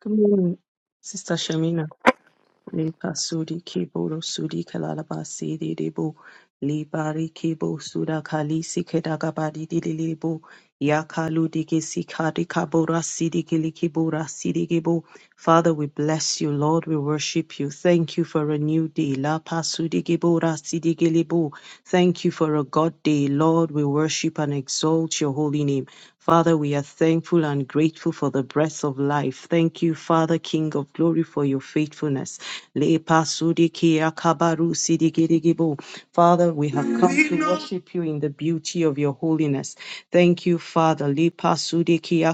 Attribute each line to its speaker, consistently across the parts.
Speaker 1: Good morning, Sister Shamina. Lipa suri kibo ro suri kalalaba siri debo. Libari kibo sura kali sikeda gabari dililebo. Yakalu digi sikari kabora sidi kili kibora sidi gebo. Father, we bless you, Lord. We worship you. Thank you for a new day. La pasudi gibora sidi gilibo. Thank you for a God day, Lord. We worship and exalt your holy name. Father, we are thankful and grateful for the breath of life. Thank you, Father, King of glory, for your faithfulness fruitfulness. Le pasudi kia kabaru Father, we have come to worship you in the beauty of your holiness. Thank you, Father. Le pasudi kia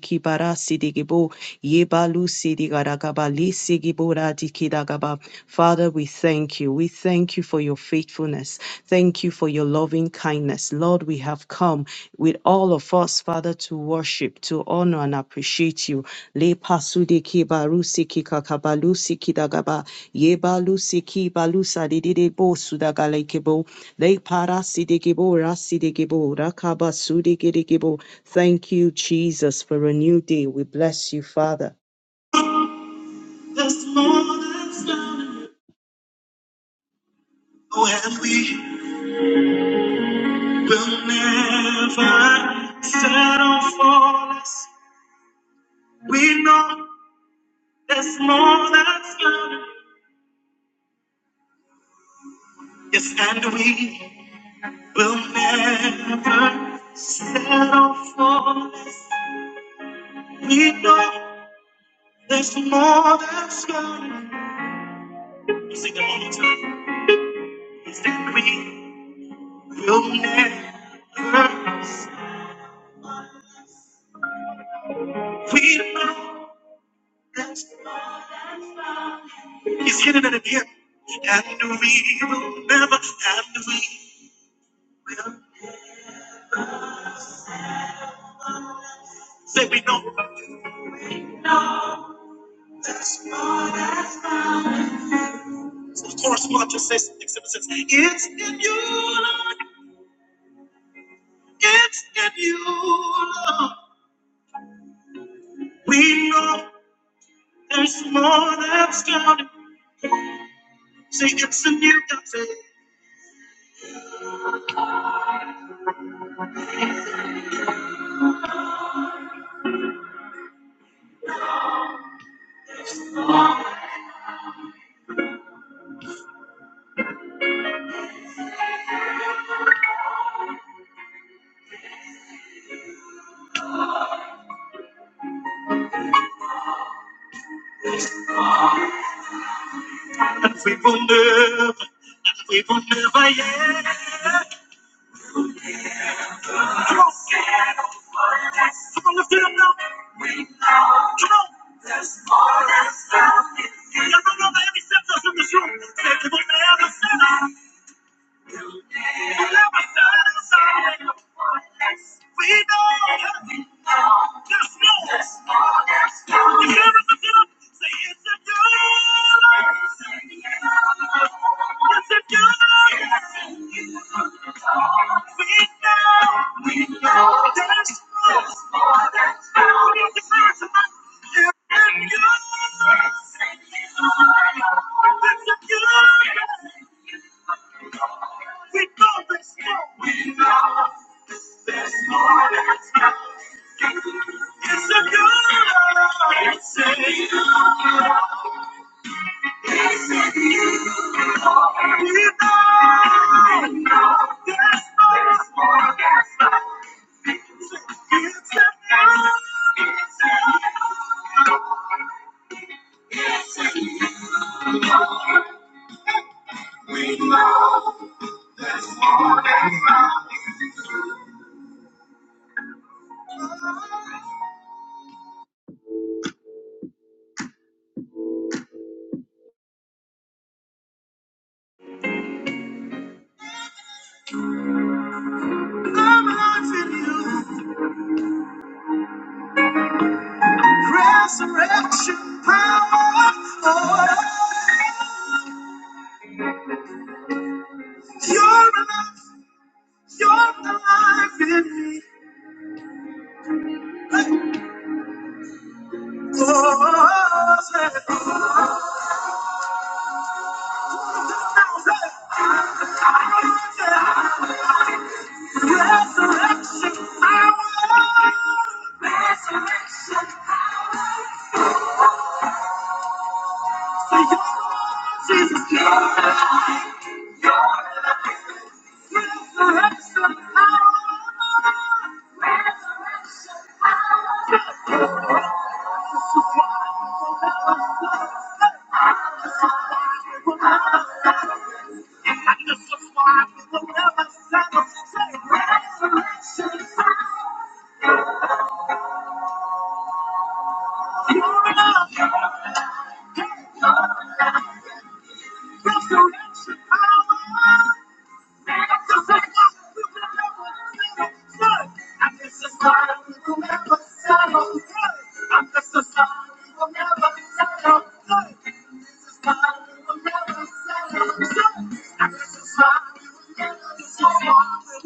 Speaker 1: kibara sidigibo. Yebalu sidigaragaba. Li sigibora dikidagaba. Father, we thank you. We thank you for your faithfulness. Thank you for your loving kindness Yes, Lord, we have come with all of us, Father, to worship, to honor and appreciate you. Le pasude ki barusi ki kakabalusi ki dagaba, ye balusi ki balusa didide bo sudagale kebo, le parasi de gebo rasi de gebo, rakaba sude gede gebo. Thank you, Jesus, for a new day. We bless you, Father. There's more that's found Oh, and we will never settle for less. We know there's more that's coming. Yes, and we will never settle for less. We know there's more that's coming. Let's Sing it one more time. Yes, and we will never. We know that's coming. He's hitting it again. And we will never, and we will. Say we know. that's coming. The chorus part just says exhibit says, It's in you, Lord. It's in you, Lord. We know there's more that's coming. Say it's in you, God. Say, and we will never, and we will never yet. Come on, yes. come on, lift it up now. Come on. There's more. Y'all don't know the heavy in this room. Say, we will never settle. Yes, it does. We know there's more that's happening in you. It's you. It's you. We know there's more. We know there's more that's happening. It's a good. It's a good. Resurrection power, oh, you're alive, you're alive in me. Oh, resurrection power, so you're Jesus. you're alive. Resurrection power. I'm just a son who will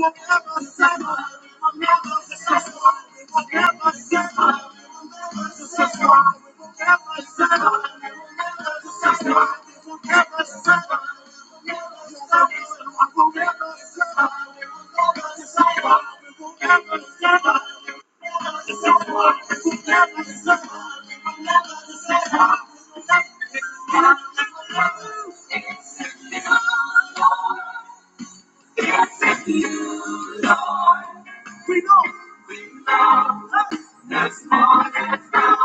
Speaker 1: Never settle. Thank you. We know. We know. That's more than found.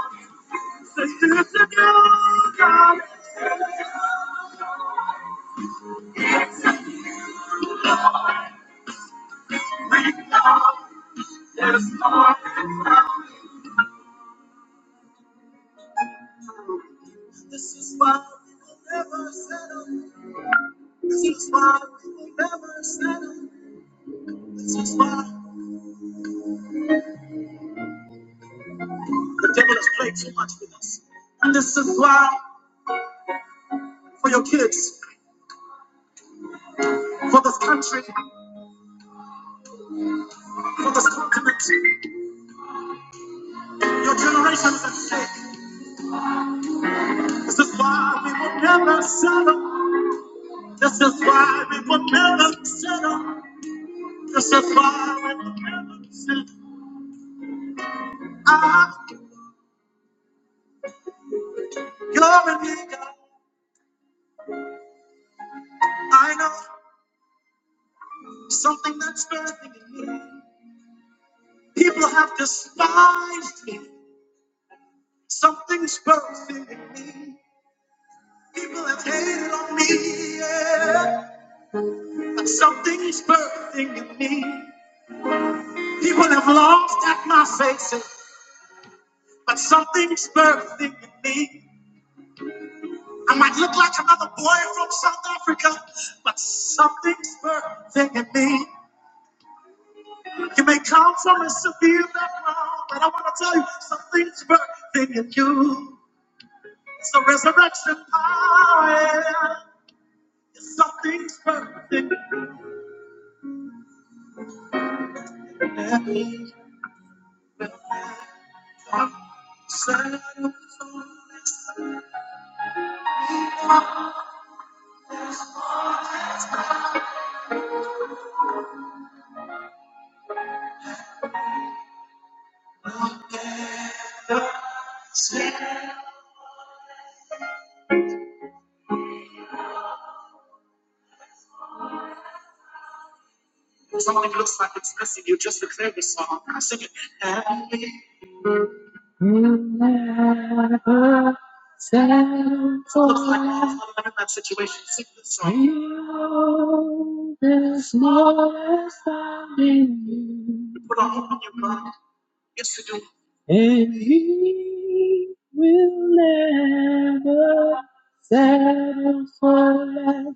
Speaker 1: This is the new God. This is why we will never settle. This is why we will never settle. This is why the devil has played too much with us. And this is why, for your kids, for this country, for this continent, your generation is at stake. This is why we will never settle. This is why we will never settle. Just a fire with heavens and I, you're a me, God. I know something that's birthing in me. People have despised me. Something's birthing in me. People have hated on me, yeah. But something's birthing in me. People have laughed at my face, yeah. but something's birthing in me. I might look like another boy from South Africa, but something's birthing in me. You may come from a severe background, but I want to tell you something's birthing in you. It's the resurrection power. It's something's birthing in me. I'm so Something looks like it's missing you. Just declare this song. Sing it. never settle for like I have situation. Sing this song. there's more found in you. We Put our hope in you, God. Yes, we do. And he will never settle for less.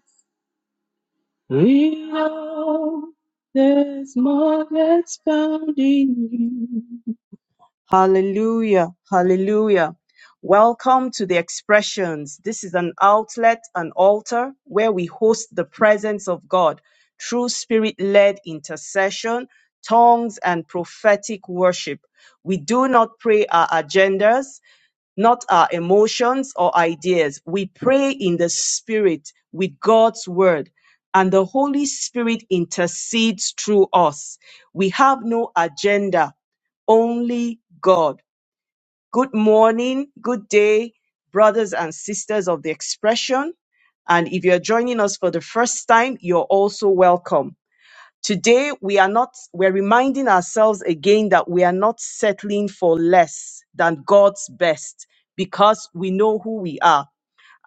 Speaker 1: We know there's more that's found in you. Hallelujah. Hallelujah. Welcome to the expressions. This is an outlet, an altar where we host the presence of God through spirit led intercession, tongues, and prophetic worship. We do not pray our agendas not our emotions or ideas. We pray in the Spirit with God's Word, and the Holy Spirit intercedes through us. We have no agenda, only God. Good morning, good day, brothers and sisters of the expression. And if you're joining us for the first time, you're also welcome. Today, we are not, we're reminding ourselves again that we are not settling for less than God's best because we know who we are.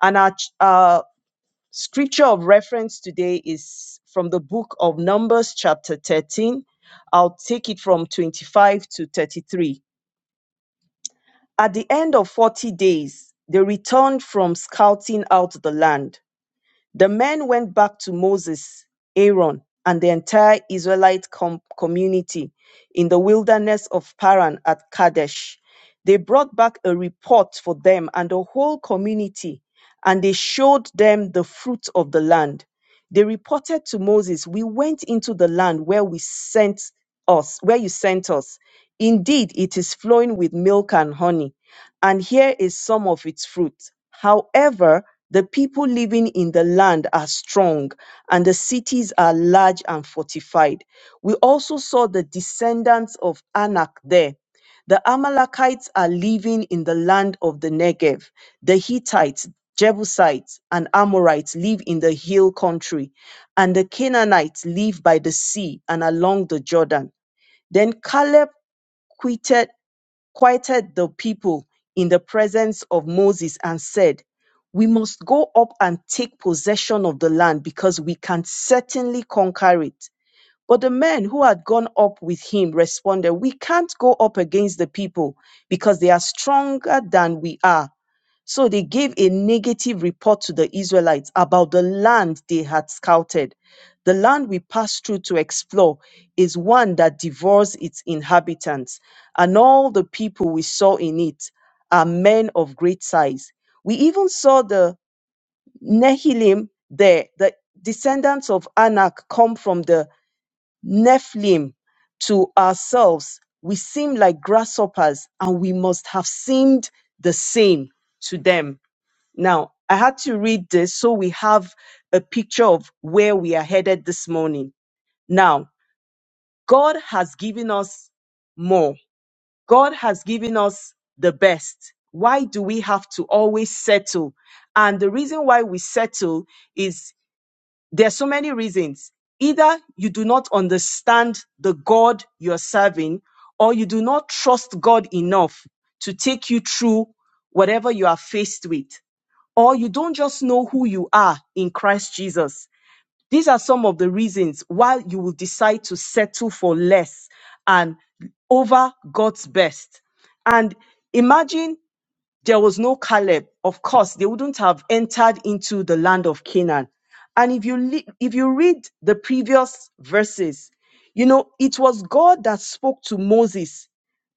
Speaker 1: And our ch- uh, scripture of reference today is from the book of Numbers, chapter 13. I'll take it from 25 to 33. At the end of 40 days, they returned from scouting out the land. The men went back to Moses, Aaron, and the entire Israelite com- community in the wilderness of Paran at Kadesh. They brought back a report for them and the whole community, and they showed them the fruit of the land. They reported to Moses, We went into the land where we sent us, where you sent us. Indeed, it is flowing with milk and honey and here is some of its fruit. However, the people living in the land are strong, and the cities are large and fortified. We also saw the descendants of Anak there. The Amalekites are living in the land of the Negev. The Hittites, Jebusites, and Amorites live in the hill country, and the Canaanites live by the sea and along the Jordan. Then Caleb quitted quieted the people in the presence of Moses and said, We must go up and take possession of the land because we can certainly conquer it. But the men who had gone up with him responded, We can't go up against the people because they are stronger than we are. So they gave a negative report to the Israelites about the land they had scouted. The land we passed through to explore is one that devours its inhabitants, and all the people we saw in it are men of great size. We even saw the Nephilim there, the descendants of Anak come from the Nephilim to ourselves. We seem like grasshoppers, and we must have seemed the same to them. Now, I had to read this so we have a picture of where we are headed this morning. Now, God has given us more. God has given us the best. Why do we have to always settle? And the reason why we settle is there's so many reasons. Either you do not understand the God you're serving or you do not trust God enough to take you through whatever you are faced with or you don't just know who you are in Christ Jesus. These are some of the reasons why you will decide to settle for less and over God's best. And imagine there was no Caleb. Of course, they wouldn't have entered into the land of Canaan. And if you le- if you read the previous verses, you know, it was God that spoke to Moses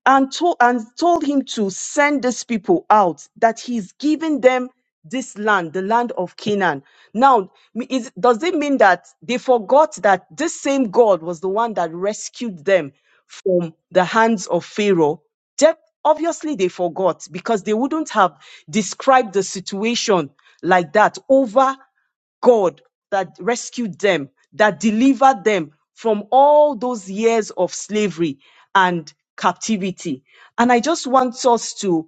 Speaker 1: and told and told him to send these people out that he's giving them this land the land of canaan now m- is, does it mean that they forgot that this same god was the one that rescued them from the hands of pharaoh Def- obviously they forgot because they wouldn't have described the situation like that over God that rescued them, that delivered them from all those years of slavery and captivity. And I just want us to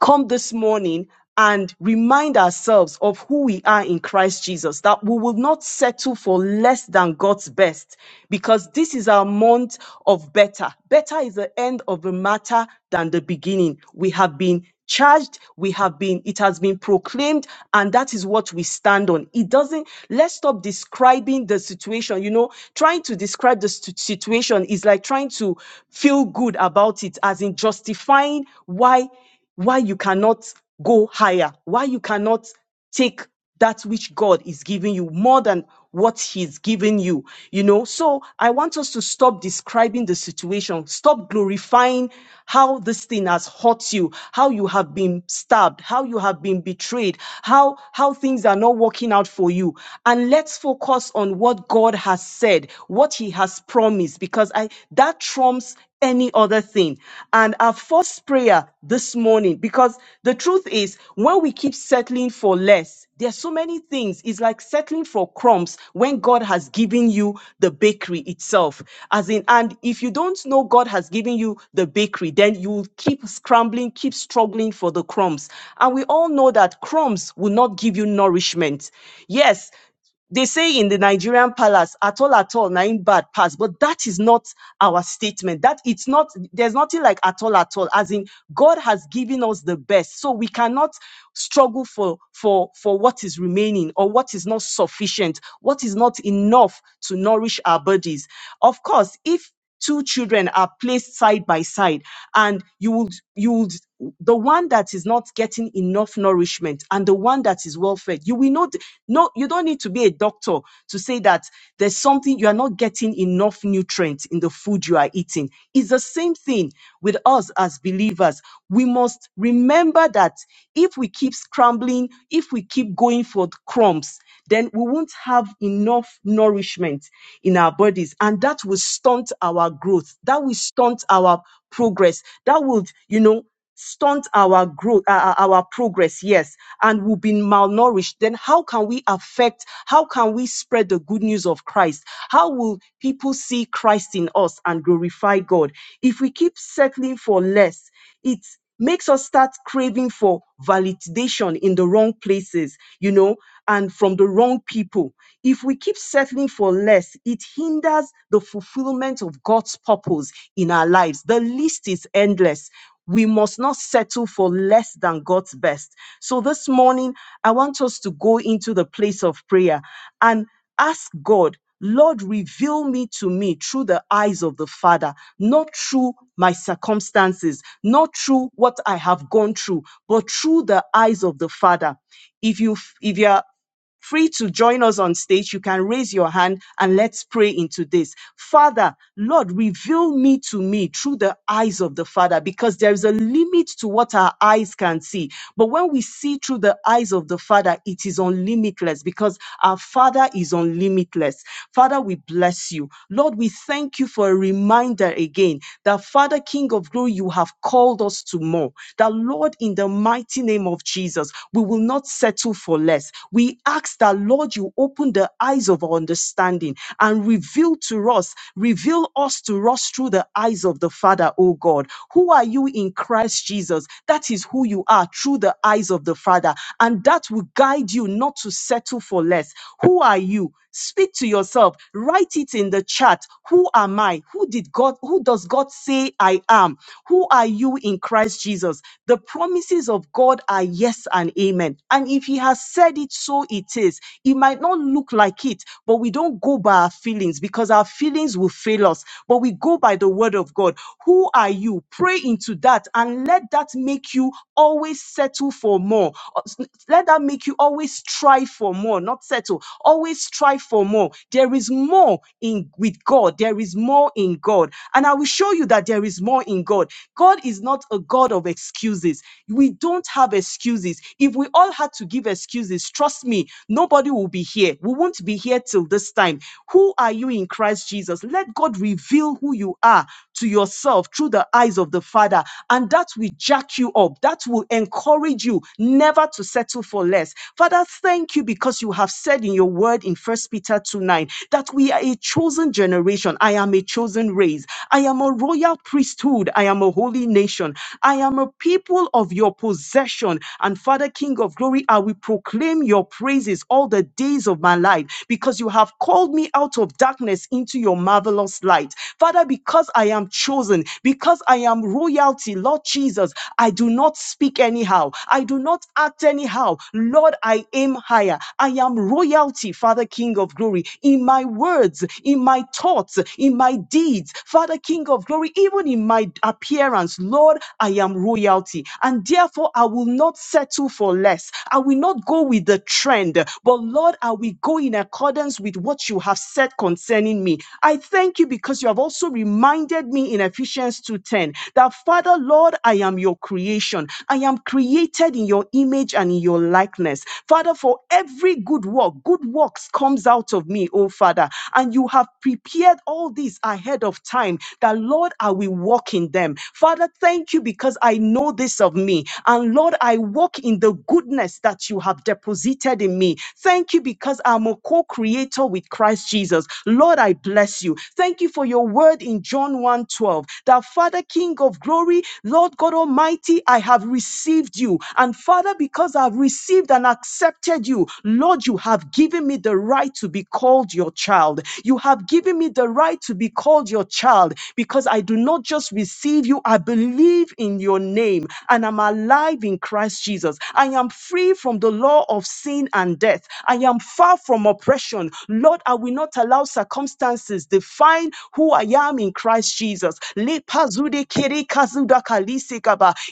Speaker 1: come this morning and remind ourselves of who we are in Christ Jesus, that we will not settle for less than God's best, because this is our month of better. Better is the end of the matter than the beginning. We have been charged we have been it has been proclaimed and that is what we stand on it doesn't let's stop describing the situation you know trying to describe the stu- situation is like trying to feel good about it as in justifying why why you cannot go higher, why you cannot take that which God is giving you more than what He's giving you, you know. So I want us to stop describing the situation, stop glorifying how this thing has hurt you, how you have been stabbed, how you have been betrayed, how how things are not working out for you. And let's focus on what God has said, what He has promised, because I that trumps any other thing. And our first prayer this morning, because the truth is, when we keep settling for less, there are so many things. It's like settling for crumbs when God has given you the bakery itself. As in, and if you don't know God has given you the bakery, then you will keep scrambling, keep struggling for the crumbs. And we all know that crumbs will not give you nourishment. Yes, they say in the Nigerian palace, at all, at all, na bad pass. But that is not our statement. That it's not, there's nothing like at all, at all. As in, God has given us the best. So we cannot struggle for, for, for what is remaining or what is not sufficient, what is not enough to nourish our bodies. Of course, if two children are placed side by side and you would you would the one that is not getting enough nourishment and the one that is well fed you will not no you don't need to be a doctor to say that there's something you are not getting enough nutrients in the food you are eating it's the same thing with us as believers we must remember that if we keep scrambling if we keep going for the crumbs then we won't have enough nourishment in our bodies and that will stop stunt our growth, that will stunt our progress, that would, you know, stunt our growth, uh, uh, our progress, yes, and we'll be malnourished, then how can we affect, how can we spread the good news of Christ? How will people see Christ in us and glorify God? If we keep settling for less, it's makes us start craving for validation in the wrong places, you know, and from the wrong people. If we keep settling for less, it hinders the fulfillment of God's purpose in our lives. The list is endless. We must not settle for less than God's best. So this morning, I want us to go into the place of prayer and Ask God, Lord, reveal me to me through the eyes of the Father, not through my circumstances, not through what I have gone through, but through the eyes of the Father. If you if you're free to join us on stage, you can raise your hand and let's pray into this. Father, Lord, reveal me to me through the eyes of the Father because there is a limit to what our eyes can see. But when we see through the eyes of the Father, it is unlimitless because our Father is unlimitless. Father, we bless you. Lord, we thank you for a reminder again that, Father, King of glory, you have called us to more. That, Lord, in the mighty name of Jesus, we will not settle for less. We ask that, Lord, you open the eyes of our understanding and reveal to us, reveal us to us through the eyes of the Father, O God. Who are you in Christ Jesus? That is who you are through the eyes of the Father. And that will guide guide you not to settle for less. Who are you? Speak to yourself. Write it in the chat. Who am I? Who did God, who does God say I am? Who are you in Christ Jesus? The promises of God are yes and amen. And if He has said it, so it is. It might not look like it, but we don't go by our feelings because our feelings will fail us. But we go by the word of God. Who are you? Pray into that and let that make you always settle for more. Let that make you always strive for more, not settle. Always strive for more. There is more in with God. There is more in God. And I will show you that there is more in God. God is not a God of excuses. We don't have excuses. If we all had to give excuses, trust me, nobody will be here. We won't be here till this time. Who are you in Christ Jesus? Let God reveal who you are to yourself through the eyes of the Father. And that will jack you up. That will encourage you never to settle for less. Father, thank you because you have said in your word in First Peter 2 9 that we are a chosen generation. I am a chosen race. I am a royal priesthood. I am a holy nation. I am a people of your possession. And Father, King of glory, I will proclaim your praises all the days of my life because you have called me out of darkness into your marvelous light. Father, Father, because I am chosen, because I am royalty, Lord Jesus, I do not speak anyhow. I do not act anyhow. Lord, I aim higher. I am royalty, Father, King of glory, in my words, in my thoughts, in my deeds, Father, King of glory, even in my appearance. Lord, I am royalty. And therefore, I will not settle for less. I will not go with the trend, but Lord, I will go in accordance with what you have said concerning me. I thank you thank you because you have also reminded me in Ephesians 2:10 that Father, Lord, I am your creation. I am created in your image and in your likeness. Father, for every good work, good works comes out of me, oh Father. And you have prepared all these ahead of time that, Lord, I will walk in them. Father, thank you because I know this of me. And Lord, I walk in the goodness that you have deposited in me. Thank you because I'm a co creator with Christ Jesus. Lord, I I bless you. Thank you for your word in John one twelve. 12. That Father, King of glory, Lord God Almighty, I have received you. And Father, because I've received and accepted you, Lord, you have given me the right to be called your child. You have given me the right to be called your child because I do not just receive you, I believe in your name and I'm alive in Christ Jesus. I am free from the law of sin and death. I am far from oppression. Lord, I will not allow circumstances define who I am in Christ Jesus. Lepazude kere kazuda kalise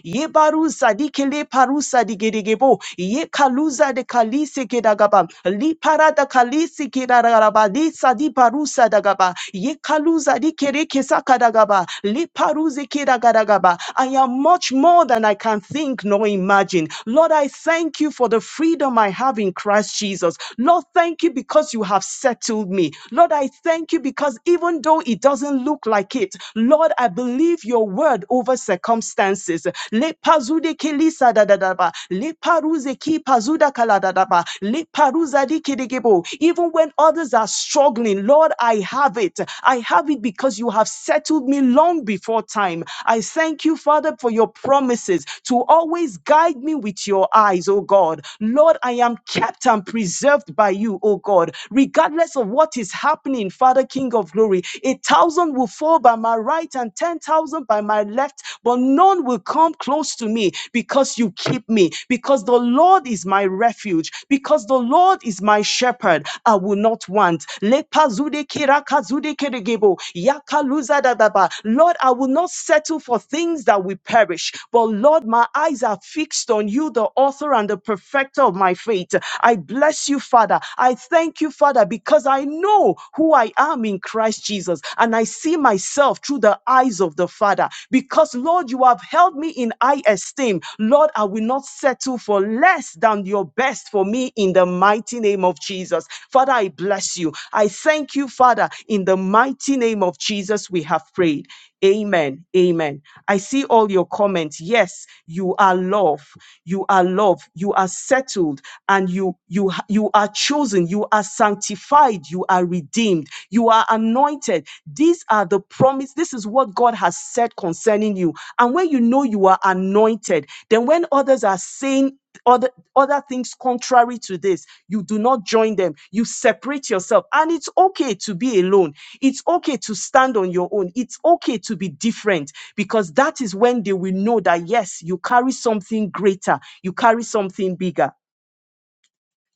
Speaker 1: Yebaruza dikele parusa digedegebo. Yekaluza de kalise kedagaba. Liparada kalise kedaraba. Disa di parusa dagaba. Yekaluza dikere kesakadagaba. Liparuze kedagadagaba. I am much more than I can think nor imagine. Lord, I thank you for the freedom I have in Christ Jesus. Lord, thank you because you have settled me. Lord, I thank you because even though it doesn't look like it, Lord, I believe your word over circumstances. Lepazude kelisa da da da ba. Leparuze ki pazuda kala da da ba. Leparuza di kedegebo. Even when others are struggling, Lord, I have it. I have it because you have settled me long before time. I thank you, Father, for your promises to always guide me with your eyes, oh God. Lord, I am kept and preserved by you, oh oh God. Regardless of what is happening, Father, King of glory, a thousand will fall by my right and ten thousand by my left, but none will come close to me because you keep me, because the Lord is my refuge, because the Lord is my shepherd. I will not want. Lepazude kirakazude keregebo, yakaluzadadaba. Lord, I will not settle for things that will perish, but Lord, my eyes are fixed on you, the author and the perfecter of my faith. I bless you bless you, Father. I thank you, Father, because I know who I am in Christ Jesus and I see myself through the eyes of the Father. Because, Lord, you have held me in high esteem. Lord, I will not settle for less than your best for me in the mighty name of Jesus. Father, I bless you. I thank you, Father. In the mighty name of Jesus, we have prayed. Amen. Amen. I see all your comments. Yes, you are love. You are love. You are settled and you and you you you are chosen you are sanctified you are redeemed you are anointed these are the promise this is what god has said concerning you and when you know you are anointed then when others are saying other other things contrary to this you do not join them you separate yourself and it's okay to be alone it's okay to stand on your own it's okay to be different because that is when they will know that yes you carry something greater you carry something bigger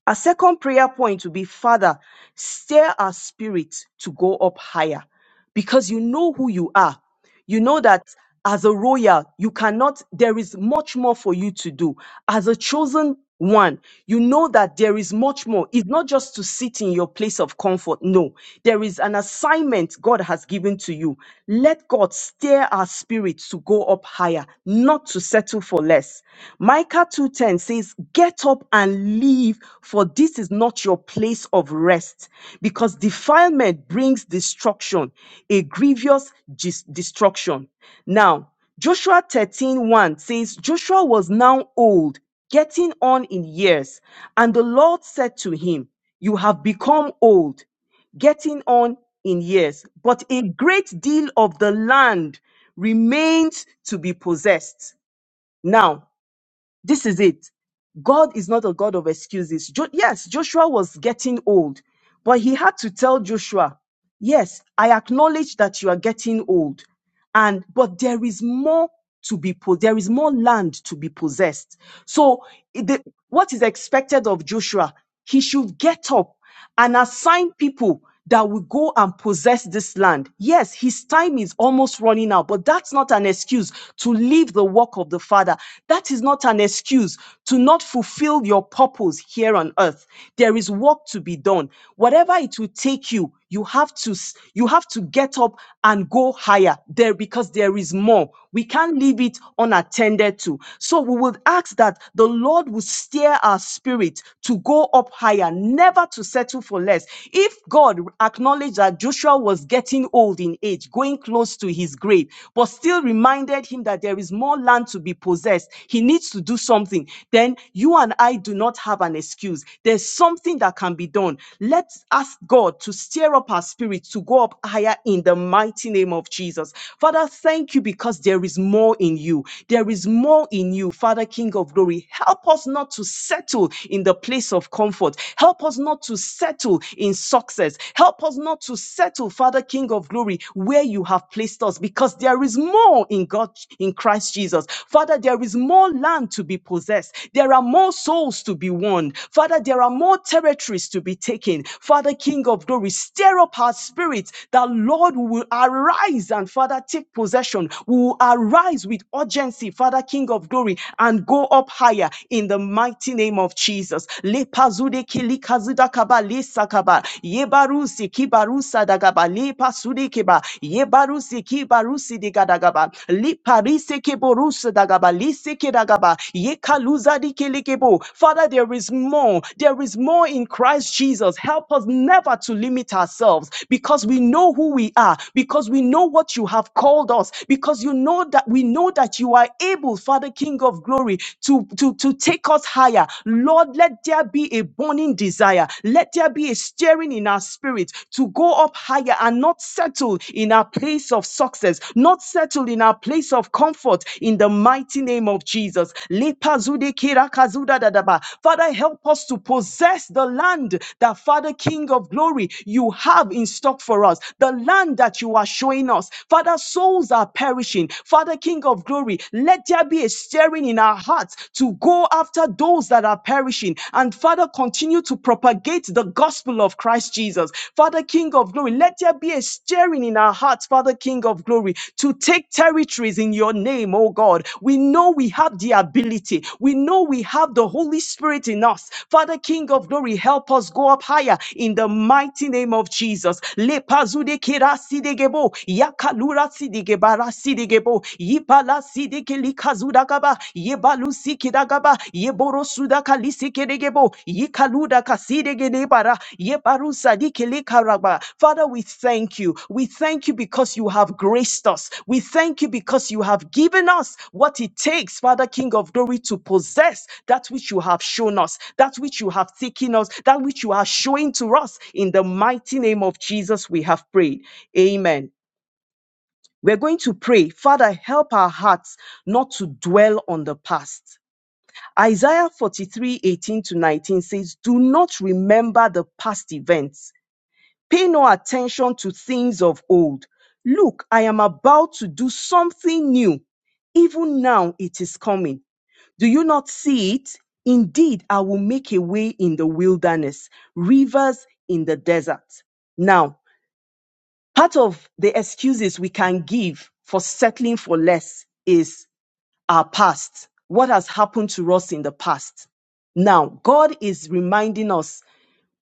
Speaker 1: our second prayer point will be Father, stir our spirit to go up higher because you know who you are. You know that as a royal, you cannot, there is much more for you to do. As a chosen one, you know that there is much more. It's not just to sit in your place of comfort. No, there is an assignment God has given to you. Let God stir our spirits to go go up higher, not to settle for less. Micah 2:10 says, "Get up and leave, for this is not your place of rest, because defilement brings destruction, a grievous dis- destruction." Now, Joshua thirteen one says, "Joshua was now old, getting on in years, and the Lord said to him, you have become old getting on in years, but a great deal of the land remains to be possessed. Now, this is it. God is not a God of excuses. Jo- yes, Joshua was getting old, but he had to tell Joshua, Yes, I acknowledge that you are getting old and but there is more to be po- there is more land to be possessed so it- the, what is expected of joshua he should get up and assign people that will go and possess this land yes his time is almost running out but that's not an excuse to leave the work of the father that is not an excuse to not fulfill your purpose here on earth there is work to be done whatever it will take you you have to you have to get up and go higher there because there is more we can't leave it unattended to so we would ask that the lord will steer our spirit to go up higher never to settle for less if god acknowledged that joshua was getting old in age going close to his grave but still reminded him that there is more land to be possessed he needs to do something then you and i do not have an excuse excuse. There's something that can be done. Let's ask God to stir up our spirit to go up higher in the mighty name of Jesus. Father, thank you because there is more in you. There is more in you, Father, King of glory. Help us not to settle in the place of comfort. Help us not to settle in success. Help us not to settle, Father, King of glory, where you have placed us because there is more in God, in Christ Jesus. Father, there there is more land to be possessed. There are more souls to be won. Father, there are more territories to be taken. Father, King of glory, stir up our spirits that, Lord, we will arise and, Father, take possession. We will arise with urgency, Father, King of glory, and go up higher in the mighty name of Jesus. Lepazude kilikazudakaba lesakaba. Yebarusi kibarusa dagaba. Lepasudekeba. Yebarusi ki barusi di gadagaba li parise ke borus dagaba li se dagaba ye kaluza di ke Father, there is more. There is more in Christ Jesus. Help us never to limit ourselves because we know who we are, because we know what you have called us, because you know that we know that you are able, Father, King of glory, to, to, to take us higher. Lord, let there be a burning desire. Let there be a stirring in our our spirit to go up higher and not settle in our place of success, not settle in our place of comfort in the mighty name of Jesus. Lepazude kirakazuda dadaba. Father, help us to possess the land that Father King of Glory you have in stock for us, the land that you are showing us. Father, souls are perishing. Father King of Glory, let there be a stirring in our hearts to go after those that are perishing perishing. And Father, continue to propagate the gospel of Christ Jesus. Father, King of glory, let there be a stirring in our hearts, Father, King of glory, to take territories in your name, oh God. We know we have the ability. We know we have the Holy Spirit in us. Father, King of glory, help us go up higher in the mighty name of Jesus. Lepazude kirasidegebo, yakalurasidegeba, rasidegebo, likazudagaba yebalusi kidagaba yeborosuda kalisi kedegebo yikaluda kasidegedebara yebarusa dikelikaraba Father we thank you we thank you because you have graced us we thank you because you have given us what it takes Father King of glory to possess that which you have shown us that which you have taken us that which you are showing to us in the mighty name of Jesus we have prayed amen we're going to pray, Father, help our hearts not to dwell on the past. Isaiah 43:18 to 19 says, Do not remember the past events, pay no attention to things of old. Look, I am about to do something new. Even now it is coming. Do you not see it? Indeed, I will make a way in the wilderness, rivers in the desert. Now, Part of the excuses we can give for settling for less is our past, what has happened to us in the past. Now, God is reminding us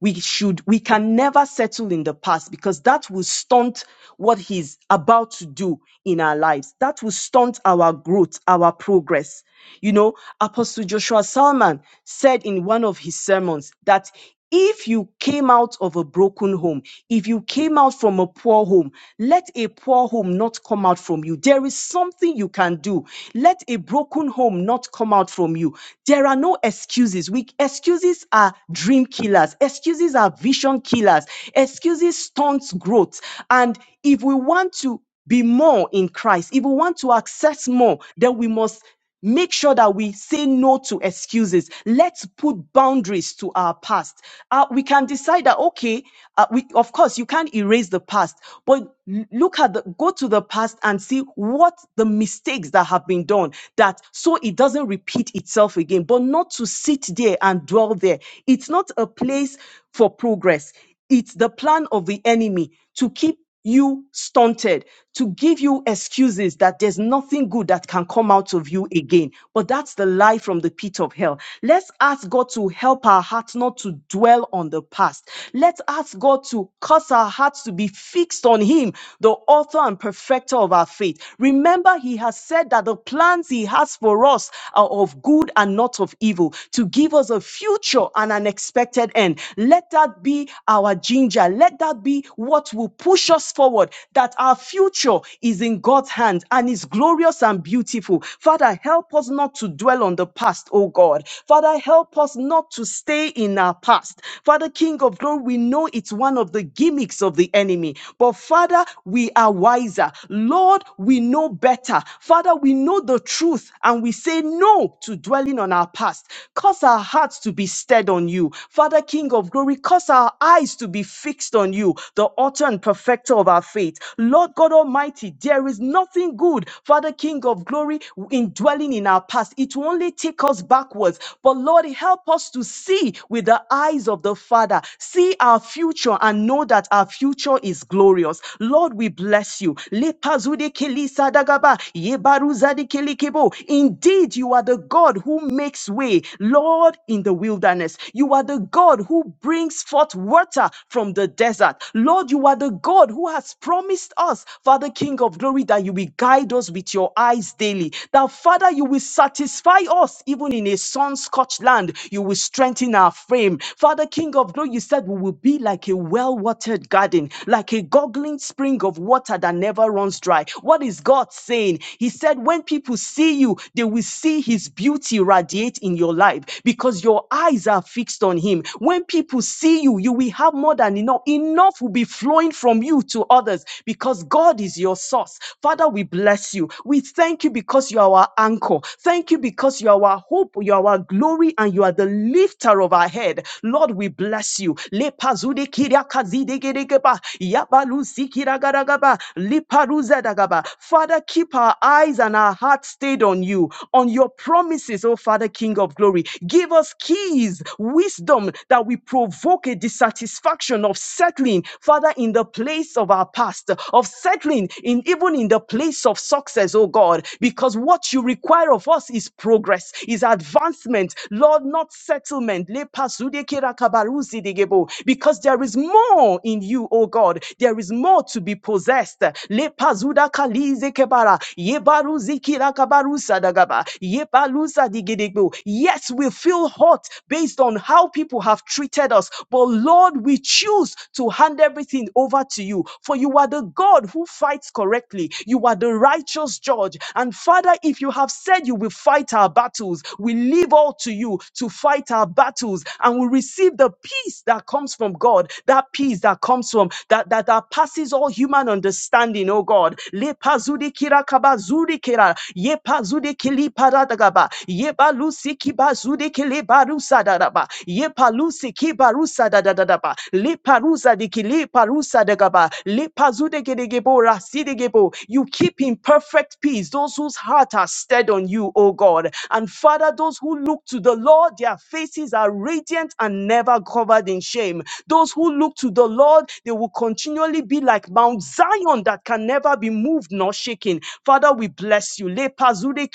Speaker 1: we should we can never settle in the past because that will stunt what he's about to do in our lives that will stunt our growth our progress you know apostle joshua salman said in one of his sermons that if you came out of a broken home, if you came out from a poor home, let a poor home not come out from you. There is something you can do. Let a broken home not come out from you. There are no excuses. We excuses are dream killers. Excuses are vision killers. Excuses stunts growth. And if we want to be more in Christ, if we want to access more, then we must make sure that we say no to excuses. Let's put boundaries to our past. Uh, we can decide that, okay, uh, we, of course, you can't erase the past, but l- look at the, go to the past and see what the mistakes that have been done that so it doesn't repeat itself again, but not to sit there and dwell there. It's not a place delays for progress. It's the plan of the enemy to keep you stunted, to give you excuses that there's nothing good that can come out of you again. But that's the lie from the pit of hell. Let's ask God to help our hearts not to dwell on the past. Let's ask God to cause our hearts to be fixed on Him, the author and perfecter of our faith. Remember, He has said that the plans He has for us are of good and not of evil, to give us a future and an expected expected end. Let that be our ginger. Let that be what will push us forward, that our future is in God's hands and is glorious and beautiful. Father, help us not to dwell on the past, oh God. Father, help us not to stay in our past. Father, King of glory, we know it's one of the gimmicks of the enemy, but Father, we are wiser. Lord, we know better. Father, we know the truth and we say no to dwelling on our past. Cause our hearts to be stead on you. Father, King of glory, cause our eyes to be fixed on you, the author and perfecter of our faith. Lord God Almighty, there is nothing good, Father, King of glory, in dwelling in our past. It will only take us backwards. But Lord, help us to see with the eyes of the Father, see our future and know that our future is glorious. Lord, we bless you. Lepazude keli sadagaba, yebaruzade keli kebo. Indeed, you are the God who makes way, Lord, in the wilderness. You you are the God who brings forth water from the desert. Lord, you are the God who has promised us, Father, King of glory, that you will guide us with your eyes daily. That, Father, you will satisfy us even in a sun-scorched land. You will strengthen our frame. Father, King of glory, you said we will be like a well-watered garden, like a gurgling spring of water that never runs dry. What is God saying? He said, when people see you, they will see his beauty radiate in your life because your eyes are fixed fixed on him. When people see you, you will have more than enough. Enough will be flowing from you to others because God is your source. Father, we bless you. We thank you because you are our anchor. Thank you because you are our hope, you are our glory, and you are the lifter of our head. Lord, we bless you. Lepazude kiriakazidegedegeba, yabalusi kiragaragaba, liparuzadagaba. Father, keep our eyes and our hearts stayed on you, on your promises, oh Father, King of glory. Give us keys is wisdom that we provoke a dissatisfaction of settling, Father, in the place of our past, of settling in even in the place of success, oh God, because what you require of us is progress, is advancement, Lord, not settlement. Lepasudekirakabaruzidegebo, Because there is more in you, oh God. There is more to be possessed. Lepazudakalizekebara, yebaruzikirakabarusadagaba, yebalusadigedegbo. Yes, we feel hot based on how people have treated us. But Lord, we choose to hand everything over to you. For you are the God who fights correctly. You are the righteous judge. And Father, if you have said you will fight our battles, we leave all to you to fight our battles and we receive the peace that comes from God, that peace that comes from that that, that passes all human understanding, oh God. Lepazudi kirakabazudi kera, yepazudi kiliparadagaba, yebalusi kibazude parusa da da ba ye palusi ki parusa da da da da ba li parusa di ki li parusa da gaba li pazu de de ge bo si de ge you keep in perfect peace those whose heart are stead on you O God and Father those who look to the Lord their faces are radiant and never covered in shame those who look to the Lord they will continually be like Mount Zion that can never be moved nor shaken Father we bless you le pazu de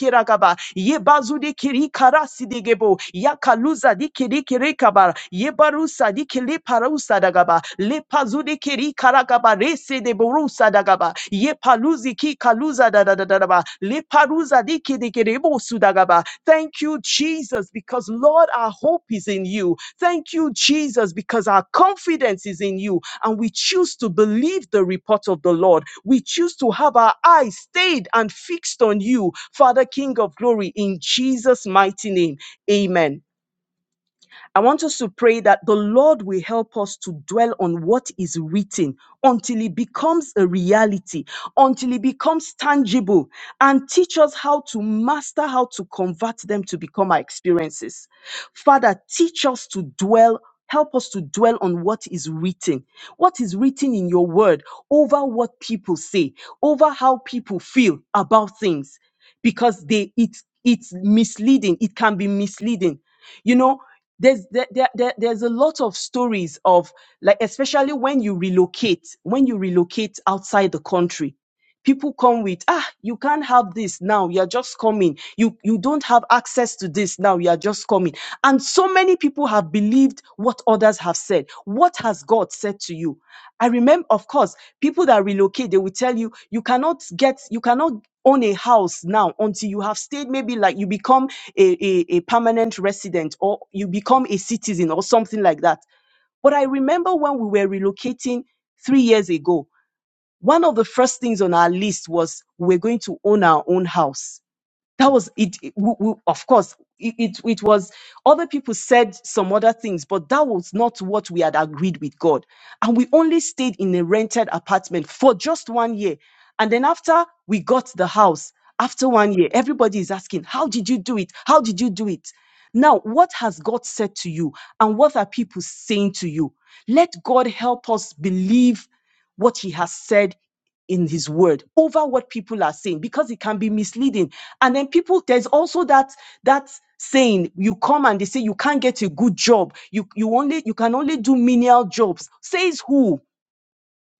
Speaker 1: ye bazu de ki si de ge kaluza dikiri kirikaba yebarusa dikili parusa dagaba lepazudi kiri karagaba rese de borusa dagaba yepaluzi ki kaluza da da da da da ba leparuza dikiri kiribusu dagaba thank you jesus because lord our hope is in you thank you jesus because our confidence is in you and we choose to believe the report of the lord we choose to have our eyes stayed and fixed on you father king of glory in jesus mighty name amen I want us to pray that the Lord will help us to dwell on what is written until it becomes a reality, until it becomes tangible, and teach us how to master how to convert them to become our experiences. Father, teach us to dwell. Help us to dwell on what is written, what is written in your word over what people say, over how people feel about things, because they it, it's misleading. It can be misleading. You know, there's there, there, there- there's a lot of stories of like especially when you relocate when you relocate outside the country people come with ah you can't have this now you're just coming you you don't have access to this now you're just coming and so many people have believed what others have said what has god said to you i remember of course people that relocate they will tell you you cannot get you cannot own a house now until you have stayed maybe like you become a, a, a permanent resident or you become a citizen or something like that. But I remember when we were relocating three years ago, one of the first things on our list was we're going to own our own house that was it, it- w- w- of course it, it it was other people said some other things but that was not what we had agreed with god and we only stayed in a rented apartment for just one year and then after we got the house after one year everybody is asking how did you do it how did you do it now what has god said to you and what are people saying to you let god help us believe what he has said in his word over what people are saying because it can be misleading and then people there's also that that saying you come and they say you can't get a good job you you only you can only do menial jobs says who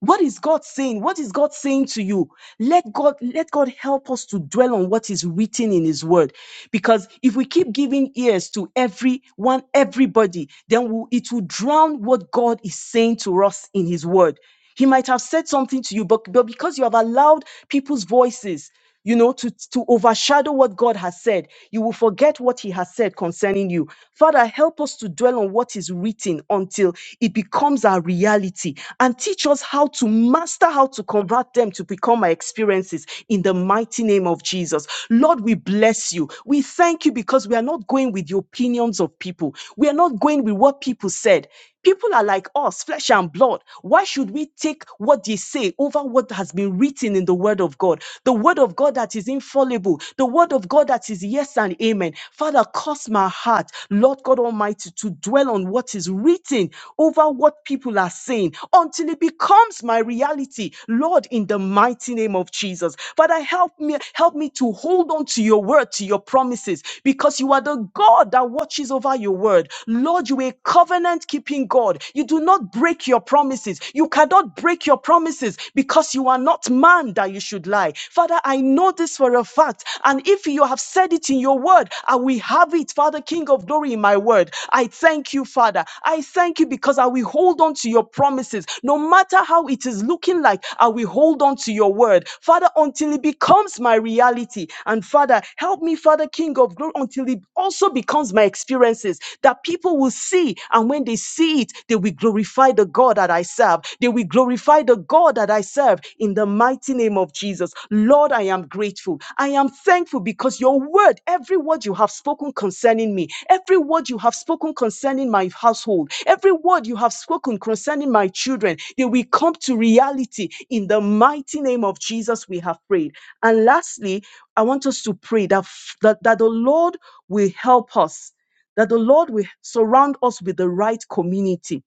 Speaker 1: what is God saying? What is God saying to you? Let God, let God help us to dwell on what is written in His Word. Because if we keep giving ears to everyone, everybody, then we'll- it will drown what God is saying to us in His Word. He might have said something to you, but, but because you have allowed people's voices you know, to, to overshadow what God has said. You will forget what He has said concerning you. Father, help us to dwell on what is written until it becomes our reality and teach us how to master how to convert them to become our experiences in the mighty name of Jesus. Lord, we bless you. We thank you because we are not going with the opinions of people, we are not going with what people said. People are like us, flesh and blood. Why should we take what they say over what has been written in the Word of God? The Word of God that is infallible, the Word of God that is yes and amen. Father, cause my heart, Lord God Almighty, to dwell on what is written over what people are saying until it becomes my reality, Lord, in the mighty name of Jesus. Father, help me, help me to hold on to your word, to your promises, because you are the God that watches over your word. Lord, you covenant keeping God. You do not break your promises. You cannot break your promises because you are not man that you should lie. Father, I know this for a fact. And if you have said it in your word, I will have it, Father, King of glory, in my word. I thank you, Father. I thank you because I will hold on to your promises. No matter how it is looking like, I will hold on to your word, Father, until it becomes my reality. And Father, help me, Father, King of glory, until it also becomes my experiences That that people will see. And when they see it, they will glorify the God that I serve. They will glorify the God that I serve in the mighty name of Jesus. Lord, I am grateful. I am thankful because your word, every word you have spoken concerning me, every word you have spoken concerning my household, every word you have spoken concerning my children, they will come to reality in the mighty name of Jesus. We have prayed. And lastly, I want us to pray that, f- that, that the Lord will help us that the Lord will surround us with the right community,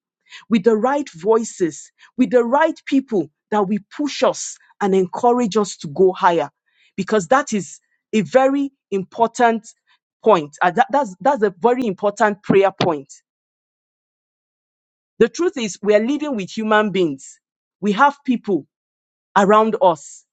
Speaker 1: with the right voices, with the right people that will push us and encourage us to go higher. Because that is a very important point. Uh, that- that's, that's a very important prayer point. The truth is, we are living with human beings. We have people around us.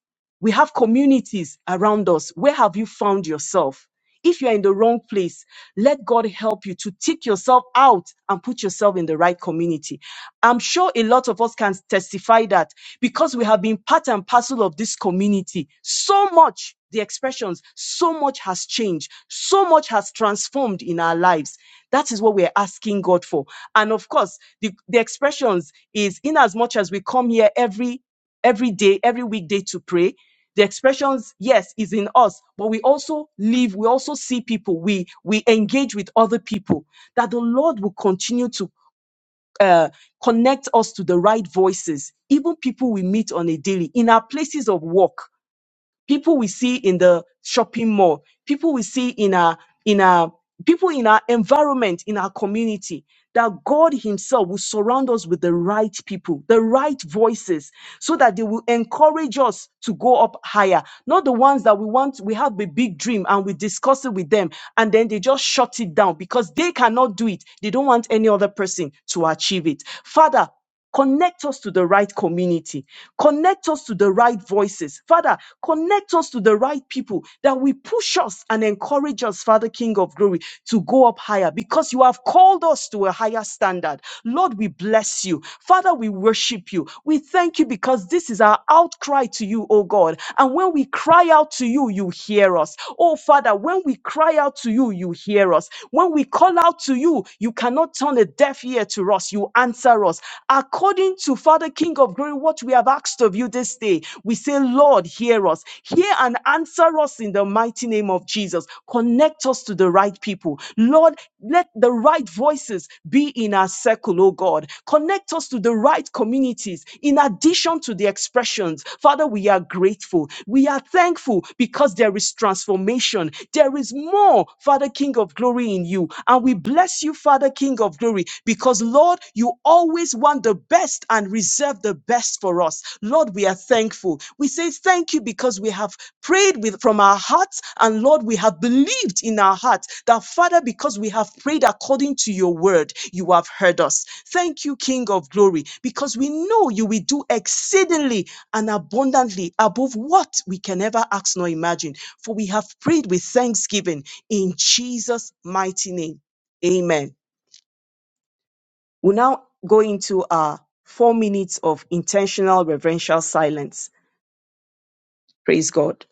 Speaker 1: We have communities around us. Where have you found yourself? If you're in the wrong place, let God help you to take yourself out and put yourself in the right community. I'm sure a lot of us can testify that because we have been part and parcel of this community. So much, the expressions, so much has changed. So much has transformed in our lives. That is what we're asking God for. And of course, the, the expressions is in as much as we come here every every day, every weekday to pray. The expressions, yes, is in us, but we also live, we also see people, we we engage with other people. That the Lord will continue to uh, connect us to the right voices, even people we meet on a daily in our places of work people we see in the shopping mall, people we see in our in our people in our environment, in our community, that God Himself will surround us with the right people, the right voices, so that they will encourage us to go up higher. Not the ones that we want, we have a big dream and we discuss it with them, and then they just shut it down because they cannot do it. They don't want any other person to achieve it. Father, Connect us to the right community. Connect us to the right voices. Father, connect us to the right people that will push us and encourage us, Father King of Glory, to go up higher because you have called us to a higher standard. Lord, we bless you. Father, we worship you. We thank you because this is our outcry to you, oh God. And when we cry out to you, you hear us. Oh Father, when we cry out to you, you hear us. When we call out to you, you cannot turn a deaf ear to us us, you answer us. According to Father King of Glory, what we have asked of you this day, we say, Lord, hear us. Hear and answer us in the mighty name of Jesus. Connect us to the right people. Lord, let the right voices be in our circle, oh God. Connect us to the right communities in addition to the expressions. Father, we are grateful. We are thankful because there is transformation. There is more, Father King of glory in you. And we bless you, Father King King of glory, because Lord, you always want the best and reserve the best for us. Lord, we are thankful. We say thank you because we have prayed with from our hearts, and Lord, we have believed in our hearts that Father, because we have prayed according to your word, you have heard us. Thank you, King of glory, because we know you will do exceedingly and abundantly above what we can ever ask nor imagine. For we have prayed with thanksgiving in Jesus' mighty name. Amen. We'll now go into our four minutes of intentional reverential silence. Praise God.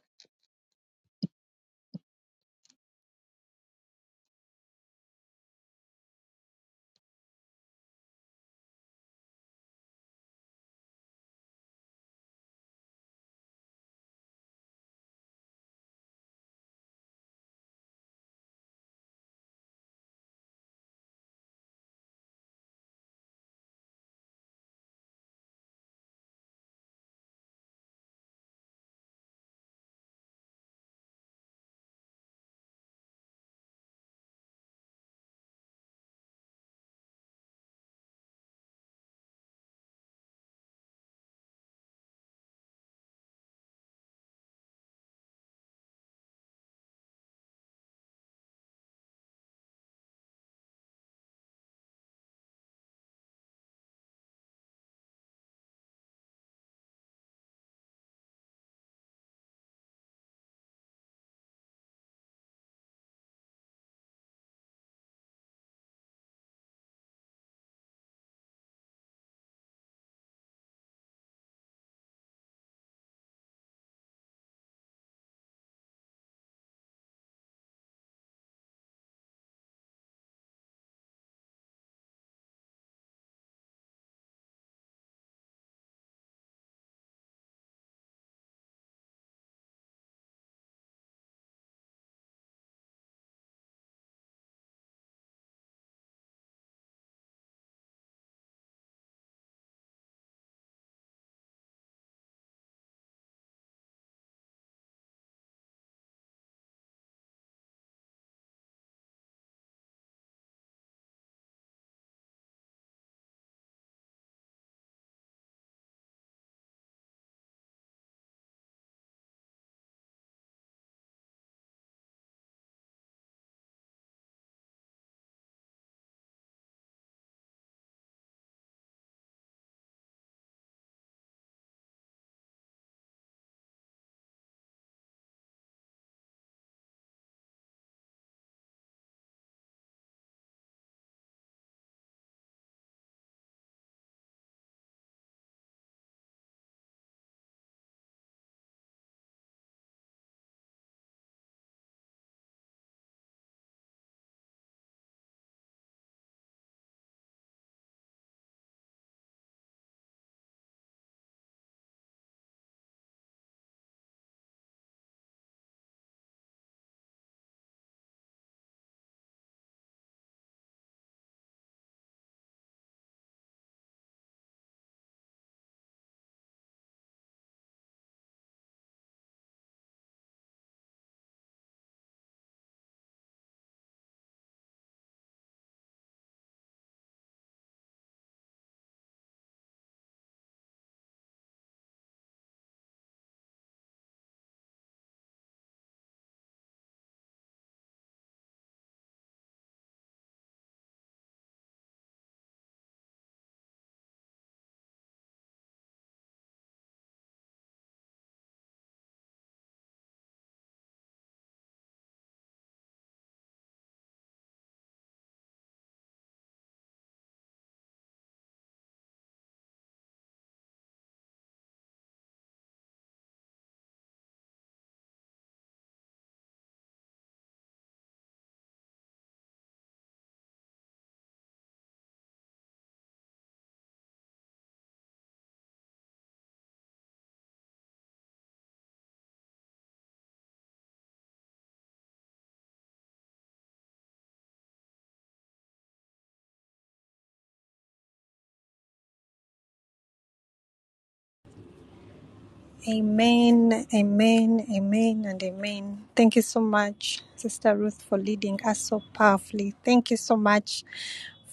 Speaker 2: Amen, amen, amen, and amen. Thank you so much, Sister Ruth, for leading us so powerfully. Thank you so much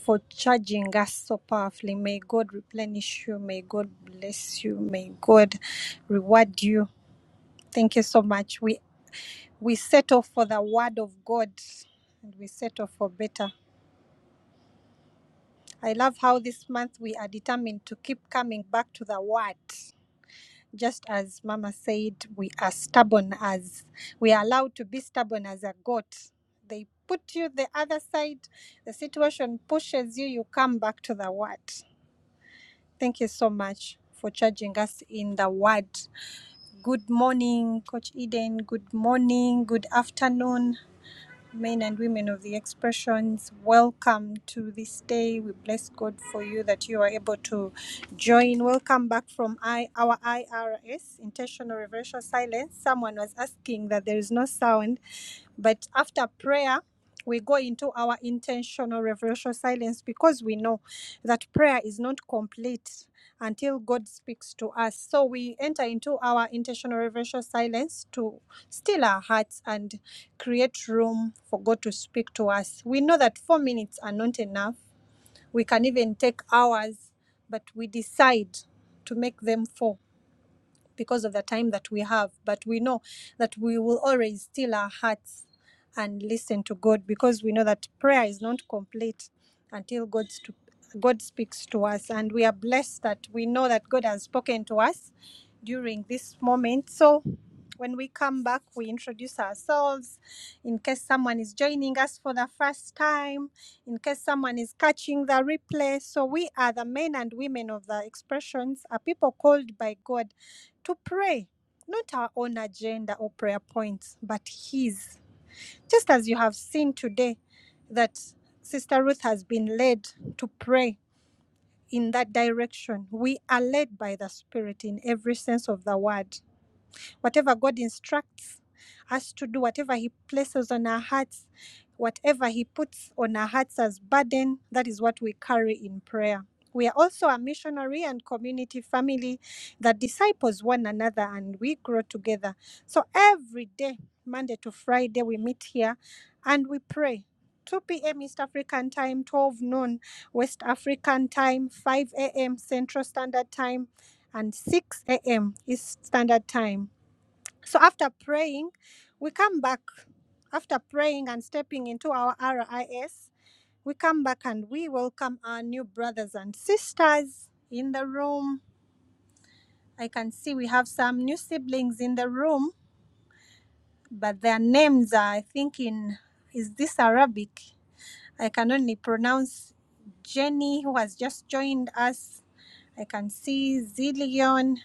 Speaker 2: for charging us so powerfully. May God replenish you. May God bless you. May God reward you. Thank you so much. We we settle for the word of God and we settle for better. I love how this month we are determined to keep coming back to the word. just as mama said we are stubborn as we are allowed to be stubborn as a goat they put you the other side the situation pushes you you come back to the word thank you so much for charging us in the word good morning coach eden good morning good afternoon men and women of the expressions welcome to this day we bless god for you that you are able to join welcome back from I, our irs intentional reverential silence someone was asking that there is no sound but after prayer, we go into our intentional reverential silence because we know that prayer is not complete until God speaks to us. So we enter into our intentional reverential silence to still our hearts and create room for God to speak to us. We know that four minutes are not enough. We can even take hours, but we decide to make them four because of the time that we have, but we know that we will always still our hearts and listen to God because we know that prayer is not complete until God's to, God speaks to us, and we are blessed that we know that God has spoken to us during this moment. So when we come back, we introduce ourselves in case someone is joining us for the first time, in case someone is catching the replay. So, we are the men and women of the expressions, a people called by God to pray, not our own agenda or prayer points, but His. Just as you have seen today that Sister Ruth has been led to pray in that direction, we are led by the Spirit in every sense of the word. Whatever God instructs us to do, whatever He places on our hearts, whatever He puts on our hearts as burden, that is what we carry in prayer. We are also a missionary and community family that disciples one another and we grow together. So every day, Monday to Friday, we meet here and we pray. 2 p.m. East African time, 12 noon West African time, 5 a.m. Central Standard Time, and 6 a.m. East Standard Time. So after praying, we come back. After praying and stepping into our RIS, we come back and we welcome our new brothers and sisters in the room. I can see we have some new siblings in the room, but their names are, I think, in is this Arabic? I can only pronounce Jenny, who has just joined us. I can see Zillion.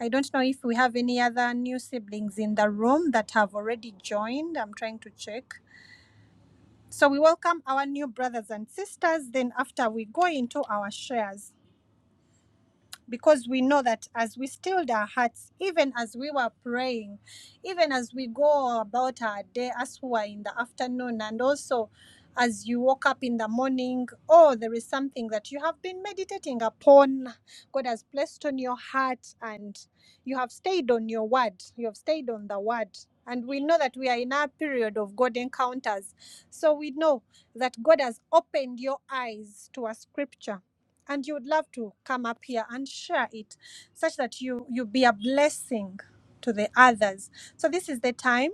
Speaker 2: I don't know if we have any other new siblings in the room that have already joined. I'm trying to check. So we welcome our new brothers and sisters. Then after we go into our shares because we know that as we stilled our hearts, even as we were praying, even as we go about our day, as we are in the afternoon, and also as you woke up in the morning, oh, there is something that you have been meditating upon. God has placed on your heart, and you have stayed on your word. You have stayed on the word. And we know that we are in a period of God encounters. So we know that God has opened your eyes to a scripture and you would love to come up here and share it such that you you be a blessing to the others so this is the time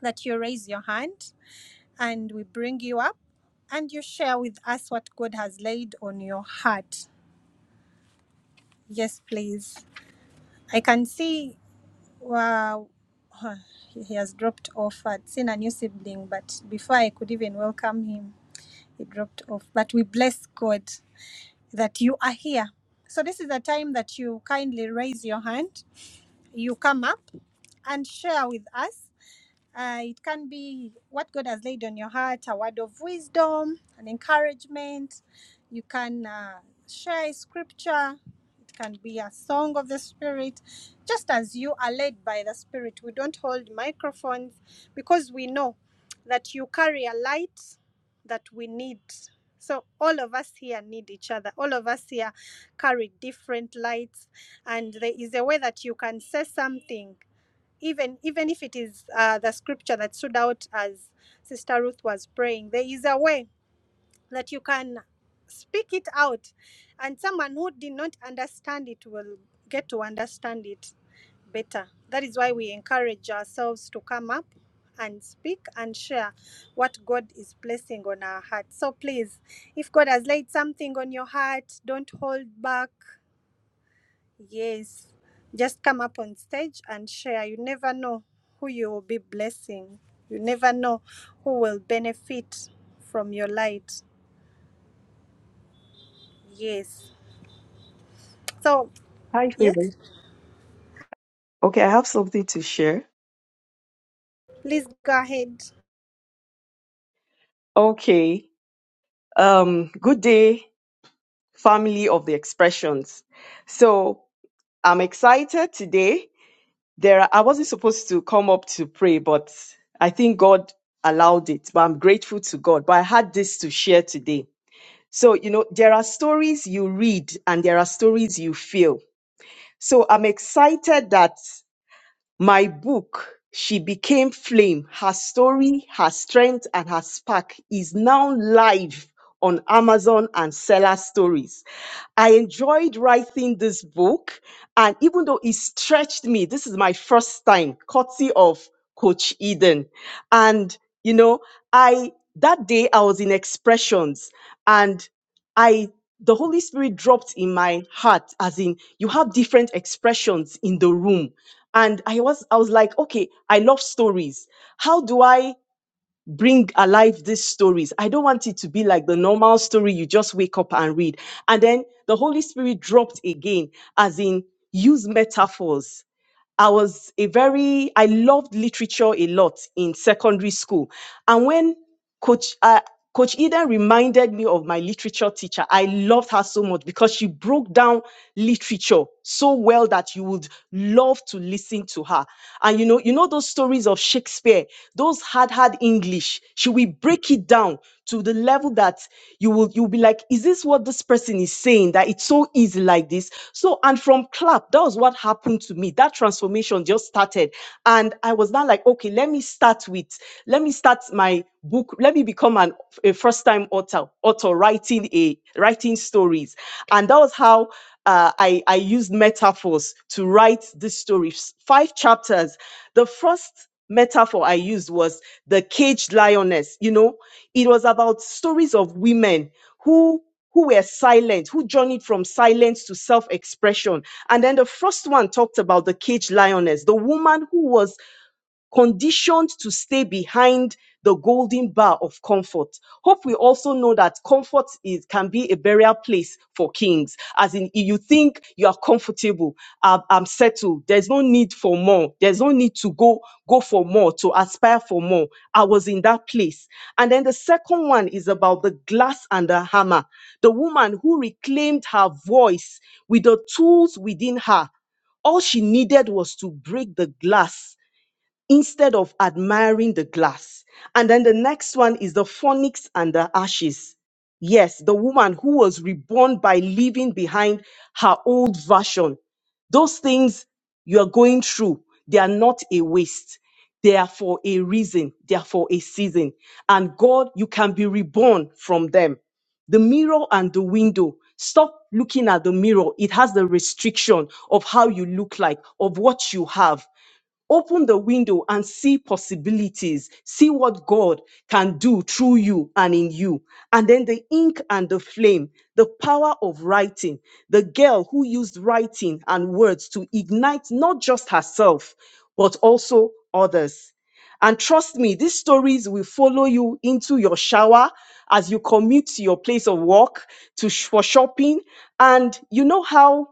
Speaker 2: that you raise your hand and we bring you up and you share with us what god has laid on your heart yes please i can see wow he he has dropped off i'd seen a new sibling but before i could even welcome him he dropped off but we bless god that you are here so this is the time that you kindly raise your hand you come up and share with us uh, it can be what God has laid on your heart, a word of wisdom, an encouragement. You can uh, share a scripture. It can be a song of the Spirit, just as you are led by the Spirit. We don't hold microphones because we know that you carry a light that we need. So, all of us here need each other. All of us here carry different lights, and there is a way that you can say something even even if it is uh, the scripture that stood out as Sister Ruth was praying, there is a way that you can speak it out, and someone who did not understand it will get to understand it better. That is why we encourage ourselves to come up and speak and share what God is placing on our heart. So please, if God has laid something on your heart, don't hold back. Yes. Just come up on stage and share. You never know who you will be blessing. You never know who will benefit from your light. Yes. So,
Speaker 1: Hi,
Speaker 2: yes,
Speaker 1: Favor. Okay, I have something to share.
Speaker 2: please go ahead.
Speaker 1: Okay. Um, good day, family of the expressions. So I'm excited today. There, are- I wasn't supposed to come up to pray, but I think God allowed it. But I'm grateful to God. But I had this to share today. So, you know, there are stories you read and there are stories you feel. So I'm excited that My book, She Became Flame, her story, her strength, and her spark is now live on Amazon and Seller Stories. I enjoyed writing this book, and even though it stretched me, this is my first time, courtesy of Coach Eden. And, you know, I, that day I was in expressions and I, the Holy Spirit dropped in my heart, as in, you have different expressions in the room and i was i was like okay i love stories how do i bring alive these stories i don't want it to be like the normal story you just wake up and read and then the holy spirit dropped again as in use metaphors I was a very, I loved literature a lot in secondary school. And when Coach, uh, Coach Eden reminded me of my literature teacher, I loved her so much because she broke down literature so well that you would love to listen to her. And you know, you know those stories of Shakespeare, those hard, hard English. She will break it down to the level that you will you'll be like, is this what this person is saying? That it's so easy like this. So and from clap, that was what happened to me. That transformation just started. And I was now like, okay, let me start with, let me start my book, let me become an a first-time author, author writing a writing stories. And that was how uh, I, I used metaphors to write this story. S- Five chapters. The first metaphor I used was the caged lioness. You know, it was about stories of women who who were silent, who journeyed from silence to self-expression. And then the first one talked about the caged lioness, the woman who was conditioned to stay behind the golden bar of comfort. Hope we also know that comfort is can be a burial place for kings. As in, you think you are comfortable, I'm, I'm settled. There's no need for more. There's no need to go go for more to aspire for more. I was in that place. And then the second one is about the glass and the hammer. The woman who reclaimed her voice with the tools within her all she needed was to break the glass instead of admiring the glass. And then the next one is the phonics and the ashes. Yes, the woman who was reborn by leaving behind her old version. Those things you are going through, they are not a waste. They are for a reason, they are for a season. And God, you can be reborn from them. The mirror and the window. Stop looking at the mirror. It has the restriction of how you look like, of what you have. Open the window and see possibilities. See what God can do through you and in you. And then the ink and the flame, the power of writing. The girl who used writing and words to ignite not just herself, but also others. And trust me, these stories will follow you into your shower as you commute to your place of work, to sh- for shopping. And you know how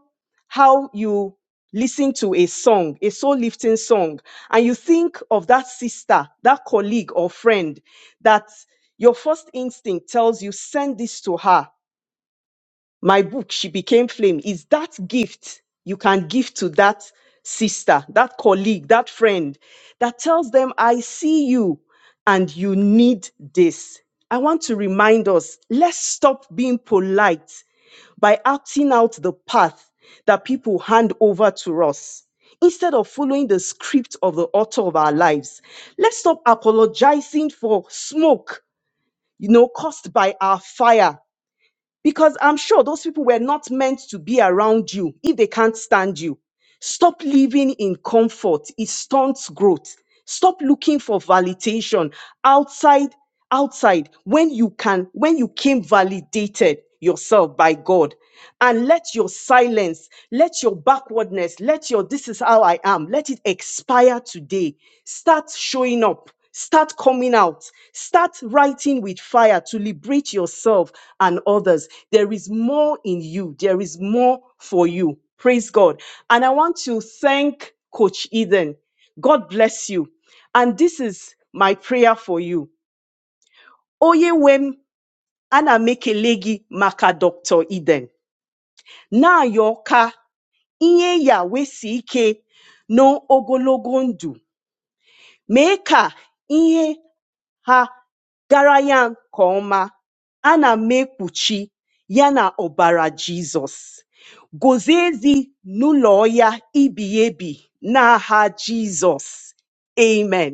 Speaker 1: how you listen to a song, a soul lifting song, and you think of that sister, that colleague or friend that your first instinct tells you, send this to her. My book, She Became Flame, is that gift you can give to that sister, that colleague, that friend that tells them, I see you and you need this. I want to remind us let's stop being polite by acting out the path that people hand over to us. Instead of following the script of the author of our lives, let's stop apologizing for smoke, you know, caused by our fire. Because I'm sure those people were not meant to be around you if they can't stand you. Stop living in comfort. It stunts growth. Stop looking for validation outside outside when you can when you came validated yourself by God and let your silence let your backwardness let your this is how I am let it expire today start showing up start coming out start writing with fire to liberate yourself and others there is more in you there is more for you Praise God. And I want to thank Coach Eden. God bless you. And this is my prayer for you. Oye wem ana mekelegi maka Dr. Eden. Na yoka inye ya wesi ike n'ogologo ndụ. Mee ka ihe ha gara ya nke ọma. Ana m ekpuchi ya na ọbara Jizọs. Guzo ezi n'ụlọ ya ibighị ebi n'aha Jesus. Amen.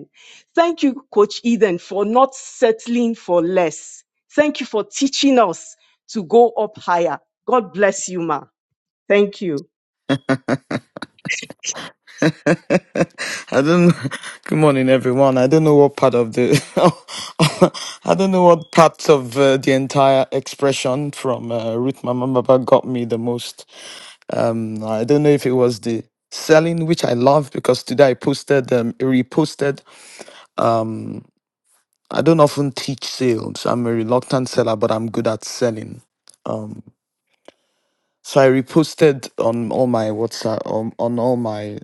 Speaker 1: Thank you, Coach Eden, for not settling for less. Thank you for teaching us to go up higher. God bless you, Ma. Thank you.
Speaker 3: I don't. know. Good morning, everyone. I don't know what part of the. I don't know what parts of uh, the entire expression from uh, Ruth Mama Baba got me the most. Um, I don't know if it was the selling, which I love because today I posted, um, reposted. Um, I don't often teach sales. I'm a reluctant seller, but I'm good at selling. Um, so I reposted on all my WhatsApp, on, on all my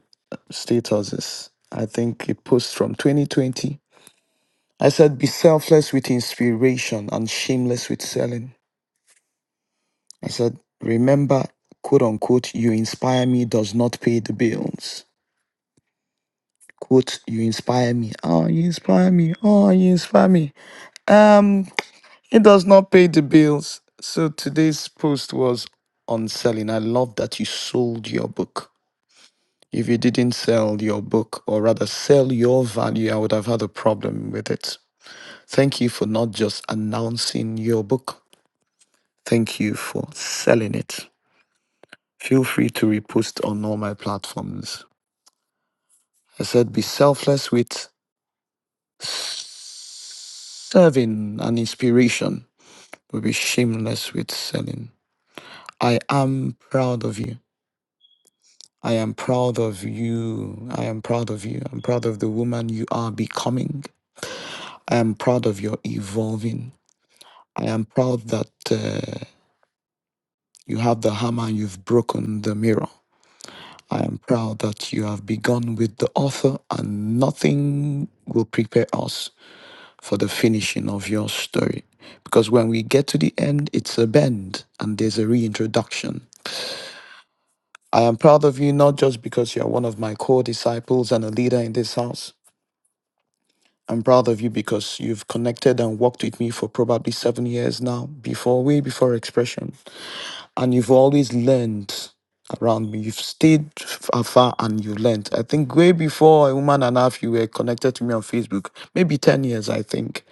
Speaker 3: statuses. I think a post from 2020. I said, be selfless with inspiration and shameless with selling. I said, remember, quote unquote, you inspire me does not pay the bills. Quote, you inspire me. Oh, you inspire me. Oh, you inspire me. Um, it does not pay the bills. So today's post was on selling. I love that you sold your book. If you didn't sell your book, or rather sell your value, I would have had a problem with it. Thank you for not just announcing your book. Thank you for selling it. Feel free to repost on all my platforms. I said be selfless with serving and inspiration, but be shameless with selling. I am proud of you. I am proud of you. I am proud of you. I'm proud of the woman you are becoming. I am proud of your evolving. I am proud that uh, you have the hammer and you've broken the mirror. I am proud that you have begun with the author, and nothing will prepare us for the finishing of your story. Because when we get to the end, it's a bend and there's a reintroduction. I am proud of you not just because you are one of my core disciples and a leader in this house. I'm proud of you because you've connected and worked with me for probably seven years now, before way before expression. and you've always learned around me. You've stayed f- afar and you have learned. I think way before a woman and a half, you were connected to me on Facebook, maybe 10 years, I think.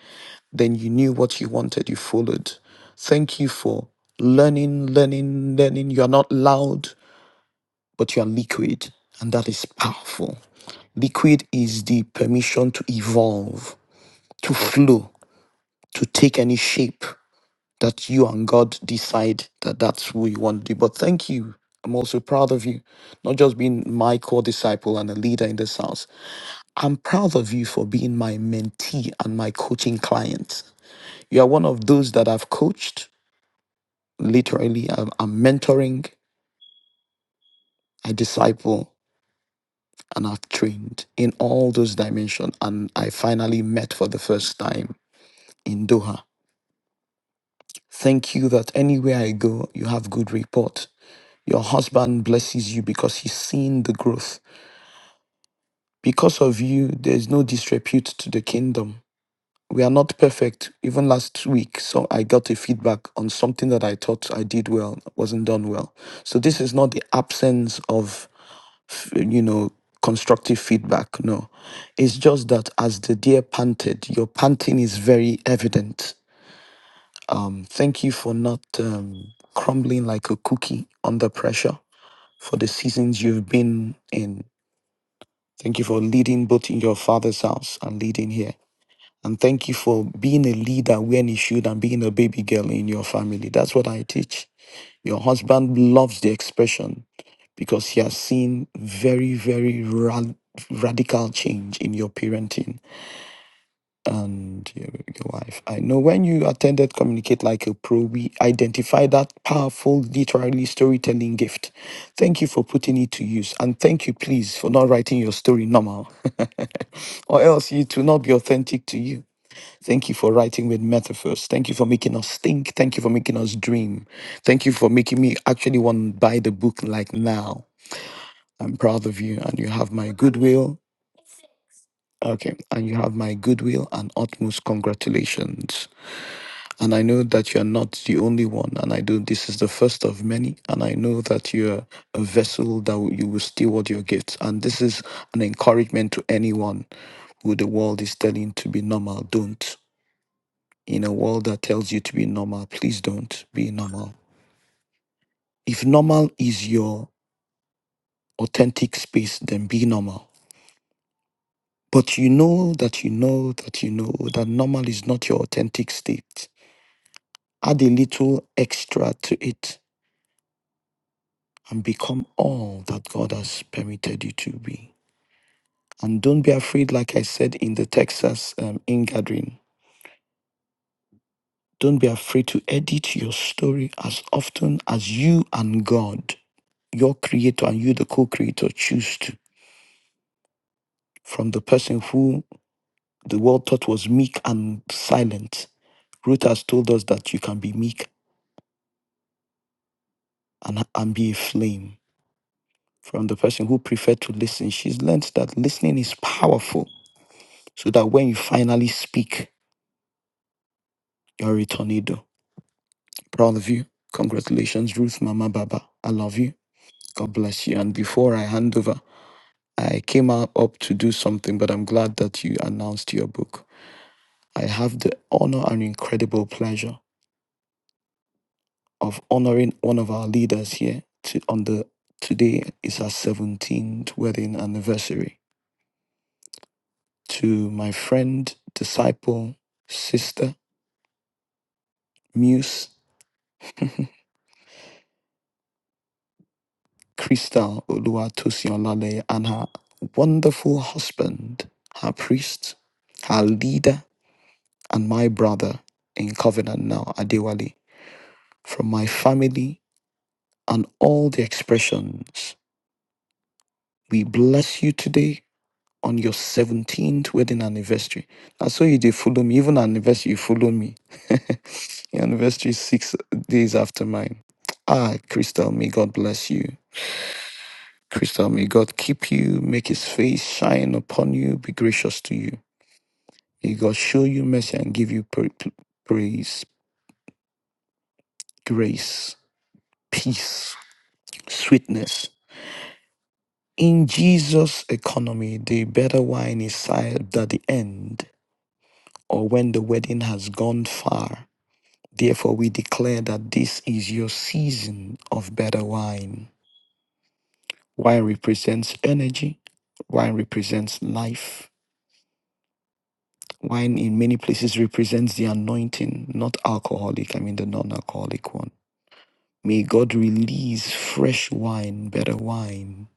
Speaker 3: Then you knew what you wanted, you followed. Thank you for learning, learning, learning. You are not loud, but you are liquid, and that is powerful. Liquid is the permission to evolve, to flow, to take any shape that you and God decide that that's who you want to be, But thank you. I'm also proud of you, not just being my core disciple and a leader in this house. I'm proud of you for being my mentee and my coaching client. You are one of those that I've coached, literally, I'm, I'm mentoring, I disciple, and I've trained in all those dimensions. And I finally met for the first time in Doha. Thank you that anywhere I go, you have good report Your husband blesses you because he's seen the growth. Because of you, there is no disrepute to the kingdom. We are not perfect. Even last week, so I got a feedback on something that I thought I did well, wasn't done well. So this is not the absence of, f- you know, constructive feedback. No, it's just that as the deer panted, your panting is very evident. Um, thank you for not um, crumbling like a cookie under pressure for the seasons you've been in Thank you for leading both in your father's house and leading here. And thank you for being a leader when you should and being a baby girl in your family. That's what I teach. Your husband loves the expression because he has seen very, very rad- radical change in your parenting and your, your wife. I know when you attended Communicate Like a Pro, we identified that powerful literary storytelling gift. Thank you for putting it to use. And thank you, please, for not writing your story normal, or else it will not be authentic to you. Thank you for writing with metaphors. Thank you for making us think. Thank you for making us dream. Thank you for making me actually want to buy the book like now. I'm proud of you, and you have my goodwill. Okay, and you have my goodwill and utmost congratulations. And I know that you're not the only one. And I know this is the first of many. And I know that you're a vessel that will- you will steward your gifts. And this is an encouragement to anyone who the world is telling to be normal. Don't. In a world that tells you to be normal, please don't be normal. If normal is your authentic space, then be normal. But you know that you know that you know that normal is not your authentic state. Add a little extra to it and become all that God has permitted you to be. And don't be afraid, like I said in the Texas um, ingathering, don't be afraid to edit your story as often as you and God, your creator and you, the co creator, choose to. From the person who the world thought was meek and silent, Ruth has told us that you can be meek and, and be a flame. From the person who preferred to listen, she's learned that listening is powerful so that when you finally speak, You're a tornado. Proud of you. Congratulations, Ruth Mama Baba. I love you. God bless you. And before I hand over, I came out up to do something, but I'm glad that you announced your book. I have the honor and incredible pleasure of honoring one of our leaders here to, on the today is her 17th wedding anniversary. To my friend, disciple, sister, muse. Krista Oluwatosinlale and her wonderful husband, her priest, her leader, and my brother in covenant now, Adewale, from my family and all the expressions. We bless you today on your 17th wedding anniversary. That's so you did follow me. Even anniversary, you follow me. your anniversary is six days after mine. Ah, Crystal, may God bless you. Crystal, may God keep you, make his face shine upon you, be gracious to you. May God show you mercy and give you pra- praise, grace, peace, sweetness. In Jesus' economy, the better wine is served at the end or when the wedding has gone far. Therefore, we declare that this is your season of better wine. Wine represents energy, wine represents life. Wine in many places represents the anointing, not alcoholic, I mean the non alcoholic one. May God release fresh wine, better wine.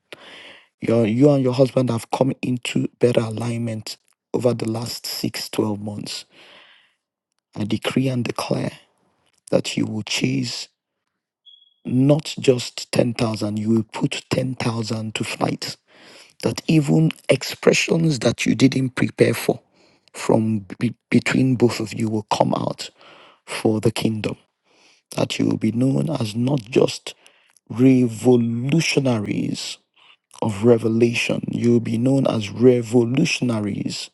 Speaker 3: Your, you and your husband have come into better alignment over the last six, twelve months. I decree and declare that you will chase not just 10,000, you will put 10,000 to flight. That even expressions that you didn't prepare for from be- between both of you will come out for the kingdom that you will be known as not just revolutionaries of revelation, you will be known as revolutionaries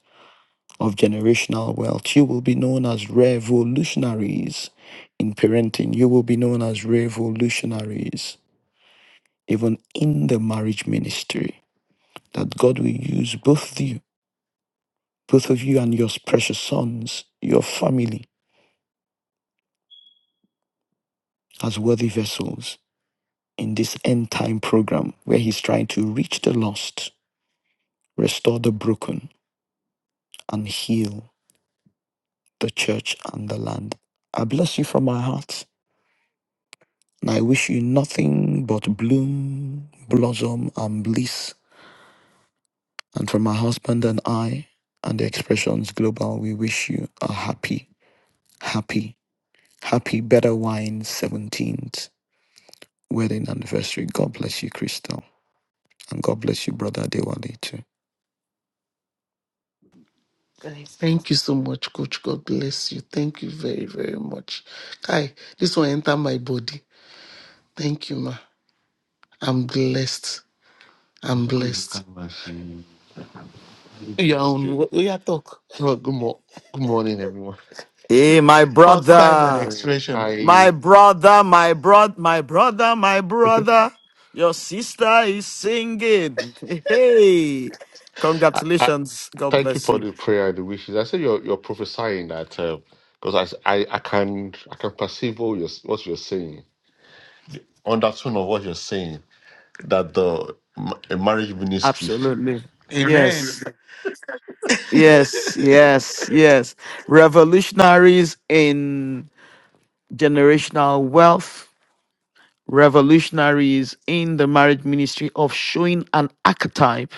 Speaker 3: of generational wealth, you will be known as revolutionaries in parenting, you will be known as revolutionaries even in the marriage ministry. That God will use both you, both of you and your precious sons, your family, as worthy vessels in this end time program where He's trying to reach the lost restore the broken, and heal the church and the land. I bless you from my heart, and I wish you nothing but bloom, blossom, and bliss. And from my husband and I, and the expressions global, we wish you a happy, happy, happy Better Wine 17th wedding anniversary. God bless you, Crystal, and God bless you, Brother Dewali, too.
Speaker 4: Guy, Thank you so much, Coach. God bless you. Thank you very, very much. Kai, this one enter my body. Thank you, ma. I'm blessed. I'm blessed. Your own. We are talk. Well, good, mo- good morning, everyone.
Speaker 3: Hey, my
Speaker 4: First time on Um,
Speaker 3: brother.
Speaker 4: expression.
Speaker 3: My
Speaker 4: I,
Speaker 3: brother, my brother, my brother, my brother, your sister is singing. Hey,
Speaker 4: I
Speaker 3: congratulations. God
Speaker 4: thank you
Speaker 3: bless
Speaker 4: for
Speaker 3: you.
Speaker 4: the prayer and the wishes. I said you're you're prophesying that because I, I I can I can perceive what you're what you're saying undertone of what you're saying that the ma- a marriage ministry
Speaker 3: Absolutely. Yes,
Speaker 4: Amen.
Speaker 3: yes, yes, yes. Revolutionaries in generational wealth, revolutionaries in the marriage ministry of showing an archetype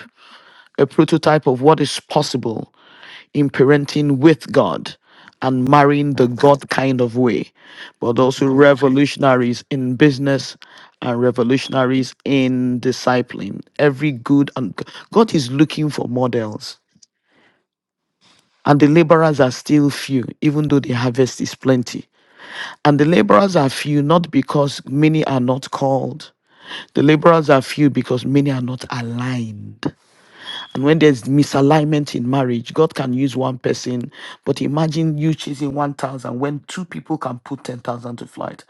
Speaker 3: a prototype of what is possible in parenting with God and marrying the God kind of way, but also revolutionaries in business and revolutionaries in discipling. Every good and God is looking for models. And the laborers are still few, even though the harvest is plenty. And the laborers are few not because many are not called. The laborers are few because many are not aligned. And when there's misalignment in marriage, God can use one person, but imagine you choosing 1,000 when two people can put 10,000 to flight.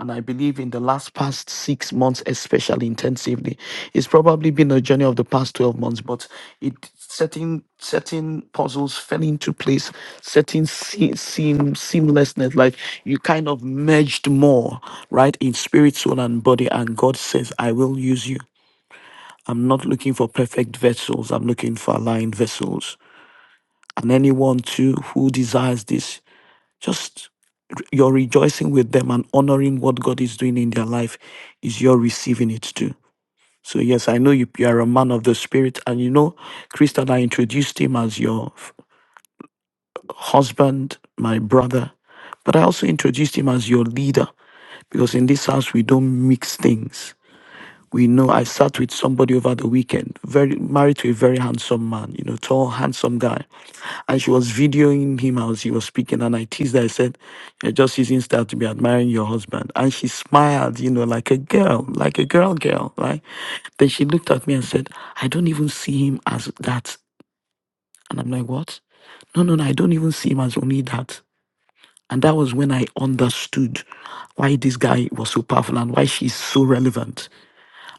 Speaker 3: And I believe in the last past six months, especially intensively, it's probably been a journey of the past 12 months, but it certain certain puzzles fell into place, certain se- seam seamlessness, like you kind of merged more, right, in spirit, soul, and body. And God says, I will use you. I'm not looking for perfect vessels. I'm looking for aligned vessels. And anyone too who desires this, just you're rejoicing with them and honoring what God is doing in their life is you're receiving it too. So yes, I know you, you are a man of the spirit, and you know, Christian, I introduced him as your f- husband, my brother, but I also introduced him as your leader because in this house we don't mix things. we know I sat with somebody over the weekend, very married to a very handsome man, you know, tall, handsome guy. And she was videoing him as he was speaking. And I teased her, I said, You're just using style to be admiring your husband. And she smiled, you know, like a girl, like a girl girl, right? Then she looked at me and said, I don't even see him as that. And I'm like, What? No, no, no, I don't even see him as only that. And that was when I understood why this guy was so powerful and why she's so relevant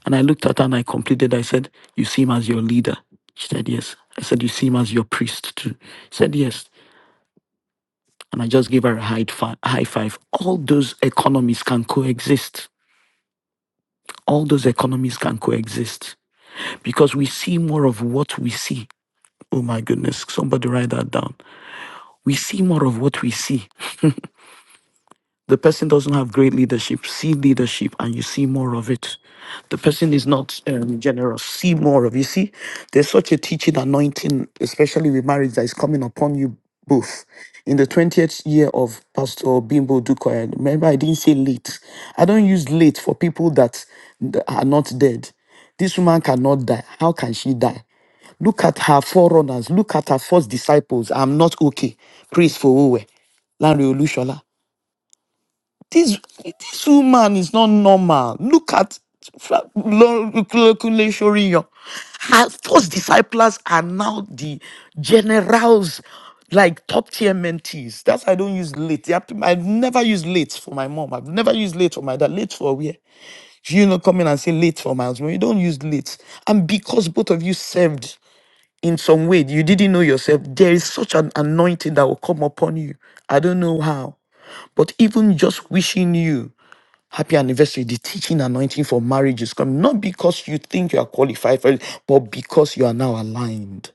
Speaker 3: and I looked at her and I completed. I said, You see him as your leader. She said, Yes. I said, You see him as your priest too. She said, Yes. And I just gave her a high, fi- high five. All those economies can coexist. All those economies can coexist because we see more of what we see. Oh my goodness. Somebody write that down. We see more of what we see The person doesn't have great leadership. See leadership and you see more of it. The person is not um, generous. See more of You see, there's such a teaching anointing, especially with marriage, that is coming upon you both. In the 20th year of Pastor Bimbo Dukoya, remember I didn't say late. I don't use late for people that that are not dead. This woman cannot die. How can she die? Look at her forerunners. Look at her first disciples. I'm not okay. Praise for Owe. Lanre Olushola. This this woman is not normal. Look at Fra- Lo- Kunle Shoriyo. Her first disciples are now the generals, like top tier mentees. That's why I don't use late. They have to- I've never used late for my mom. I've never used late for my dad. Late for where? You know, come in and say late for my husband. You don't use late. And because both of you served in some way you didn't know yourself, there is such an anointing that will come upon you. I don't know how. But even just wishing you happy anniversary, the teaching anointing for marriage is coming. Not because you think you are qualified for it, but because you are now aligned.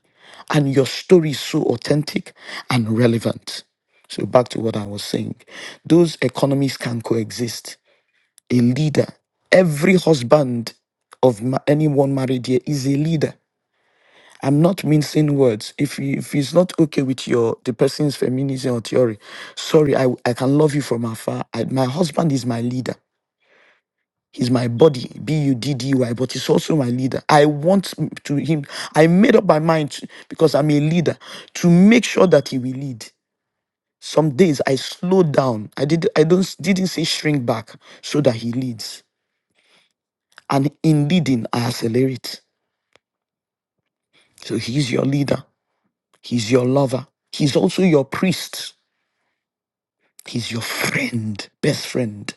Speaker 3: And your story is so authentic and relevant. So back to what I was saying. Those economies can coexist. A leader, every husband of ma- anyone married here is a leader I'm not mincing words. If you- if it's not okay with your the person's feminism or theory, sorry, I I can love you from afar. I, my husband is my leader. He's my body, B U D D Y, but he's also my leader. I want m- to him. I made up my mind to- because I'm a leader to make sure that he will lead. Some days I slow down. I did. I don't didn't say shrink back so that he leads. And in leading, I accelerate. So he's your leader. He's your lover. He's also your priest. He's your friend, best friend.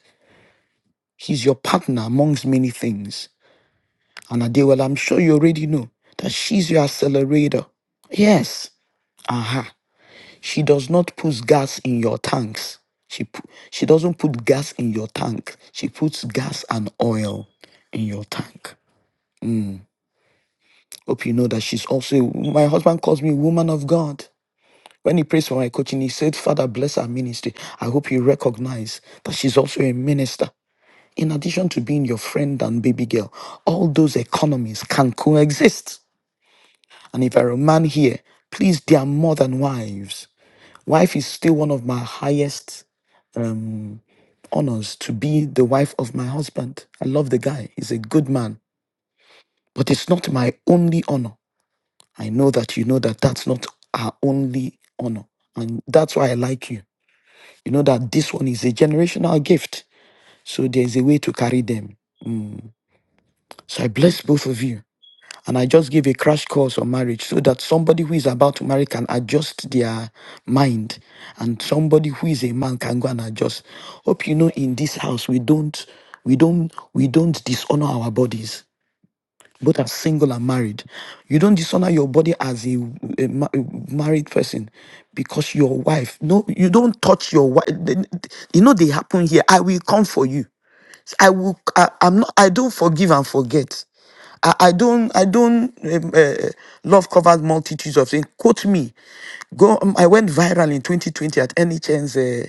Speaker 3: He's your partner amongst many things. And Adewale, I'm sure you already know that she's your accelerator. Yes. Aha. She does not put gas in your tanks. She pu- she doesn't put gas in your tank. She puts gas and oil in your tank. Hope you know that she's also my husband calls me woman of God. When he prays for my coaching, he said, Father, bless our ministry. I hope you recognize that she's also a minister. in addition to being your friend and baby girl, all those economies can coexist. And if you're a man here, please, they are more than wives. Wife is still one of my highest um, honors to be the wife of my husband. I love the guy, he's a good man, but it's not my only honor. I know that you know that that's not our only honor. And that's why I like you. You know that this one is a generational gift. So there's a way to carry them. Mm. So I bless both of you. And I just gave a crash course on marriage so that somebody who is about to marry can adjust their mind and somebody who is a man can go and adjust. Hope you know in this house we don't we don't we don't dishonor our bodies, both as single and married. You don't dishonor your body as a, a ma- a married person because your wife no you don't touch your wife. You know they happen here. I will come for you. I will. I, I'm not. I don't forgive and forget. I, I don't. I don't. Um, uh, love covers multitudes of things. Quote me. Go. um, I went viral in 2020 at NHN's uh,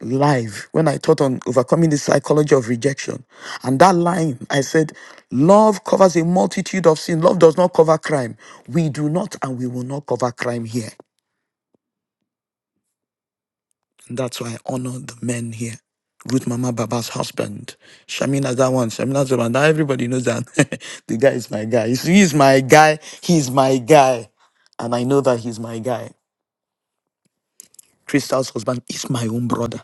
Speaker 3: live when I taught on overcoming the psychology of rejection, and that line I said, "Love covers a multitude of sin. Love does not cover crime. We do not, and we will not cover crime here." And that's why I honor the men here. Ruth Mama Baba's husband. Shamina's that one. Shamina's the one. Now everybody knows that the guy is my guy. He's, he's my guy. He's my guy. And I know that he's my guy. Crystal's husband is my own brother.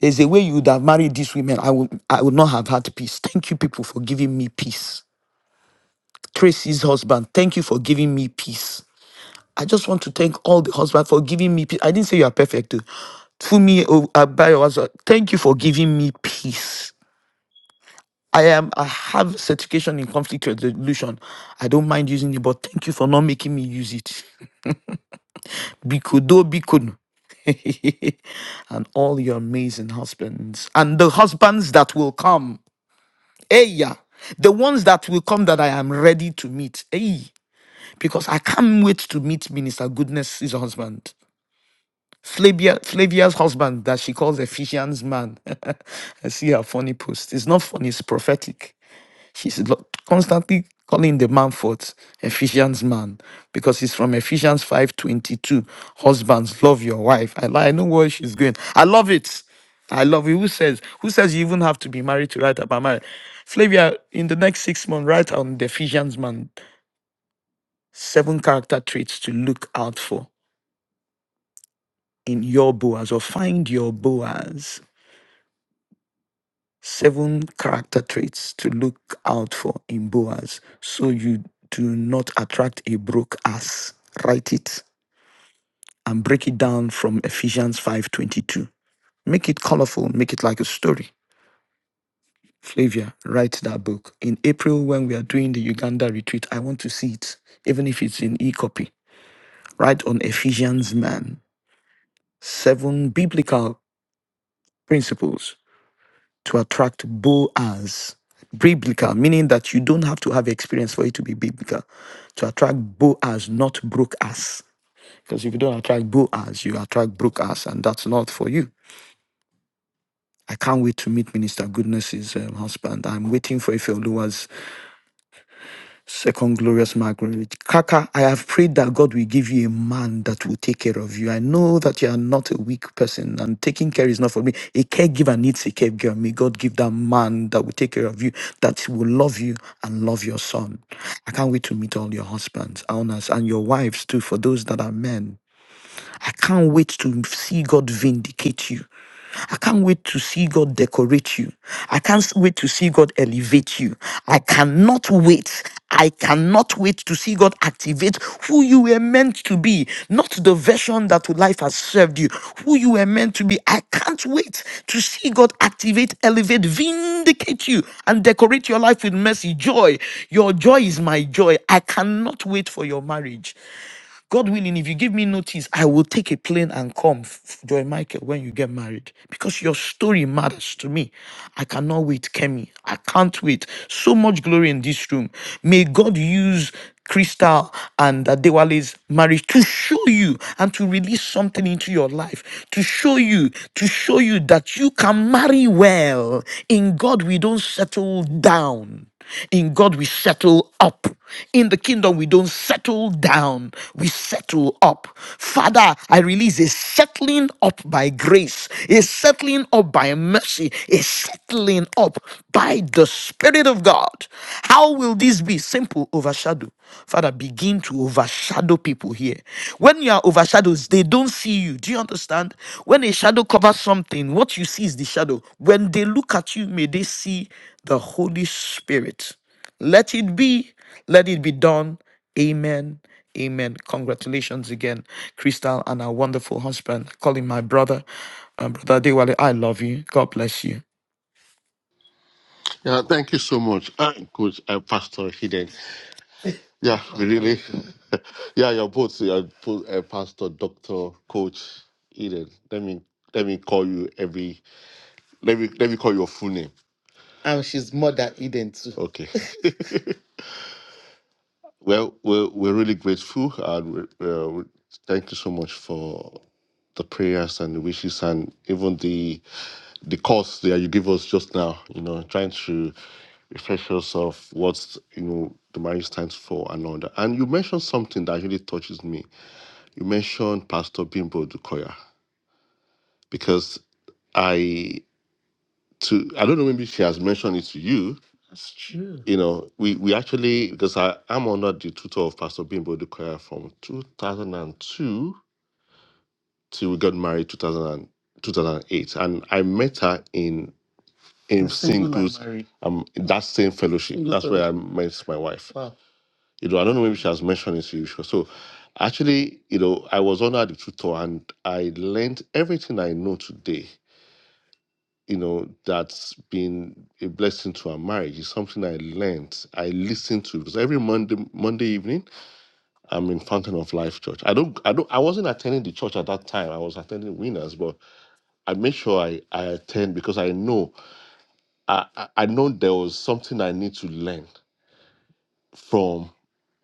Speaker 3: There's a way you would have married these women. I would I would not have had peace. Thank you, people, for giving me peace. Tracy's husband, thank you for giving me peace. I just want to thank all the husbands for giving me peace. I didn't say you are perfect. oh. Fumi Abayo, thank you for giving me peace. I am I have certification in conflict resolution. I don't mind using it, but thank you for not making me use it. Bikudo bikun. and all your amazing husbands. And the husbands that will come. Hey yeah. The ones that will come that I am ready to meet. Hey. Because I can't wait to meet Minister Goodness, his husband. Flavia, Flavia's husband that she calls Ephesians man. I see her funny post. It's not funny, it's prophetic. He's lo- constantly calling the man forth, Ephesians man, because it's from Ephesians 5:22. Husbands, love your wife. I, li- I know where she's going. I love it. I love it. Who says who says you even have to be married to write about marriage? Flavia, in the next six months, write on the Ephesians man seven character traits to look out for in your Boaz or find your Boaz. Seven character traits to look out for in Boaz so you do not attract a broke ass. Write it and break it down from Ephesians 5:22. Make it colorful, make it like a story. Flavia, write that book. In April, when we are doing the Uganda retreat, I want to see it, even if it's in e copy. Write on Ephesians man. Seven biblical principles to attract Boaz. Biblical, meaning that you don't have to have experience for it to be biblical. To attract Boaz, not broke ass. Because if you don't attract Boaz, you attract broke ass, and that's not for you. I can't wait to meet Minister Goodness's um, husband. I'm waiting for Ifeoluwa's Second glorious Margaret. Kaka, I have prayed that God will give you a man that will take care of you. I know that you are not a weak person and taking care is not for me. A caregiver needs a caregiver. May God give that man that will take care of you, that will love you and love your son. I can't wait to meet all your husbands, owners, and your wives too, for those that are men. I can't wait to see God vindicate you. I can't wait to see God decorate you. I can't s- wait to see God elevate you. I cannot wait. I cannot wait to see God activate who you were meant to be, not the version that life has served you, who you were meant to be. I can't wait to see God activate, elevate, vindicate you, and decorate your life with mercy, joy. Your joy is my joy. I cannot wait for your marriage. God willing, if you give me notice, I will take a plane and come, F- Joy Michael, when you get married. Because your story matters to me. I cannot wait, Kemi. I can't wait. So much glory in this room. May God use Crystal and Adewale's marriage to show you and to release something into your life, to show you, to show you that you can marry well. In God, we don't settle down. In God, we settle up. In the kingdom, we don't settle down, we settle up. Father, I release a settling up by grace, a settling up by mercy, a settling up by the Spirit of God. How will this be? Simple overshadow. Father, begin to overshadow people here. when when you are overshadowed, they don't see you. Do you understand? When a shadow covers something, what you see is the shadow. When they look at you, may they see the Holy Spirit. Let it be. Let it be done. Amen. Amen. Congratulations again, Crystal and our wonderful husband, calling my brother, uh, brother Dewale. I love you. God bless you.
Speaker 4: Yeah, thank you so much, uh, Coach uh, Pastor Hidden. Yeah, we really. yeah, you're both, you're both uh, Pastor, Doctor, Coach Eden. Let me let me call you every. Let me let me call your full name. And she's Mother Eden too. Okay. Well, we're we're really grateful, and we uh, we- thank you so much for the prayers and the wishes, and even the the course that you give us just now, you know, trying to refresh us of what you know the marriage stands for and all that. And you mentioned something that really touches me. You mentioned Pastor Bimbo Dukoya because I to I don't know maybe she has mentioned it to you. That's true. You know, we we actually because I am under the tutor of Pastor Bimbo Dukoya from 2002 till we got married 2000 and 2008, and I met her in in single and singles, married. um, that same fellowship. Single That's where I met my wife. Wow. You know, I don't know maybe she has mentioned it to you. sure. So, actually, you know, I was under the tutor and I learned everything I know today. You know, that's been a blessing to our marriage. It's something I learned. I listened to because every Monday Monday evening I'm in Fountain of Life Church. I don't I don't I wasn't attending the church at that time. I was attending Winners, but I made sure I, I attend because I know I, I I know there was something I need to learn from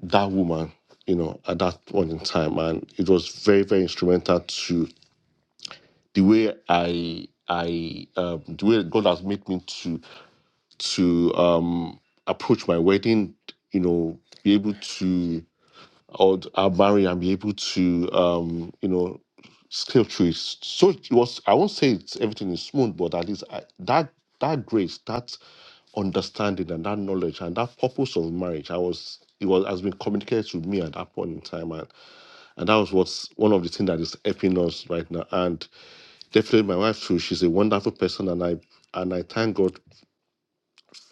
Speaker 4: that woman, you know, at that point in time, and it was very, very instrumental to the way I, I, um, the way God has made me to to um, approach my wedding, you know, be able to or our will and be able to, um, you know, scale through it. So it was. I won't say it's everything is smooth, but at least I, that that grace, that understanding, and that knowledge, and that purpose of marriage, I was. It was has been communicated to me at that point in time, and, and that was what's one of the things that is helping us right now. And definitely, my wife too. She's a wonderful person, and I and I thank God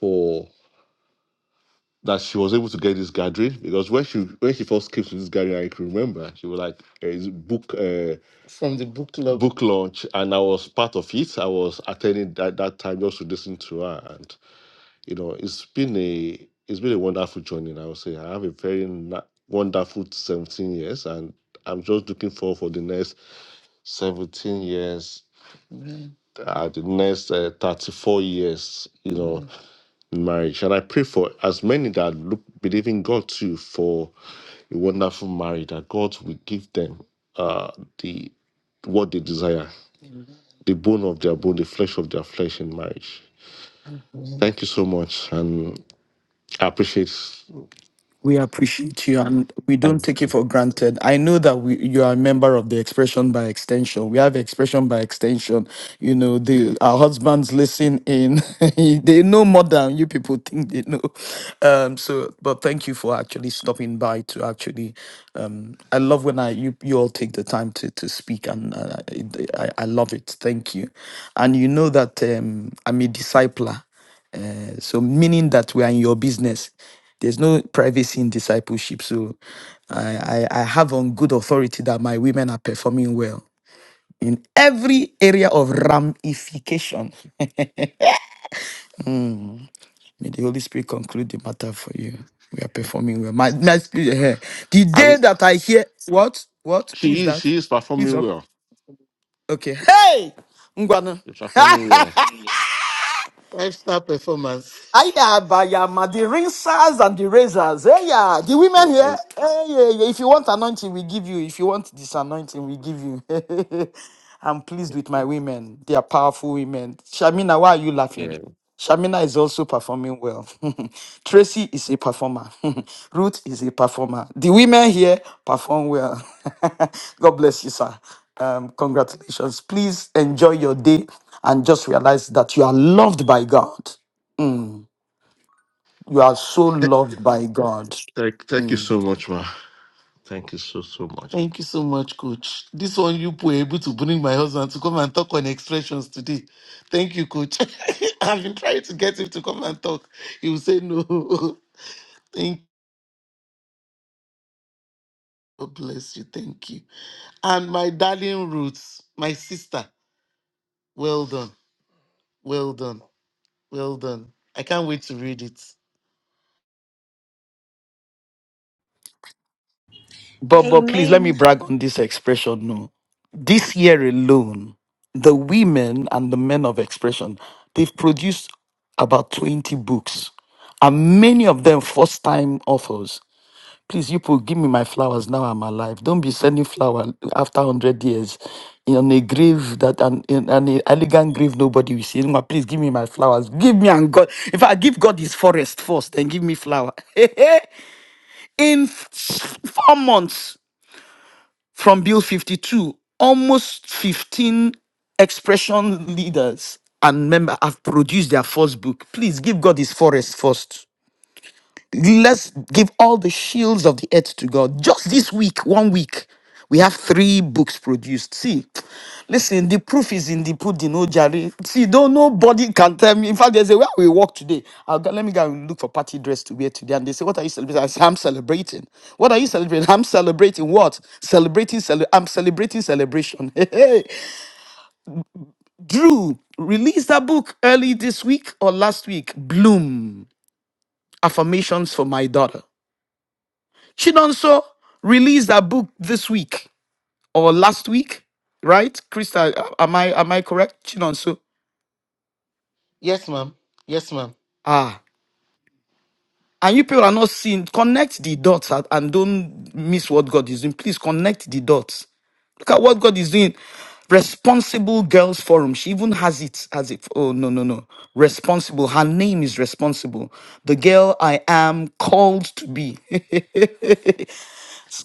Speaker 4: for. that she was able to get this gathering because when she when she first came to this gathering, I can remember she was like uh, it's book uh, From the book club. book launch, and I was part of it. I was attending that that time just to listen to her, and you know it's been a it's been a wonderful journey. I would say I have a very na- wonderful seventeen years, and I'm just looking forward for the next seventeen years. Uh, the next uh, 34 years, you know, in marriage. And I pray for as many that look believe in God too for a wonderful marriage that God will give them uh the what they desire, the bone of their bone, the flesh of their flesh in marriage. Thank you so much, and I appreciate.
Speaker 3: We appreciate you and we don't take it for granted. I know that we, you are a member of the Expression by Extension. We have Expression by Extension. You know, the, our husbands listen in. they know more than you people think they know. Um, so, but thank you for actually stopping by to actually. Um, I love when I you, you all take the time to, to speak and uh, I, I I love it. Thank you. And you know that um, I'm a discipler. Uh, So, meaning that we are in your business. There's no privacy in discipleship. So, I, I, I have on good authority that my women are performing well in every area of ramification. May the Holy Spirit conclude the matter for you. We are performing well. My, my spirit, eh, the
Speaker 4: I
Speaker 3: day
Speaker 4: re-
Speaker 3: that I hear what? What? Who
Speaker 4: she
Speaker 3: is
Speaker 4: is
Speaker 3: that?
Speaker 4: she is
Speaker 3: Who's
Speaker 4: performing
Speaker 3: up?
Speaker 4: well.
Speaker 3: Okay. Hey! Ngwanu.
Speaker 4: She's performing well. Five star performance.
Speaker 3: Aya bayama, the rinsers and the razors. Hey, yeah, the
Speaker 4: Yeah.
Speaker 3: women here. Hey, yeah, yeah. If you want anointing, we give you. If you want disanointing, we give you. I'm pleased with my women. They are powerful women. Shamina, why are you laughing?
Speaker 4: yeah.
Speaker 3: Shamina is also performing well. Tracy is a performer. Ruth is a performer. The women here perform well. God bless you, sir. Um, congratulations. Please enjoy your day and just realize that you are loved by God. You are so loved by God.
Speaker 4: Thank, thank you
Speaker 3: Mm.
Speaker 4: so much, ma. Thank you so, so much. Thank you so much, Coach. This one you were able to bring my husband to come and talk on expressions today. Thank you, Coach. I've been trying to get him to come and talk. He will say no. Thank you. God bless you. Thank you. And my darling Roots, my sister. Well done. Well done. Well done. I can't wait to read it.
Speaker 3: But but please let me
Speaker 2: Amen.
Speaker 3: brag on this expression. No, this year alone, the women and the men of expression, they've produced about 20 books, and many of them first time authors. Please, you people, give me my flowers now I'm alive. Don't be sending flower after 100 years in a grave that an, in an elegant grave nobody will see. No, Please give me my flowers. Give me and God. If I give God his forest first, then give me flower. in f- four months from Bill 52, almost 15 expression leaders and members have produced their first book. Please give God his forest first. Let's give all the shields of the earth to God. Just this week, one week, we have three books produced. See, listen, the proof is in the pudding, oh Jerry. See, don't nobody can tell me. In fact, there's a where we walk today. I'll go, let me go and look for party dress to wear today. And they say, What are you celebrating? I say, I'm celebrating. What are you celebrating? I'm celebrating what? Celebrating, cele- I'm celebrating celebration. Hey, hey. Drew released that book early this week or last week. Bloom affirmations for my daughter. Chinonso released a book this week or last week, right? Krista, am I am I correct? Chinonso.
Speaker 4: Yes, ma'am. Yes, ma'am.
Speaker 3: Ah. And you people are not seeing. Connect the dots and and don't miss what God is doing. Please connect the dots. Look at what God is doing. Responsible Girls Forum. She even has it as if, oh, no, no, no. Responsible. Her name is Responsible. The girl I am called to be.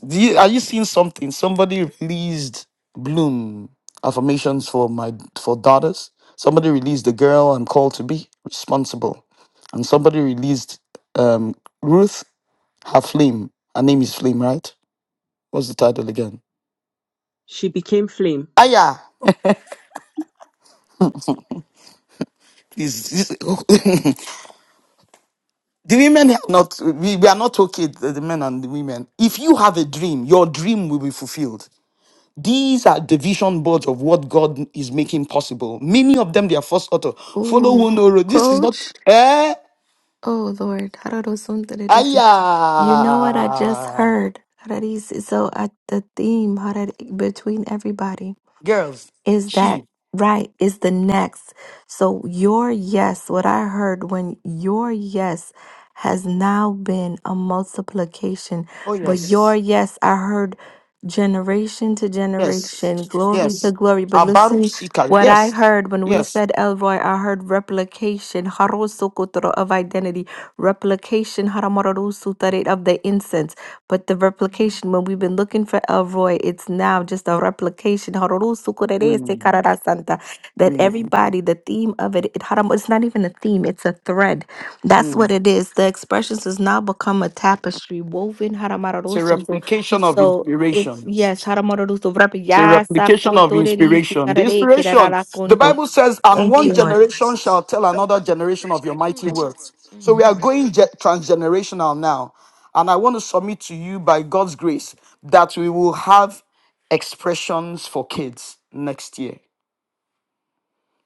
Speaker 3: Do you, are you seeing something? Somebody released Bloom affirmations for my for daughters. Somebody released the girl I'm called to be responsible, and somebody released um, Ruth her flame. Her name is Flame, right? What's the title again?
Speaker 1: She became flame.
Speaker 3: Aya. Please, this- the women are not. We, we are not okay. The, the men and the women. If you have a dream, your dream will be fulfilled. These are the vision boards of what God is making possible. Many of them, they are first author. Follow
Speaker 5: Ooh,
Speaker 3: one no road. This is not
Speaker 5: coach.
Speaker 3: eh?
Speaker 5: Oh Lord, hararosontarerisi. You know what I just
Speaker 3: Aya.
Speaker 5: heard? Hararisi. So uh, the theme harar- between everybody.
Speaker 3: Girls,
Speaker 5: Is that
Speaker 3: she.
Speaker 5: right? Is the next. So, your yes, what I heard when your yes has now been a multiplication,
Speaker 3: Oh
Speaker 5: but Yes.
Speaker 3: yes,
Speaker 5: your yes, I heard generation to
Speaker 3: yes,
Speaker 5: generation, glory to
Speaker 3: yes.
Speaker 5: glory. But
Speaker 3: Abaru
Speaker 5: listen,
Speaker 3: Sika.
Speaker 5: what I
Speaker 3: Yes,
Speaker 5: heard when we
Speaker 3: yes.
Speaker 5: said Elroy, I heard replication, harosokotoro, of identity, replication, haramarorosutare, of the incense. But the replication, when we've been looking for Elroy, it's now just a replication. Hororusukurerese
Speaker 3: Mm,
Speaker 5: kararasanta. That
Speaker 3: mm,
Speaker 5: everybody, the theme of it, it haram- it's not even a theme, it's a thread. That's what
Speaker 3: mm.
Speaker 5: it is. The expressions has now become a tapestry woven.
Speaker 3: It's a
Speaker 5: haramarorosunto.
Speaker 3: replication of
Speaker 5: So it's,
Speaker 3: inspiration.
Speaker 5: yes, haramarorusu wrap-
Speaker 3: It's a
Speaker 5: yasa
Speaker 3: replication of
Speaker 5: kotorerisi
Speaker 3: inspiration. The
Speaker 5: karare
Speaker 3: inspiration, the
Speaker 5: kerararakonto.
Speaker 3: Bible says, and
Speaker 5: Thank
Speaker 3: one
Speaker 5: Lord.
Speaker 3: generation shall tell another generation of your
Speaker 5: Mm.
Speaker 3: mighty works. So we are going ge- transgenerational now. And I want to submit to you by God's grace that we will have expressions for kids next year.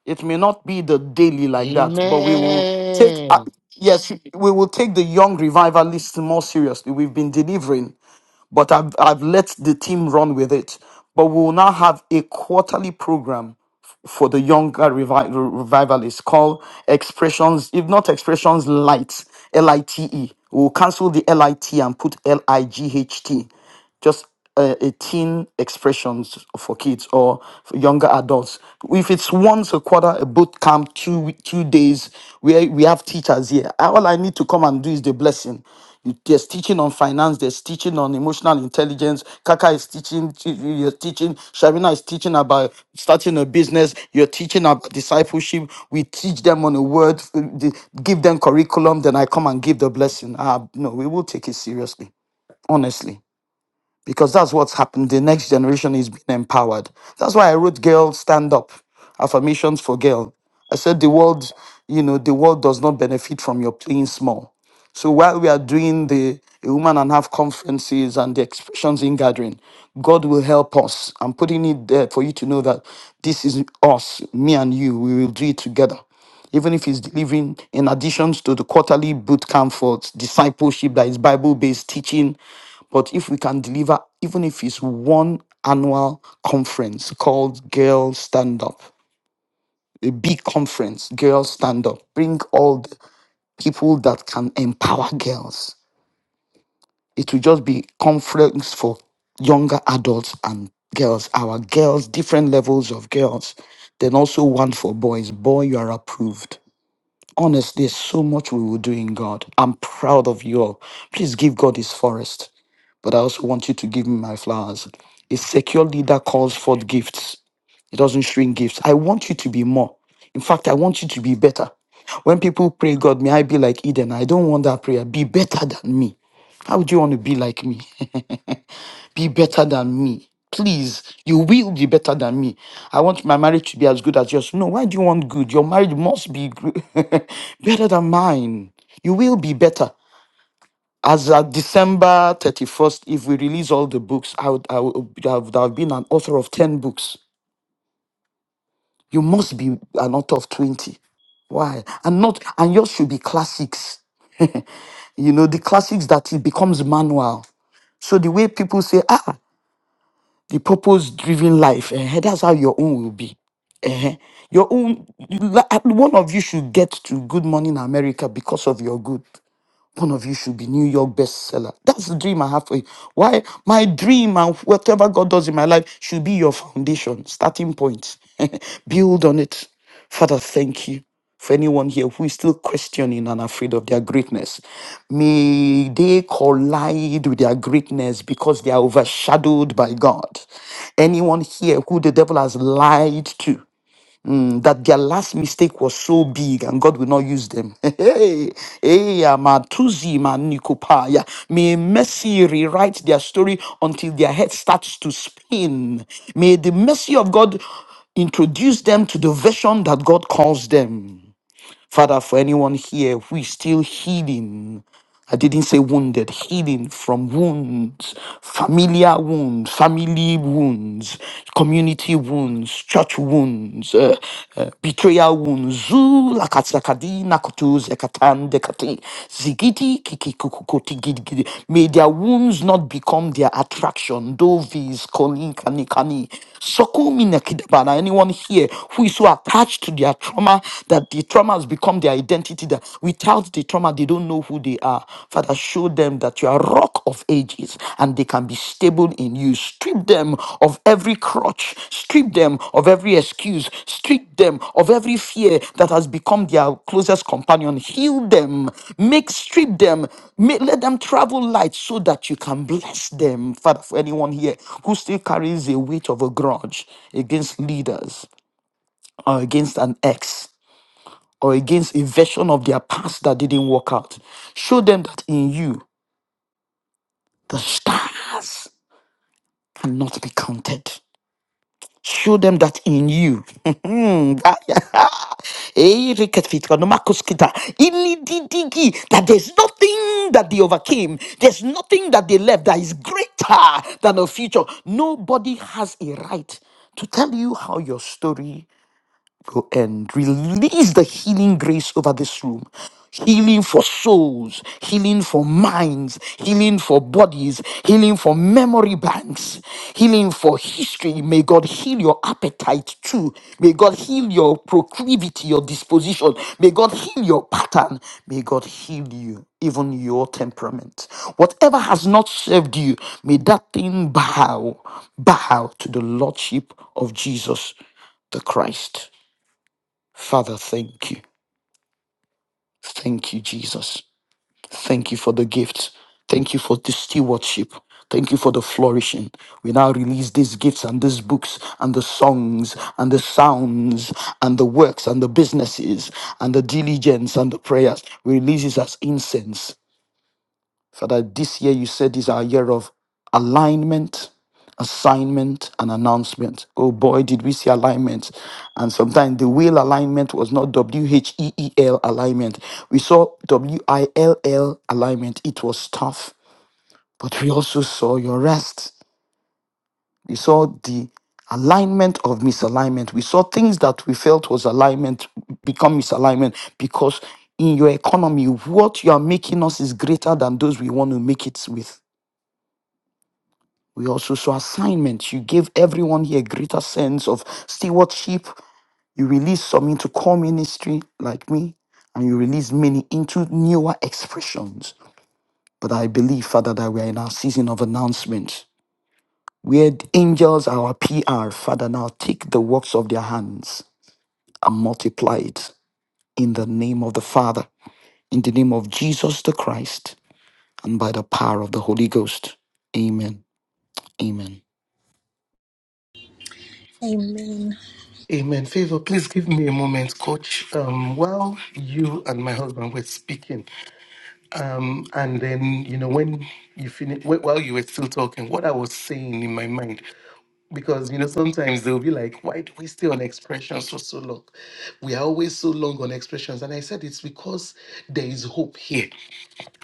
Speaker 3: It may not be the daily like that, but we will take, uh,
Speaker 4: Amen.
Speaker 3: yes, we will take the young revivalists more seriously. We've been delivering but I've, I've let the team run with it. But we will now have a quarterly program f- for the younger revi- revivalists called Expressions, if not Expressions Light, L I T E. We'll cancel the L I T and put L I G H T just uh, a teen expressions for kids or for younger adults. If it's once a quarter, a boot camp, two wee- two days, where we have teachers here, all I need to come and do is the blessing. There's teaching on finance. There's teaching on emotional intelligence. Kaka is teaching. You're teaching. Sharina is teaching about starting a business. You're teaching about discipleship. We teach them on a word. uh, the- Give them curriculum. Then I come and give the blessing. Ah, no, we will take it seriously. Honestly. Because that's what's happened. The next generation is being empowered. That's why I wrote Girl Stand Up Affirmations for Girl. I said the world, you know, the world does not benefit from your playing small. So while we are doing the a woman and half conferences and the expressions in gathering, God will help us. I'm putting it there for you to know that this is us, me and you. We will do it together. Even if it's delivering in addition to the quarterly boot camp for discipleship that is Bible-based teaching. But if we can deliver, even if it's one annual conference called Girls Stand Up, a big conference, Girls Stand Up, bring all the people that can empower girls it will just be conference for younger adults and girls, our girls, different levels of girls. Then also one for boys. Boy, you are approved. Honestly, there's so much we will do in God. I'm proud of you all. Please give God his forest but I also want you to give me my flowers. A secure leader calls forth gifts. It doesn't shrink gifts. I want you to be more. In fact, I want you to be better. When people pray, God, may I be like Eden? I don't want that prayer. Be better than me. How would you want to be like me? be better than me. Please, you will be better than me. I want my marriage to be as good as yours. No, why do you want good? Your marriage must be gr- better than mine. You will be better as at December 31st, if we release all the books, I would, I would, I would have been an author of 10 books. You must be an author of 20. Why? And not, and yours should be classics. you know, the classics that it becomes manual. So the way people say, ah, the purpose driven life, eh, that's how your own will be. eh. Your own, you- like, one of you should get to Good Morning America because of your good. One of you should be New York bestseller. That's the dream I have for you. Why? My dream and whatever God does in my life should be your foundation, starting point. Build on it. Father, thank you for anyone here who is still questioning and afraid of their greatness. May they collide with their greatness because they are overshadowed by God. Anyone here who the devil has lied to, mm, that their last mistake was so big and God will not use them. Hey, hey, Matuzi, Manikopaya. May mercy rewrite their story until their head starts to spin. May the mercy of God introduce them to the vision that God calls them. Father, for anyone here who is still healing, I didn't say wounded, healing from wounds, familiar wounds, family wounds, community wounds, church wounds, uh, uh, betrayal wounds. Zu lakatsakadi nakutu zekatan dekati zigidi kiki kukukoti gidi gidi. May their wounds not become their attraction. Dovis koni kani kani. Sokumi nekidabana. Anyone here who is so attached to their their trauma, that the trauma has become their identity, that without the trauma, they don't know who they are. Father, show them that you are rock of ages and they can be stable in you. Strip them of every crutch, strip them of every excuse, strip them of every fear that has become their closest companion. Heal them, make strip them, make, let them travel light so that you can bless them. Father, for anyone here who still carries a weight of a grudge against leaders or against an ex, or against a version of their past that didn't work out. Show them that in you, the stars cannot be counted. Show them that in you, Eh, riketvitra, nomakuskita, ilididigi, that there's nothing that they overcame, there's nothing that they left that is greater than a future. Nobody has a right to tell you how your story Go and release the healing grace over this room. Healing for souls, healing for minds, healing for bodies, healing for memory banks, healing for history. May God heal your appetite too. May God heal your proclivity, your disposition. May God heal your pattern. May God heal you, even your temperament. Whatever has not served you, may that thing bow, bow to the Lordship of Jesus the Christ. Father, thank you. Thank you, Jesus. Thank you for the gift. Thank you for the stewardship. Thank you for the flourishing. We now release these gifts and these books and the songs and the sounds and the works and the businesses and the diligence and the prayers. We release it as incense Father, this year you said is our year of alignment, assignment, and announcement. Oh boy, did we see alignment. And sometimes the wheel alignment was not W H E E L alignment. We saw W I L L alignment. It was tough, but we also saw your rest. We saw the alignment of misalignment. We saw things that we felt was alignment become misalignment because in your economy, what you are making us is greater than those we want to make it with. We also saw assignments. You gave everyone here a greater sense of stewardship. You released some into core ministry like me, and you released many into newer expressions. But I believe, Father, that we are in our season of announcement. Where the angels, are our PR, Father, now take the works of their hands and multiply it in the name of the Father, in the name of Jesus the Christ, and by the power of the Holy Ghost. Amen. Amen.
Speaker 2: Amen.
Speaker 4: Amen. Favor, please give me a moment, Coach. Um, while you and my husband were speaking, Um, and then you know when you finish while you were still talking, what I was saying in my mind, because you know sometimes they'll be like, "Why do we stay on expressions for so long? We are always so long on expressions." And I said it's because there is hope here.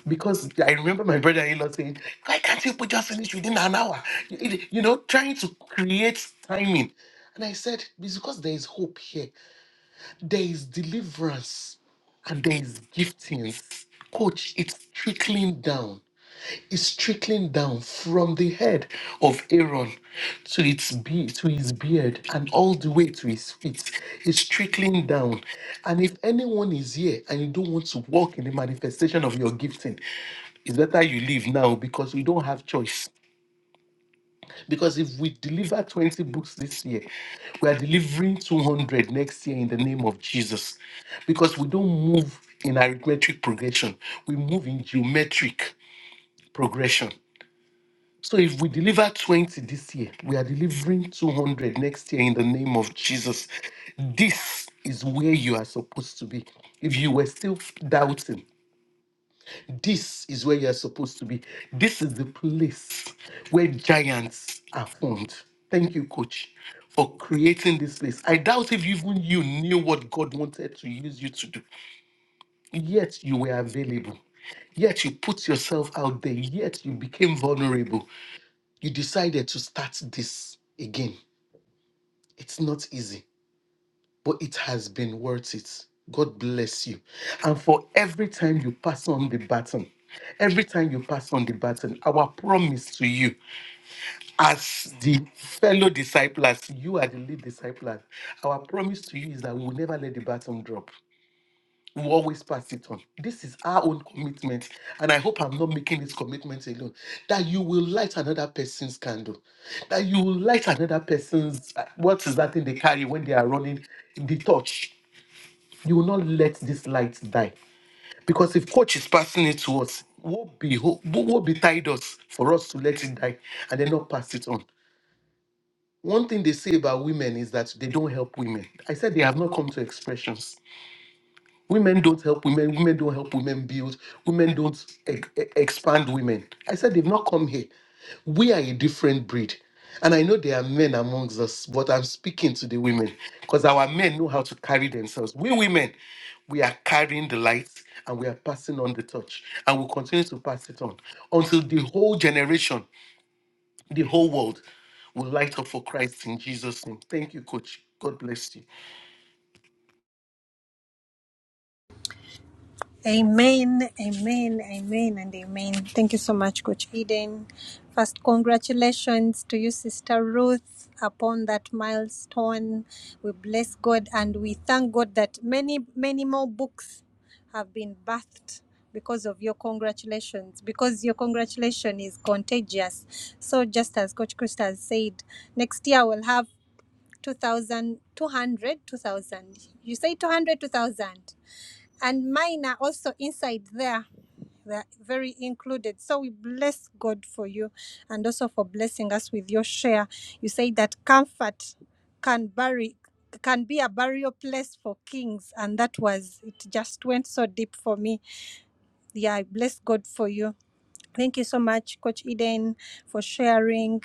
Speaker 4: Because I remember my brother-in-law saying, "Why can't people just finish within an hour?" You you know, trying to create timing. And I said it's because there is hope here. There is deliverance, and there is giftings. Coach, it's trickling down is trickling down from the head of Aaron to its be- to his beard and all the way to his feet. It's trickling down. And if anyone is here and you don't want to walk in the manifestation of your gifting, it's better you leave now because we don't have choice. Because if we deliver 20 books this year, we are delivering 200 next year in the name of Jesus. Because we don't move in arithmetic progression, we move in geometric progression. So if we deliver 20 this year, we are delivering 200 next year in the name of Jesus. This is where you are supposed to be. If you were still doubting, this is where you are supposed to be. This is the place where giants are formed. Thank you, coach, for creating this place. I doubt if even you knew what God wanted to use you to do, yet you were available. Yet you put yourself out there. Yet you became vulnerable. You decided to start this again. It's not easy, but it has been worth it. God bless you. And for every time you pass on the baton, every time you pass on the baton, our promise to you as the fellow disciples, you are the lead disciples. Our promise to you is that we will never let the baton drop. We will always pass it on. This is our own commitment, and I hope I'm not making this commitment alone. That you will light another person's candle, that you will light another person's uh, what is that thing they carry when they are running the torch. You will not let this light die, because if torch is passing it to us, what be what betide us for us to let it die and then not pass it on. One thing they say about women is that they don't help women. I said they have not come to expressions Women don't help women. Women don't help women build. Women don't e- e- expand women. I said they've not come here. We are a different breed. And I know there are men amongst us, but I'm speaking to the women because our men know how to carry themselves. We women, we are carrying the light and we are passing on the torch and we'll continue to pass it on until the whole generation, the whole world will light up for Christ in Jesus' name. Thank you, coach. God bless you.
Speaker 2: Amen, amen, amen, and amen. Thank you so much, Coach Eden. First, congratulations to you, Sister Ruth, upon that milestone. We bless God and we thank God that many, many more books have been birthed because of your congratulations, because your congratulation is contagious. So, just as Coach Krista has said, next year we'll have two thousand, two hundred, two thousand. You say 200, 2,000 and mine are also inside there. They're very included. So we bless God for you and also for blessing us with your share. You say that comfort can bury can be a burial place for kings and that was it just went so deep for me yeah i bless god for you Thank you so much, Coach Eden, for sharing.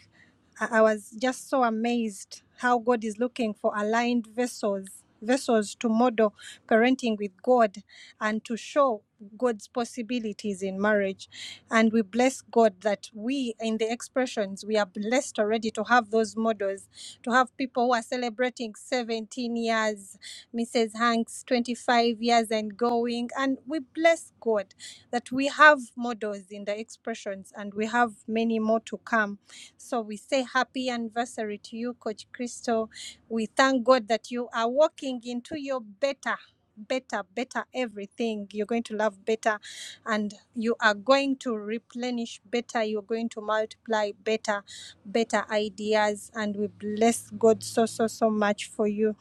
Speaker 2: I, I was just so amazed how God is looking for aligned vessels, vessels to model parenting with God and to show God's possibilities in marriage. And we bless God that we, in the expressions, we are blessed already to have those models, to have people who are celebrating 17 years, Mrs. Hanks, 25 years and going. And we bless God that we have models in the expressions and we have many more to come. So we say happy anniversary to you, Coach Crystal. We thank God that you are walking into your better. Better, better everything. You're going to love better and you are going to replenish better. You're going to multiply better, better ideas. And we bless God so, so, so much for you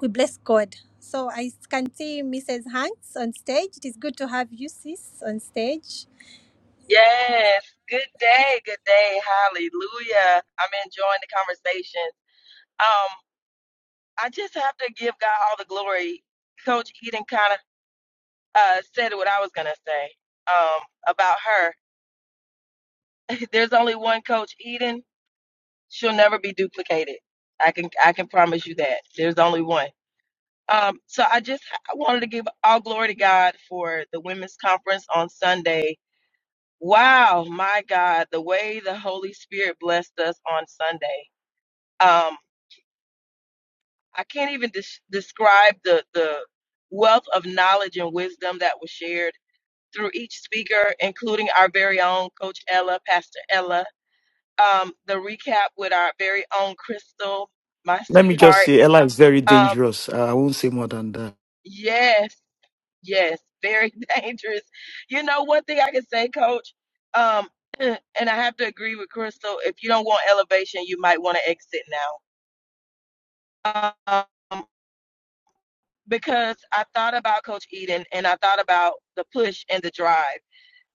Speaker 2: we bless God. So I can see Mrs. Hanks on stage. It is good to have you, sis, on stage.
Speaker 6: Yes. Good day. Good day. Hallelujah. I'm enjoying the conversation. Um, I just have to give God all the glory. Coach Eden kind of uh, said what I was gonna say um, about her. There's only one Coach Eden. She'll never be duplicated. I can I can promise you that. There's only one. Um, so I just I wanted to give all glory to God for the women's conference on Sunday. Wow, my God, the way the Holy Spirit blessed us on Sunday. Um, I can't even des- describe the, the wealth of knowledge and wisdom that was shared through each speaker, including our very own Coach Ella, Pastor Ella. Um, the recap with our very own Crystal, my
Speaker 3: Let me just
Speaker 6: sweetheart.
Speaker 3: say, Ella is very
Speaker 6: Um,
Speaker 3: dangerous. I I won't say more than that.
Speaker 6: yes, yes, very dangerous. You know, one thing I can say, Coach, um, and I have to agree with Crystal. If you don't want elevation, you might want to exit now. Um, because I thought about Coach Eden and I thought about the push and the drive.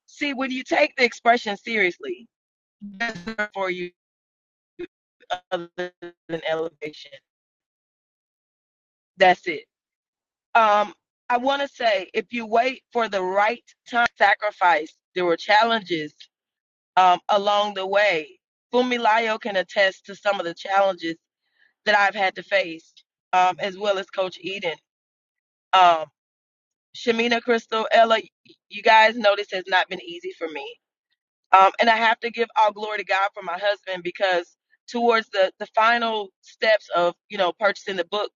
Speaker 6: See, when you take the expression seriously, that's for you other than elevation. That's it. Um, I want to say if you wait for the right time to sacrifice, there were challenges um, along the way. Fumilayo can attest to some of the challenges that I've had to face, um, as well as Coach Eden. Um, Shamina, Crystal, Ella, you guys know this has not been easy for me. Um, and I have to give all glory to God for my husband because towards the, the final steps of, you know, purchasing the book,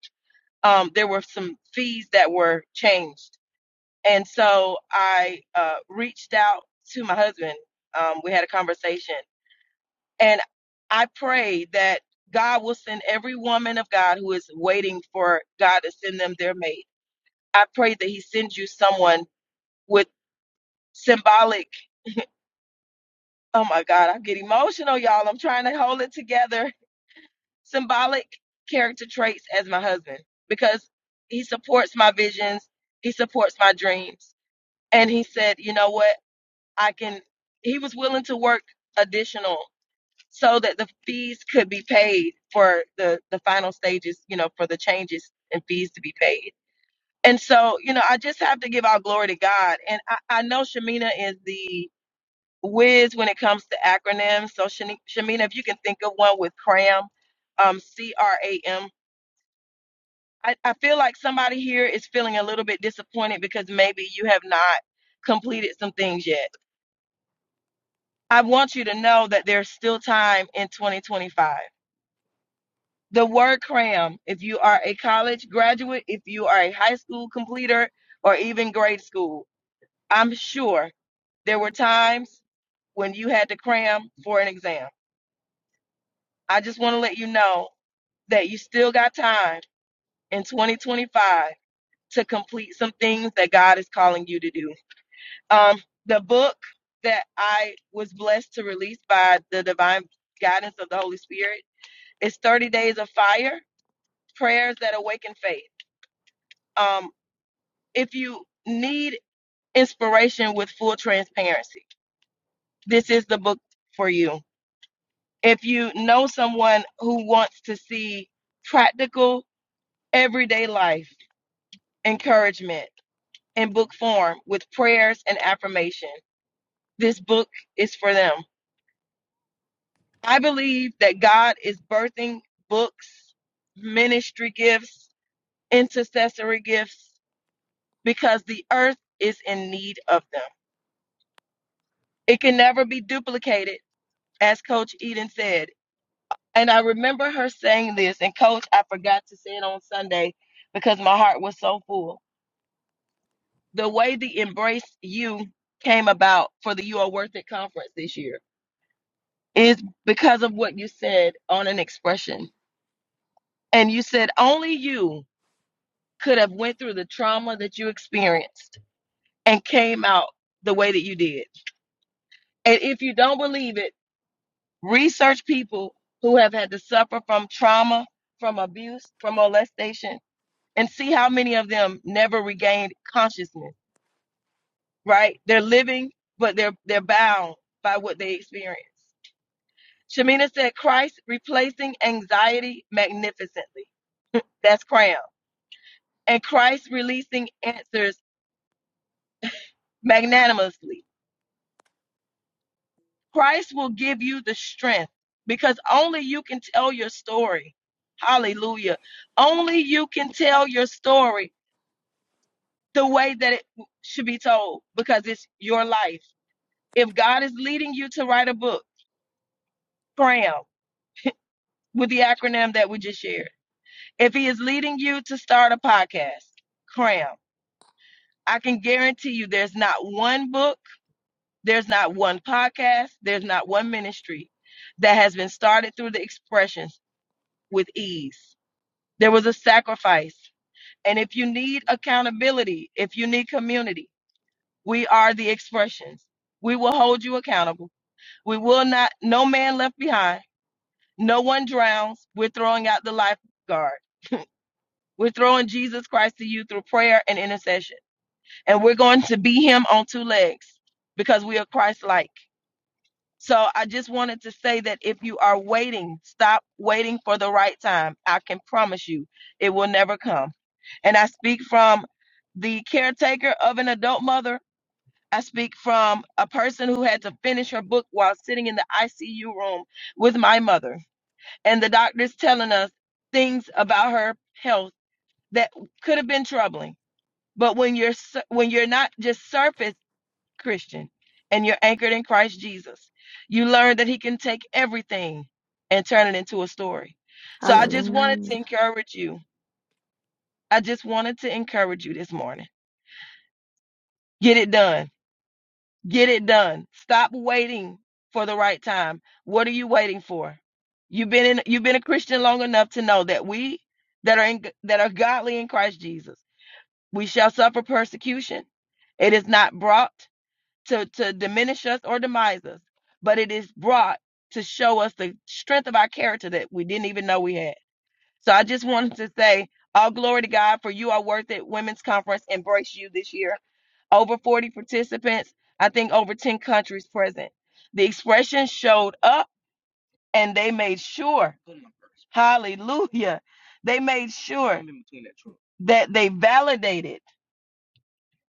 Speaker 6: um, there were some fees that were changed. And so I uh, reached out to my husband. Um, we had a conversation and I prayed that God will send every woman of God who is waiting for God to send them their mate. I pray that he sends you someone with symbolic. Oh my God, I'm getting emotional, y'all. I'm trying to hold it together symbolic character traits as my husband because he supports my visions, he supports my dreams. And he said, you know what? I can, he was willing to work additional so that the fees could be paid for the, the final stages, you know, for the changes and fees to be paid. And so, you know, I just have to give all glory to God. And I, I know Shamina is the whiz when it comes to acronyms. So, Shani- Shamina, if you can think of one with CRAM, um, C R A M I, I feel like somebody here is feeling a little bit disappointed because maybe you have not completed some things yet. I want you to know that there's still time in 2025. The word cram, if you are a college graduate, if you are a high school completer, or even grade school, I'm sure there were times when you had to cram for an exam. I just want to let you know that you still got time in 2025 to complete some things that God is calling you to do. Um, the book that I was blessed to release by the divine guidance of the Holy Spirit is 30 Days of Fire Prayers That Awaken Faith. Um, if you need inspiration with full transparency, this is the book for you. If you know someone who wants to see practical, everyday life encouragement in book form with prayers and affirmation, this book is for them I believe that God is birthing books, ministry gifts, intercessory gifts, because the earth is in need of them. It can never be duplicated, as Coach Eden said. And I remember her saying this, and Coach, I forgot to say it on Sunday because my heart was so full. The way the Embrace You came about for the You Are Worth It conference this year is because of what you said on an expression. And you said, Only you. could have went through the trauma that you experienced and came out the way that you did. And if you don't believe it, research people who have had to suffer from trauma, from abuse, from molestation, and see how many of them never regained consciousness, right? They're living, but they're they're bound by what they experienced. Shamina said Christ replacing anxiety magnificently. That's crown. And Christ releasing answers magnanimously. Christ will give you the strength because only you can tell your story. Hallelujah. Only you can tell your story the way that it should be told because it's your life. If God is leading you to write a book, cram with the acronym that we just shared. If he is leading you to start a podcast, cram. I can guarantee you there's not one book, there's not one podcast, there's not one ministry that has been started through the expressions with ease There was a sacrifice. And if you need accountability, if you need community, we are the expressions. We will hold you accountable. We will not, no man left behind. No one drowns. We're throwing out the lifeguard. We're throwing Jesus Christ to you through prayer and intercession. And we're going to be him on two legs because we are Christ like. So I just wanted to say that if you are waiting, stop waiting for the right time. I can promise you it will never come. And I speak from the caretaker of an adult mother. I speak from a person who had to finish her book while sitting in the ICU room with my mother. And the doctors telling us things about her health that could have been troubling. But when you're sur- when you're not just surface Christian, and you're anchored in Christ Jesus. You learn that He can take everything and turn it into a story. So I just wanted
Speaker 5: Hallelujah.
Speaker 6: to encourage you. I just wanted to encourage you this morning. Get it done. Get it done. Stop waiting for the right time. What are you waiting for? You've been in, you've been a Christian long enough to know that we that are in, that are godly in Christ Jesus, we shall suffer persecution. It is not brought. to, to diminish us or demise us, but it is brought to show us the strength of our character that we didn't even know we had. So I just wanted to say, all glory to God for you are worth it. Women's Conference embrace you this year. Over 40 participants, I think over 10 countries present. The expression showed up and they made sure, hallelujah, they made sure that they validated,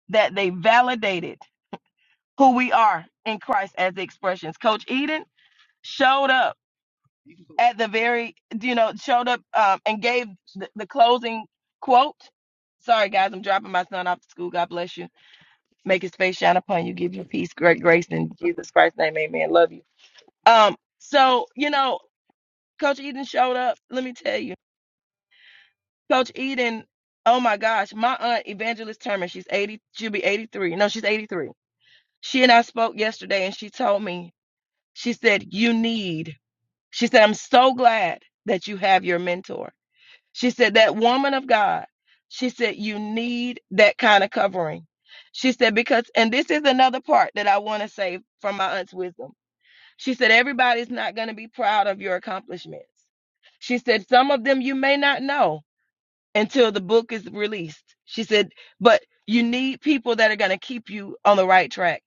Speaker 6: that they validated who we are in Christ as expressions. Coach Eden, showed up at the very, you know, showed up um, and gave the, the closing quote. Sorry, guys, I'm dropping my son off to school. God bless you. Make his face shine upon you. Give you peace, great grace in Jesus Christ's name. Amen. Love you. Um, so you know, Coach Eden showed up. Let me tell you, Coach Eden. Oh my gosh, my aunt Evangelist Turner. She's 80. She'll be 83. No, she's 83. She and I spoke yesterday, and she told me. She said, "You need." She said, "I'm so glad that you have your mentor." She said, That woman of God, she said, you need that kind of covering. She said, Because, and this is another part that I want to say from my aunt's wisdom. She said, Everybody's not going to be proud of your accomplishments. She said, Some of them you may not know until the book is released. She said, But you need people that are going to keep you on the right track.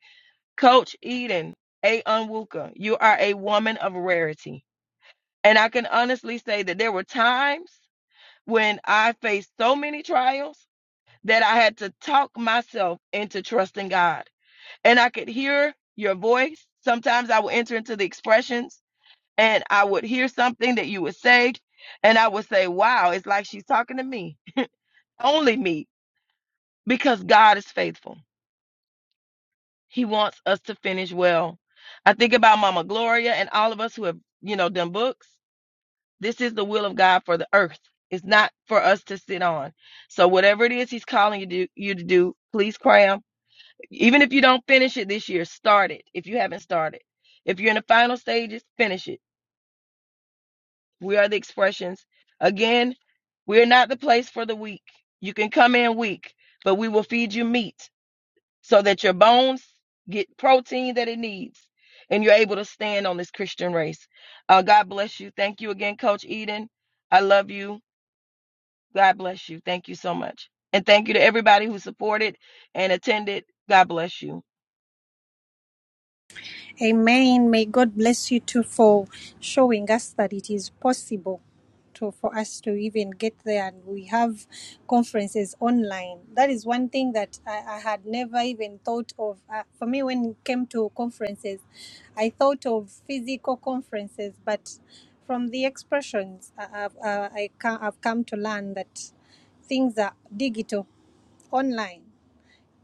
Speaker 6: Coach Eden A. Unwuka, you are a woman of rarity. And I can honestly say that there were times when I faced so many trials that I had to talk myself into trusting God. And I could hear your voice. Sometimes I would enter into the expressions and I would hear something that you would say. And I would say, wow, it's like she's talking to me, only me, because God is faithful. He wants us to finish well. I think about Mama Gloria and all of us who have, you know, done books. This is the will of God for the earth. It's not for us to sit on. So whatever it is He's calling you to, you to do, please cram. Even if you don't finish it this year, start it. If you haven't started, if you're in the final stages, finish it. We are the expressions. Again, we're not the place for the weak. You can come in weak, but we will feed you meat so that your bones get protein that it needs, and you're able to stand on this Christian race. Uh, God bless you. Thank you again, Coach Eden. I love you. God bless you. Thank you so much. And thank you to everybody who supported and attended. God bless you.
Speaker 2: Amen. May God bless you too for showing us that it is possible to for us to even get there. And we have conferences online. That is one thing that I, I had never even thought of. Uh, for me, when it came to conferences, I thought of physical conferences, but from the expressions, I, I've, uh, I ca- I've come to learn that things are digital, online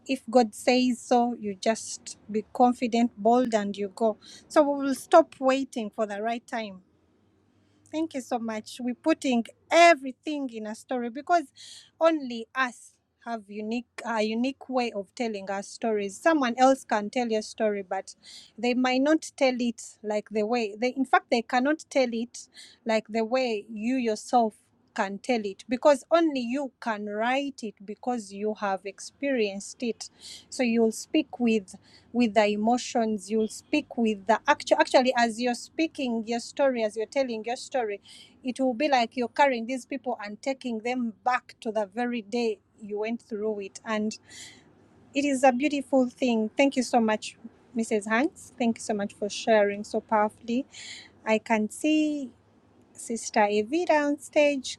Speaker 2: if God says so, you just be confident, bold, and you go. So we will stop waiting for the right time. Thank you so much. We're putting everything in a story because only us have unique a unique way of telling our stories. Someone else can tell your story, but they might not tell it like the way they in fact they cannot tell it like the way you yourself can tell it because only you can write it because you have experienced it so you'll speak with with the emotions you'll speak with the actual actually as you're speaking your story as you're telling your story it will be like you're carrying these people and taking them back to the very day you went through it and it is a beautiful thing thank you so much mrs hanks thank you so much for sharing so powerfully i can see sister evita on stage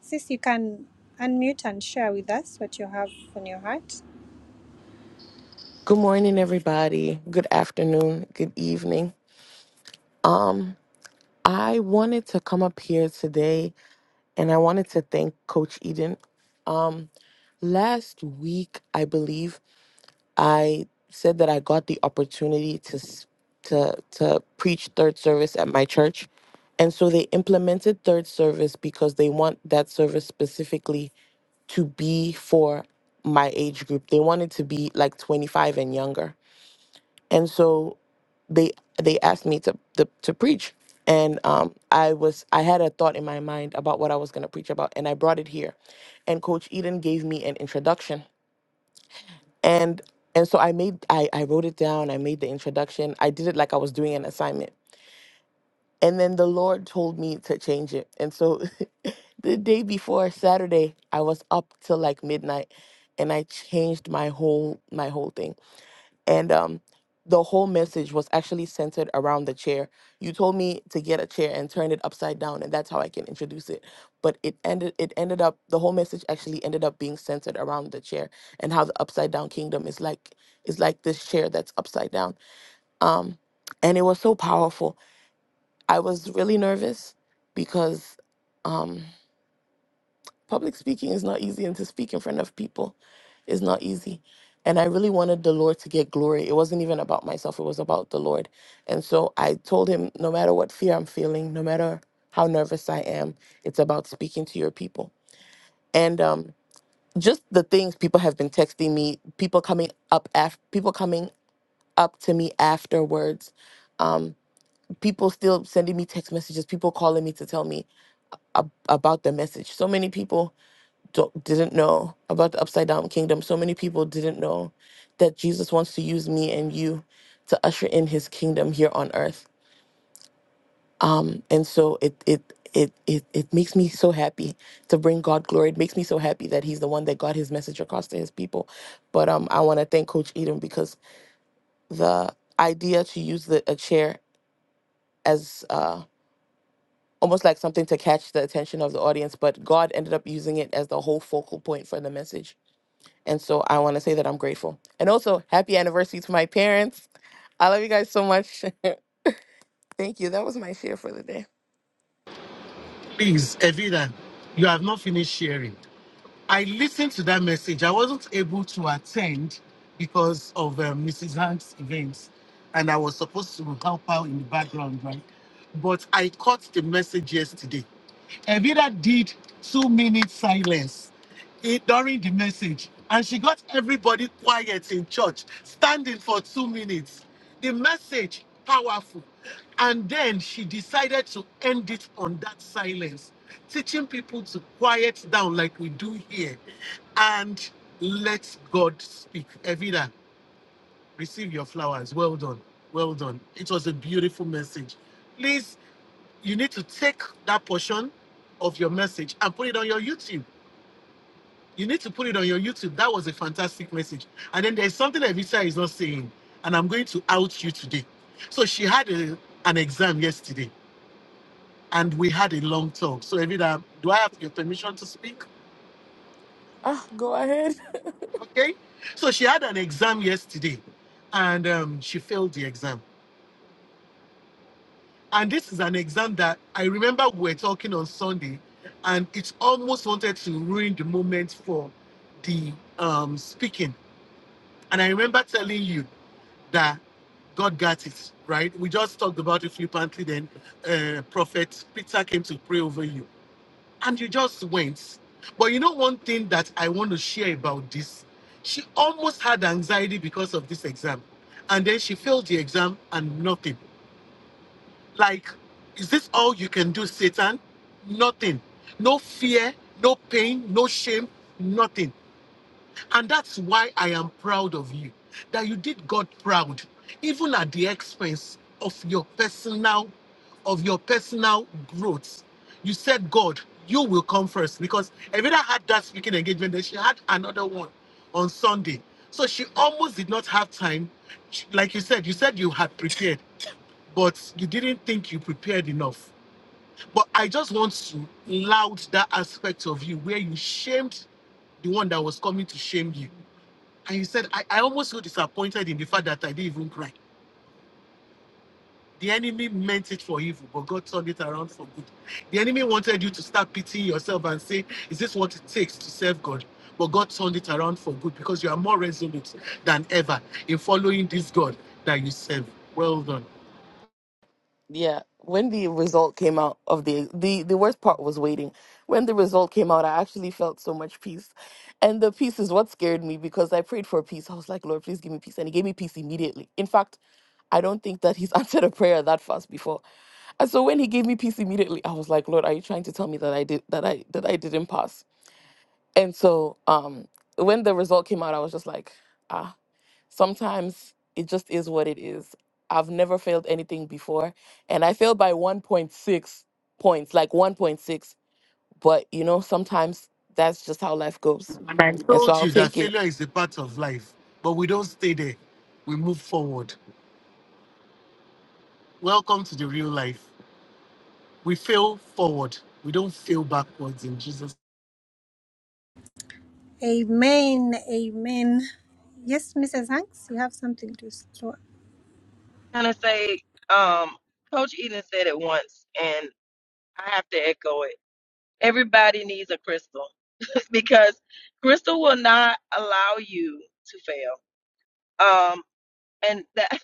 Speaker 2: Sis, you can unmute and share with us what you have on your heart.
Speaker 7: Good morning, everybody. Good afternoon. Good evening. I wanted to come up here today and I wanted to thank Coach Eden. Um, last week, I believe, I said that I got the opportunity to, s- to, to preach third service at my church. And so they implemented third service because they want that service specifically to be for my age group. They wanted to be like 25 and younger. And so they they asked me to to, to preach and um i was i had a thought in my mind about what i was going to preach about and i brought it here and coach eden gave me an introduction and and so i made i i wrote it down i made the introduction i did it like i was doing an assignment and then the lord told me to change it and so the day before saturday i was up till like midnight and i changed my whole my whole thing and um the whole message was actually centered around the chair. You told me to get a chair and turn it upside down and that's how I can introduce it. But it ended it ended up the whole message actually ended up being centered around the chair and how the upside down kingdom is like is like this chair that's upside down. Um and it was so powerful. I was really nervous because Um, Public speaking is not easy, and to speak in front of people is not easy. And I really wanted the Lord to get glory. It wasn't even about myself, it was about the Lord. And so I told him, no matter what fear I'm feeling, no matter how nervous I am, it's about speaking to your people. And um, just the things people have been texting me, people coming up af- people coming up to me afterwards, um, people still sending me text messages, people calling me to tell me ab- about the message. So many people don't, didn't know about the upside down kingdom. So many people didn't know that Jesus wants to use me and you to usher in his kingdom here on earth. Um, and so it, it, it, it, it makes me so happy to bring God glory. It makes me so happy that he's the one that got his message across to his people. But um, I want to thank Coach Eden because the idea to use the, a chair as uh, almost like something to catch the attention of the audience, but God ended up using it as the whole focal point for the message And so I want to say that I'm grateful. And also, happy anniversary to my parents. I love you guys so much. Thank you. That was my share for the day.
Speaker 4: Please, Evita, you have not finished sharing. I listened to that message. I wasn't able to attend because of um, Mrs. Hank's events, and I was supposed to help out in the background, right? But I caught the message yesterday. Evita did two minutes silence in- during the message, and she got everybody quiet in church, standing for two minutes. The message powerful, and then she decided to end it on that silence, teaching people to quiet down like we do here, and let God speak. Evita, receive your flowers. Well done, well done. It was a beautiful message. Please you need to take that portion of your message and put it on your YouTube. You need to put it on your YouTube. That was a fantastic message. And then there's something that Evita is not saying, and I'm going to out you today. So she had a, an exam yesterday, and we had a long talk. So Evita, do I have your permission to speak?
Speaker 7: Ah, go ahead.
Speaker 4: Okay. So she had an exam yesterday, and um, she failed the exam And this is an exam that I remember we were talking on Sunday, and it almost wanted to ruin the moment for the um, speaking. And I remember telling you that God got it, right? We just talked about it flippantly then. Uh, Prophet Peter came to pray over you, and you just went. But you know, one thing that I want to share about this she almost had anxiety because of this exam, and then she failed the exam and nothing. Like, is this all you can do, Satan? Nothing. No fear, no pain, no shame, nothing. And that's why I am proud of you, that you did God proud, even at the expense of your personal, of your personal growth. You said, God, you will come first because Evita had that speaking engagement, then she had another one on Sunday. So she almost did not have time. She- Like you said, you said you had prepared but you didn't think you prepared enough. But I just want to loud that aspect of you where you shamed the one that was coming to shame you. And you said, I, I almost feel disappointed in the fact that I didn't even cry. The enemy meant it for evil, but God turned it around for good. The enemy wanted you to start pitying yourself and say, Is this what it takes to serve God? But God turned it around for good because you are more resolute than ever in following this God that you serve. Well done.
Speaker 7: Yeah, when the result came out of the the the worst part was waiting. When the result came out, I actually felt so much peace. And the peace is what scared me because I prayed for peace. I was like, Lord, please give me peace. And he gave me peace immediately. In fact, I don't think that he's answered a prayer that fast before. And so when he gave me peace immediately, I was like, Lord, are you trying to tell me that I did that I that I didn't pass? And so um, when the result came out, I was just like, ah, sometimes it just is what it is. I've never failed anything before. And I failed by 1.6 points, like 1.6. But, you know, sometimes that's just how life goes. And so
Speaker 4: told
Speaker 7: I'll
Speaker 4: you that
Speaker 7: take it
Speaker 4: failure is a part of life, but we don't stay there. We move forward. Welcome to the real life. We fail forward. We don't fail backwards in Jesus.
Speaker 2: Amen. Amen. Yes, Mrs. Hanks, you have something to throw.
Speaker 6: I'm going to say, um, Coach Eden said it once, and I have to echo it. Everybody needs a crystal because crystal will not allow you to fail. Um, and that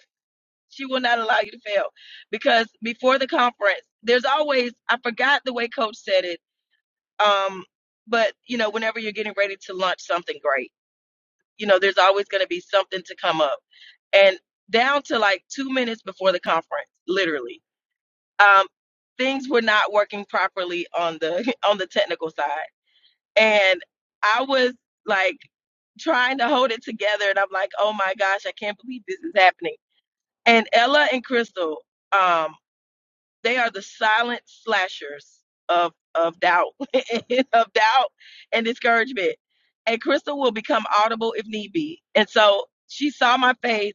Speaker 6: she will not allow you to fail because before the conference, there's always, I forgot the way Coach said it. Um, but you know, whenever you're getting ready to launch something great you know, there's always going to be something to come up. And down to like two minutes before the conference, literally, um, things were not working properly on the on the technical side, and I was like trying to hold it together, and I'm like, oh my gosh, I can't believe this is happening. And Ella and Crystal, um, they are the silent slashers of of doubt, of doubt and discouragement. And Crystal will become audible if need be. And so she saw my face,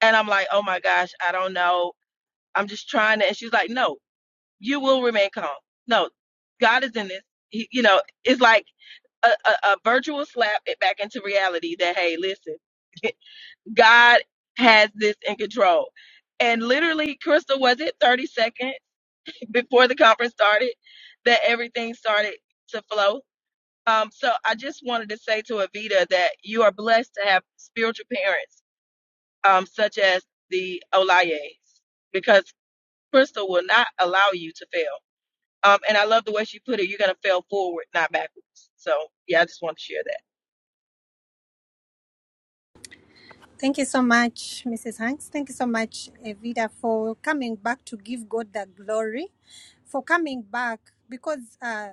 Speaker 6: and I'm like, oh my gosh, I don't know. I'm just trying to. And she's like, no, you will remain calm. No, God is in this. He, you know, it's like a, a, a virtual slap it back into reality that hey, listen, God has this in control. And literally, Crystal was it 30 seconds? before the conference started that everything started to flow. Um, so I just wanted to say to Avita that you are blessed to have spiritual parents um, such as the Olayes because Crystal will not allow you to fail. Um, and I love the way she put it. You're going to fail forward, not backwards. So yeah, I just want to share that.
Speaker 2: Thank you so much, Mrs. Hanks. Thank you so much, Evita, for coming back to give God the glory, for coming back because uh,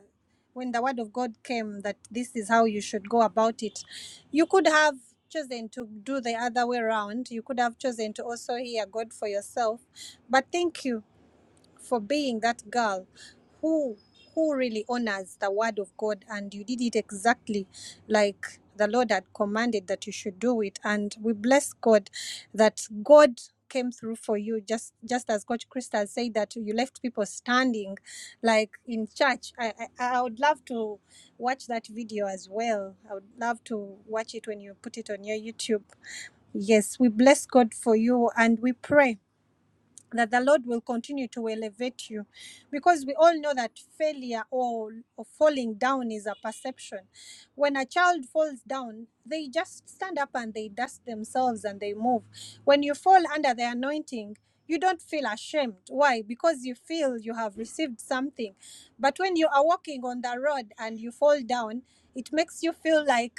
Speaker 2: when the word of God came that this is how you should go about it, you could have chosen to do the other way around. You could have chosen to also hear God for yourself. But thank you. for being that girl who who really honors the word of God and you did it exactly like the Lord had commanded that you should do it and we bless God that God came through for you just just as coach Krista said that you left people standing like in church I, I I would love to watch that video as well I would love to watch it when you put it on your YouTube yes we bless God for you and we pray that the Lord will continue to elevate you because we all know that failure or, or falling down is a perception. When a child falls down, they just stand up and they dust themselves and they move. When you fall under the anointing, you don't feel ashamed. Why? Because you feel you have received something. But when you are walking on the road and you fall down, it makes you feel like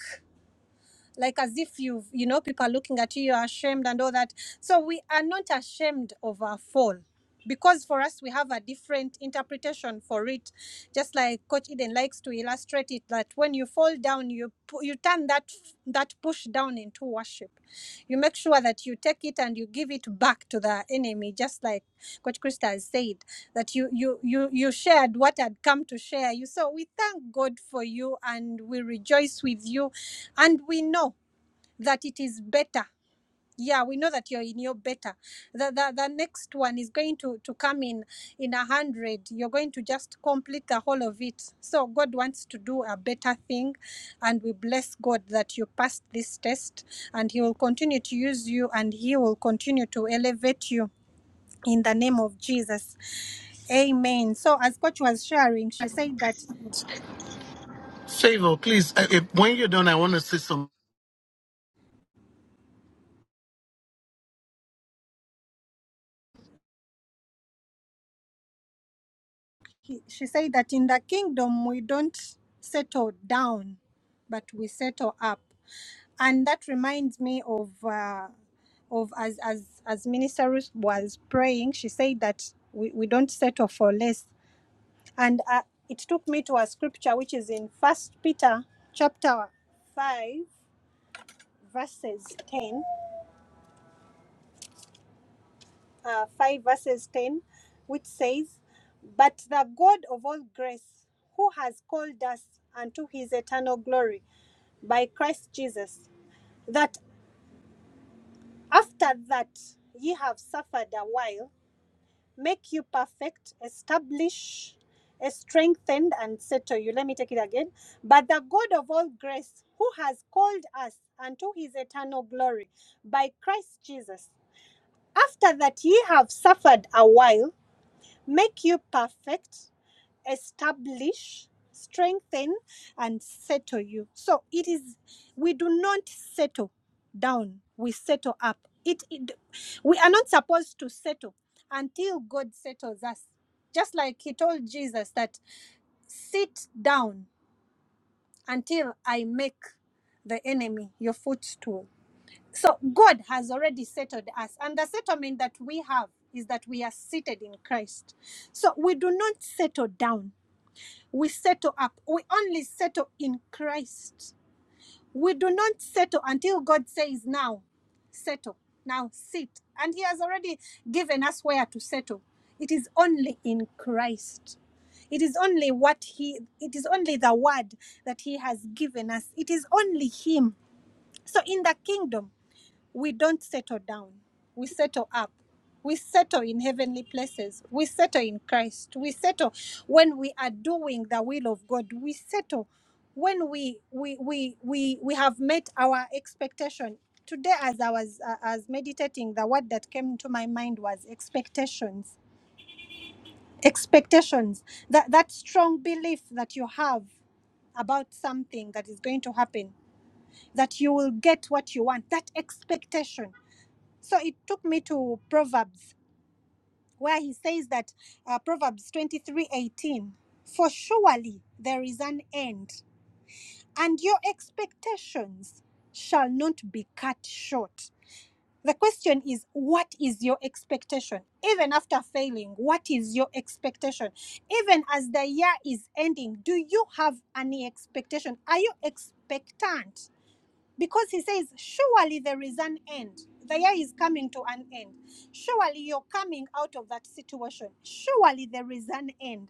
Speaker 2: like as if you've you know people are looking at you you're ashamed and all that so we are not ashamed of our fall because for us we have a different interpretation for it just like coach eden likes to illustrate it that when you fall down you pu- you turn that that push down into worship you make sure that you take it and you give it back to the enemy just like coach krista has said that you you you you shared what had come to share you so we thank god for you and we rejoice with you and we know that it is better yeah we know that you're in your better the, the the next one is going to to come in in a hundred you're going to just complete the whole of it so god wants to do a better thing and we bless god that you passed this test and he will continue to use you and he will continue to elevate you in the name of jesus amen so as coach was sharing she said that
Speaker 4: Favor, please. I, I- when you're done, I want to say something.
Speaker 2: she said that in the kingdom we don't settle down but we settle up and that reminds me of uh, of as as as minister Ruth was praying she said that we, we don't settle for less and uh, it took me to a scripture which is in first peter chapter 5 verses 10 uh, 5 verses 10 which says but the god of all grace who has called us unto his eternal glory by christ jesus that after that ye have suffered a while make you perfect, establish, eh, strengthen, and settle you. Let me take it again. But the God of all grace, who has called us unto his eternal glory by Christ Jesus, after that ye have suffered a while, make you perfect establish strengthen and settle you so it is we do not settle down we settle up it, it we are not supposed to settle until god settles us just like he told jesus that sit down until i make the enemy your footstool so god has already settled us and the settlement that we have is that we are seated in christ so we do not settle down we settle up. We only settle in Christ. We do not settle until God says, now, settle, now sit. And He has already given us where to settle. It is only in Christ. It is only what He, it is only the word that He has given us. It is only Him. So in the kingdom, we don't settle down. We settle up. We settle in heavenly places. We settle in Christ. We settle when we are doing the will of God. We settle when we we we we, we have met our expectation. Today, as I was uh, as meditating, the word that came to my mind was expectations. Expectations. That that strong belief that you have about something that is going to happen, that you will get what you want. That expectation so it took me to Proverbs, where he says that uh, Proverbs twenty three eighteen, for surely there is an end, and your expectations shall not be cut short. The question is, what is your expectation? Even after failing, what is your expectation? Even as the year is ending, do you have any expectation? Are you expectant? because he says, Surely there is an end. The year is coming to an end. Surely you're coming out of that situation. Surely there is an end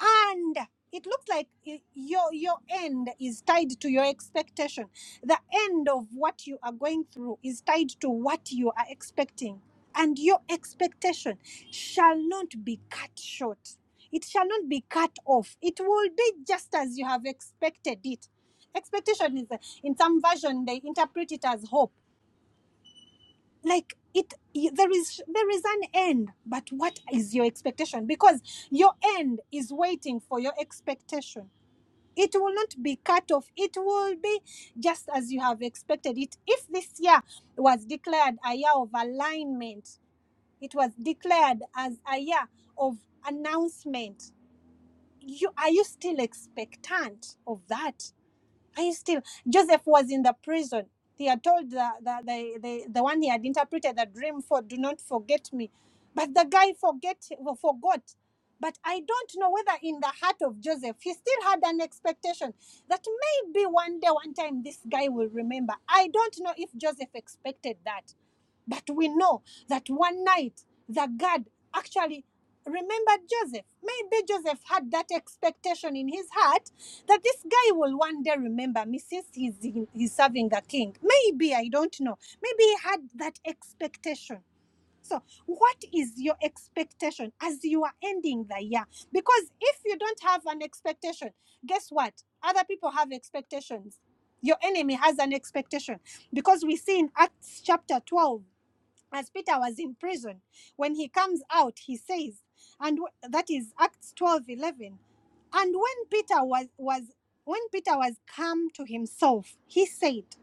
Speaker 2: and it looks like y- your your end is tied to your expectation the end of what you are going through is tied to what you are expecting and your expectation shall not be cut short it shall not be cut off it will be just as you have expected it expectation is in some version they interpret it as hope like it y- there is there is an end but what is your expectation because your end is waiting for your expectation it will not be cut off it will be just as you have expected it if this year was declared a year of alignment it was declared as a year of announcement you are you still expectant of that I still Joseph was in the prison. He had told the the, the, the the one he had interpreted the dream for, do not forget me. But the guy forget well, forgot. But I don't know whether in the heart of Joseph he still had an expectation that maybe one day, one time this guy will remember. I don't know if Joseph expected that. But we know that one night the God actually remembered Joseph. Maybe Joseph had that expectation in his heart that this guy will one day remember me since he's he's serving the king. Maybe I don't know. Maybe he had that expectation. So, what is your expectation as you are ending the year? Because if you don't have an expectation, guess what? Other people have expectations. Your enemy has an expectation because we see in Acts chapter 12 as Peter was in prison. When he comes out, he says, and that is Acts 12 11. And when Peter was, was when Peter was come to himself, he said,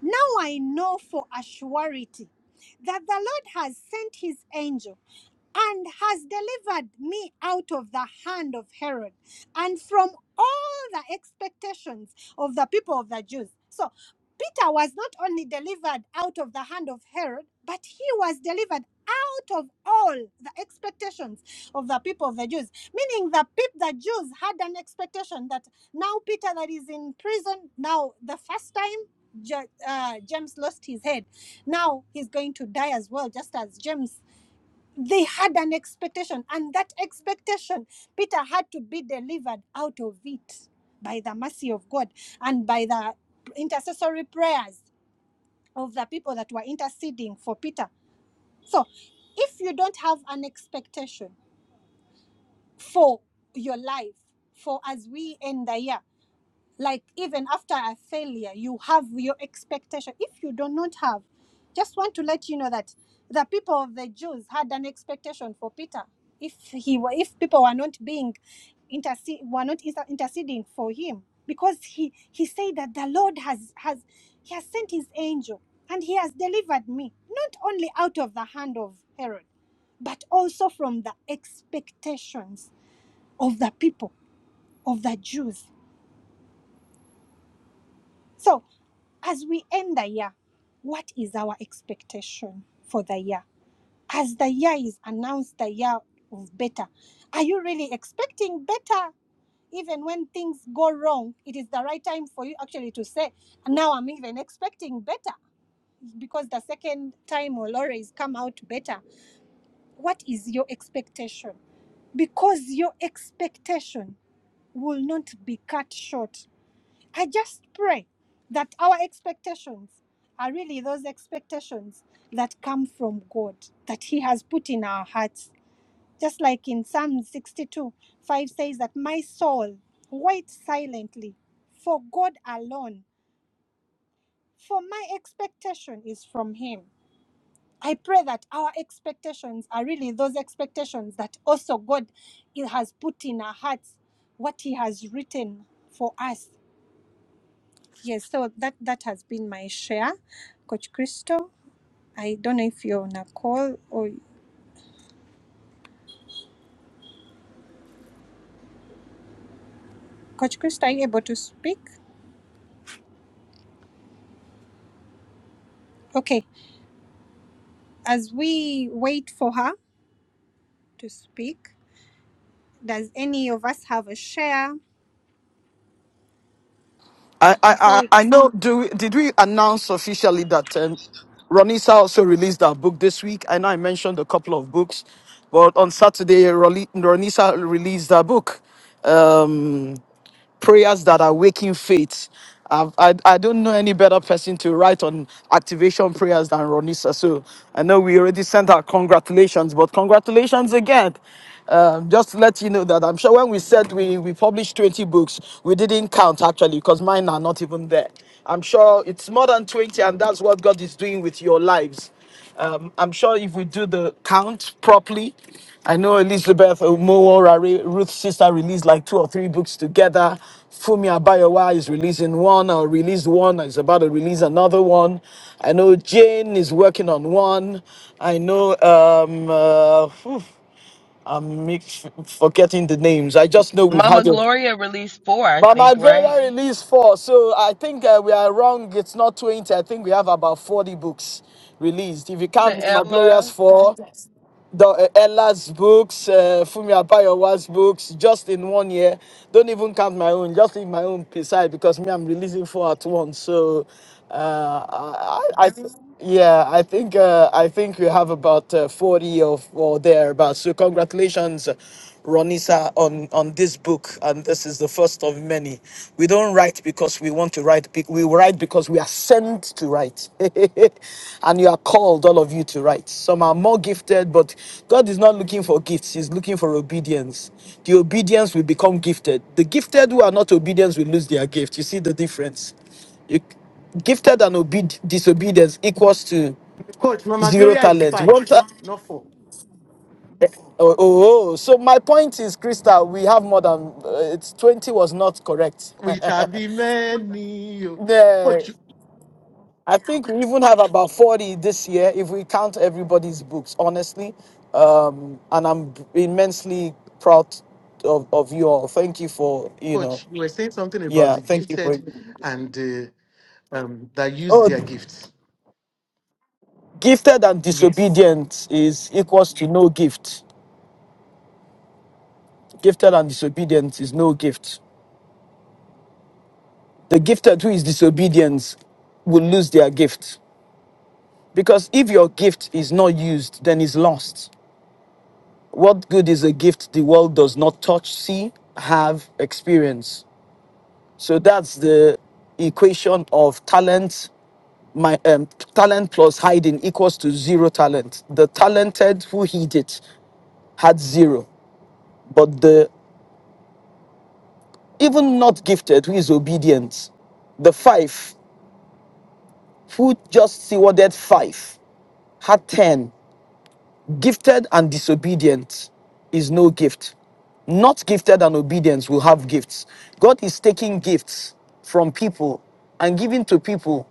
Speaker 2: now I know for a surety that the Lord has sent his angel and has delivered me out of the hand of Herod and from all the expectations of the people of the Jews. So Peter was not only delivered out of the hand of Herod, but he was delivered of all the expectations of the people of the Jews, meaning the people the Jews had an expectation that now Peter that is in prison now the first time Ja- uh, James lost his head, now he's going to die as well, just as James. They had an expectation, and that expectation Peter had to be delivered out of it by the mercy of God and by the intercessory prayers of the people that were interceding for Peter. So, if you don't have an expectation for your life, for as we end the year, like even after a failure you have your expectation if you do not have just want to let you know that the people of the jews had an expectation for peter if he were if people were not being intercede were not inter- interceding for him because he he said that the lord has has he has sent his angel and he has delivered me not only out of the hand of herod but also from the expectations of the people of the jews So, as we end the year, what is our expectation for the year? As the year is announced, the year of better, are you really expecting better? Even when things go wrong, it is the right time for you actually to say, Now I'm even expecting better because the second time will always come out better. What is your expectation? Because your expectation will not be cut short I just pray that our expectations are really those expectations that come from God, that He has put in our hearts. Just like in Psalm 62 5 says that my soul waits silently for God alone, for my expectation is from Him. I pray that our expectations are really those expectations that also God has put in our hearts, what He has written for us. Yes, so that that has been my share, Coach Christo. I don't know if you're on a call or Coach Christo, are you able to speak? Okay, as we wait for her to speak, does any of us have a share
Speaker 3: I, I,
Speaker 2: before
Speaker 3: I
Speaker 2: we?
Speaker 3: I know. Do we, did we announce officially that um, Ronisa also released her book this week? I know I mentioned a couple of books, but on Saturday, Roli- Ronisa released her book. Um, prayers that are waking faith. I've, I, I don't know any better person to write on activation prayers than Ronisa. So I know we already sent our congratulations, but congratulations again. Um, just to let you know that I'm sure when we said we, we published 20 books, we didn't count actually because mine are not even there. I'm sure it's more than 20, and that's what God is doing with your lives. Um, I'm sure if we do the count properly, I know Elizabeth Omoorare, Ruth's sister, released like two or three books together. Fumi Abayawa is releasing one or released one, or is about to release another one. I know Jane is working on one. I know um, uh, phew, I'm mix- forgetting the names. I just know we've
Speaker 6: Mama
Speaker 3: had a
Speaker 6: Gloria released four, I
Speaker 3: but my
Speaker 6: think,
Speaker 3: graded
Speaker 6: right?
Speaker 3: release four, so I think uh, we are wrong. It's not twenty. I think we have about forty books released. If you
Speaker 6: The
Speaker 3: count my glorious
Speaker 6: Ella.
Speaker 3: four, the uh, Ella's books, uh, Fumi Abayowa's books, just in one year. Don't even count my own. Just leave my own beside because me, I'm releasing four at once. So, uh, I, I, I th- yeah, I think uh, I think we have about uh, forty or or thereabouts. So congratulations Ronisa on on this book, and this is the first of many. We don't write because we want to write. be- We write because we are sent to write, and you are called, all of you, to write. Some are more gifted, but God is not looking for gifts. He's looking for obedience. The obedience will become gifted. The gifted who are not obedient will lose their gift. You see the difference. You, gifted and obe- disobedience equals to
Speaker 4: Coach, Mama
Speaker 3: zero
Speaker 4: Gloria is
Speaker 3: talent.
Speaker 4: five,
Speaker 3: One. ta-
Speaker 4: not four.
Speaker 3: Oh, oh, oh. so my point is, Krista, we have more than uh, it's 20 was not correct.
Speaker 4: We shall be many. oh.
Speaker 3: The-
Speaker 4: Coach,
Speaker 3: I think we even have about 40 this year if we count everybody's books, honestly. Um, and I'm immensely proud of, of you all. Thank you for, you know,
Speaker 4: Coach, you were saying something about
Speaker 3: yeah,
Speaker 4: the
Speaker 3: thank you
Speaker 4: gifted
Speaker 3: for
Speaker 4: and uh, um, that use
Speaker 3: Oh,
Speaker 4: their gifts.
Speaker 3: gifted and
Speaker 4: Yes.
Speaker 3: disobedient is equals to no gift. Gifted and disobedient is no gift. The gifted who is disobedient will lose their gift Because if your gift is not used, then it's lost. What good is a gift the world does not touch, see, have, experience? So that's the equation of talent. My um, talent plus hiding equals to zero talent. The talented who hid it had zero, but the even not gifted who is obedient, the five who just stewarded five had ten Gifted and disobedient is no gift. Not gifted and obedience will have gifts. God is taking gifts from people and giving to people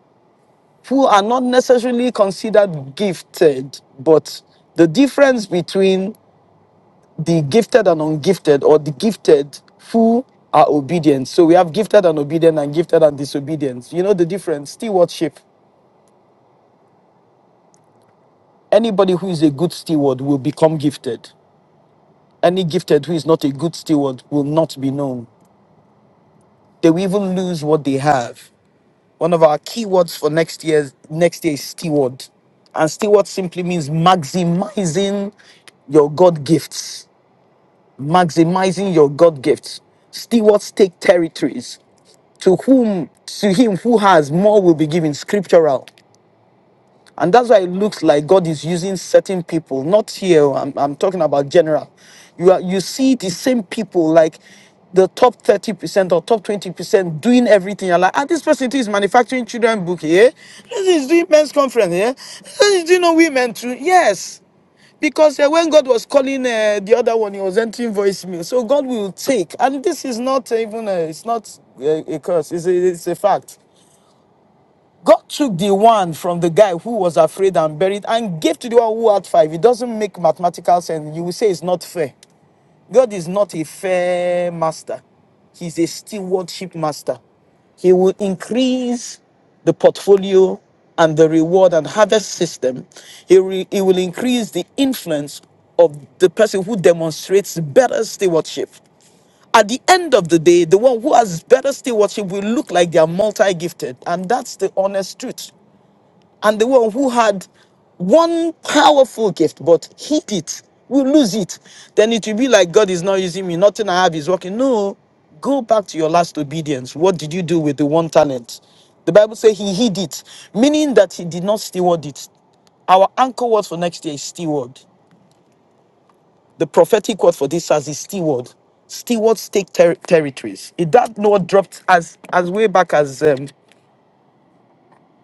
Speaker 3: who are not necessarily considered gifted, but the difference between the gifted and ungifted, or the gifted who are obedient. So we have gifted and obedient and gifted and disobedient. You know the difference? Stewardship. Anybody who is a good steward will become gifted. Any gifted who is not a good steward will not be known. They will even lose what they have. One of our keywords for next year's next year is steward. And steward simply means maximizing your God gifts. Maximizing your God gifts. Stewards take territories. To whom to him who has more will be given scriptural. And that's why it looks like God is using certain people, not here, oh, I'm, I'm talking about general. You, are, you see the same people, like the top 30% or top 20% doing everything. You're like, ah, this person is manufacturing children book here. This is doing men's conference here. This is doing on women too. Yes. Because uh, when God was calling uh, the other one, he was entering voicemail. So God will take. And this is not even, a, it's not a, a curse, it's a, it's a fact. God took the one from the guy who was afraid and buried and gave to the one who had five. It doesn't make mathematical sense. You will say it's not fair. God is not a fair master, He's a stewardship master. He will increase the portfolio and the reward and harvest system. He, re- he will increase the influence of the person who demonstrates better stewardship. At the end of the day, the one who has better stewardship will look like they are multi gifted. And that's the honest truth and the one who had one powerful gift but hid it will lose it. Then it will be like God is not using me, nothing I have is working. No, go back to your last obedience. What did you do with the one talent? The Bible says he hid it, meaning that he did not steward it. Our anchor word for next year is steward. The prophetic word for this as is steward. Stewards take ter- territories. It, that word dropped as as way back as um,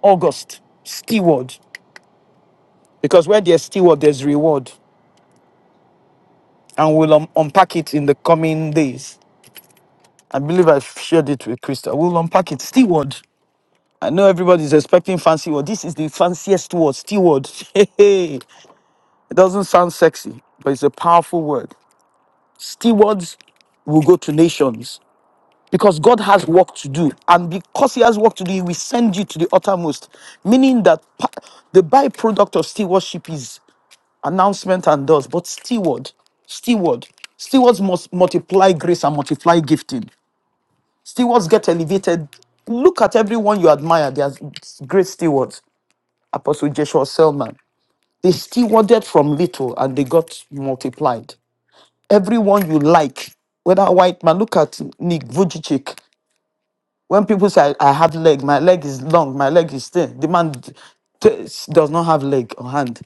Speaker 3: August. Steward, because where there's steward, there's reward. and we'll um, unpack it in the coming days. I believe I've shared it with Krista. We'll unpack it. Steward. I know everybody's expecting fancy word. This is the fanciest word, steward. Hey, it doesn't sound sexy, but it's a powerful word. Stewards will go to nations because God has work to do. And because He has work to do, He will send you to the uttermost. Meaning that pa- the byproduct of stewardship is. announcement and does, but steward, steward, stewards must multiply grace and multiply gifting. Stewards get elevated. Look at everyone you admire. They are great stewards. Apostle Joshua Selman. They stewarded from little and they got multiplied. Everyone you like, whether a white man, look at Nick Vujicic. When people say I, I have leg, my leg is long, my leg is thin. The man d- t- does not have leg or hand.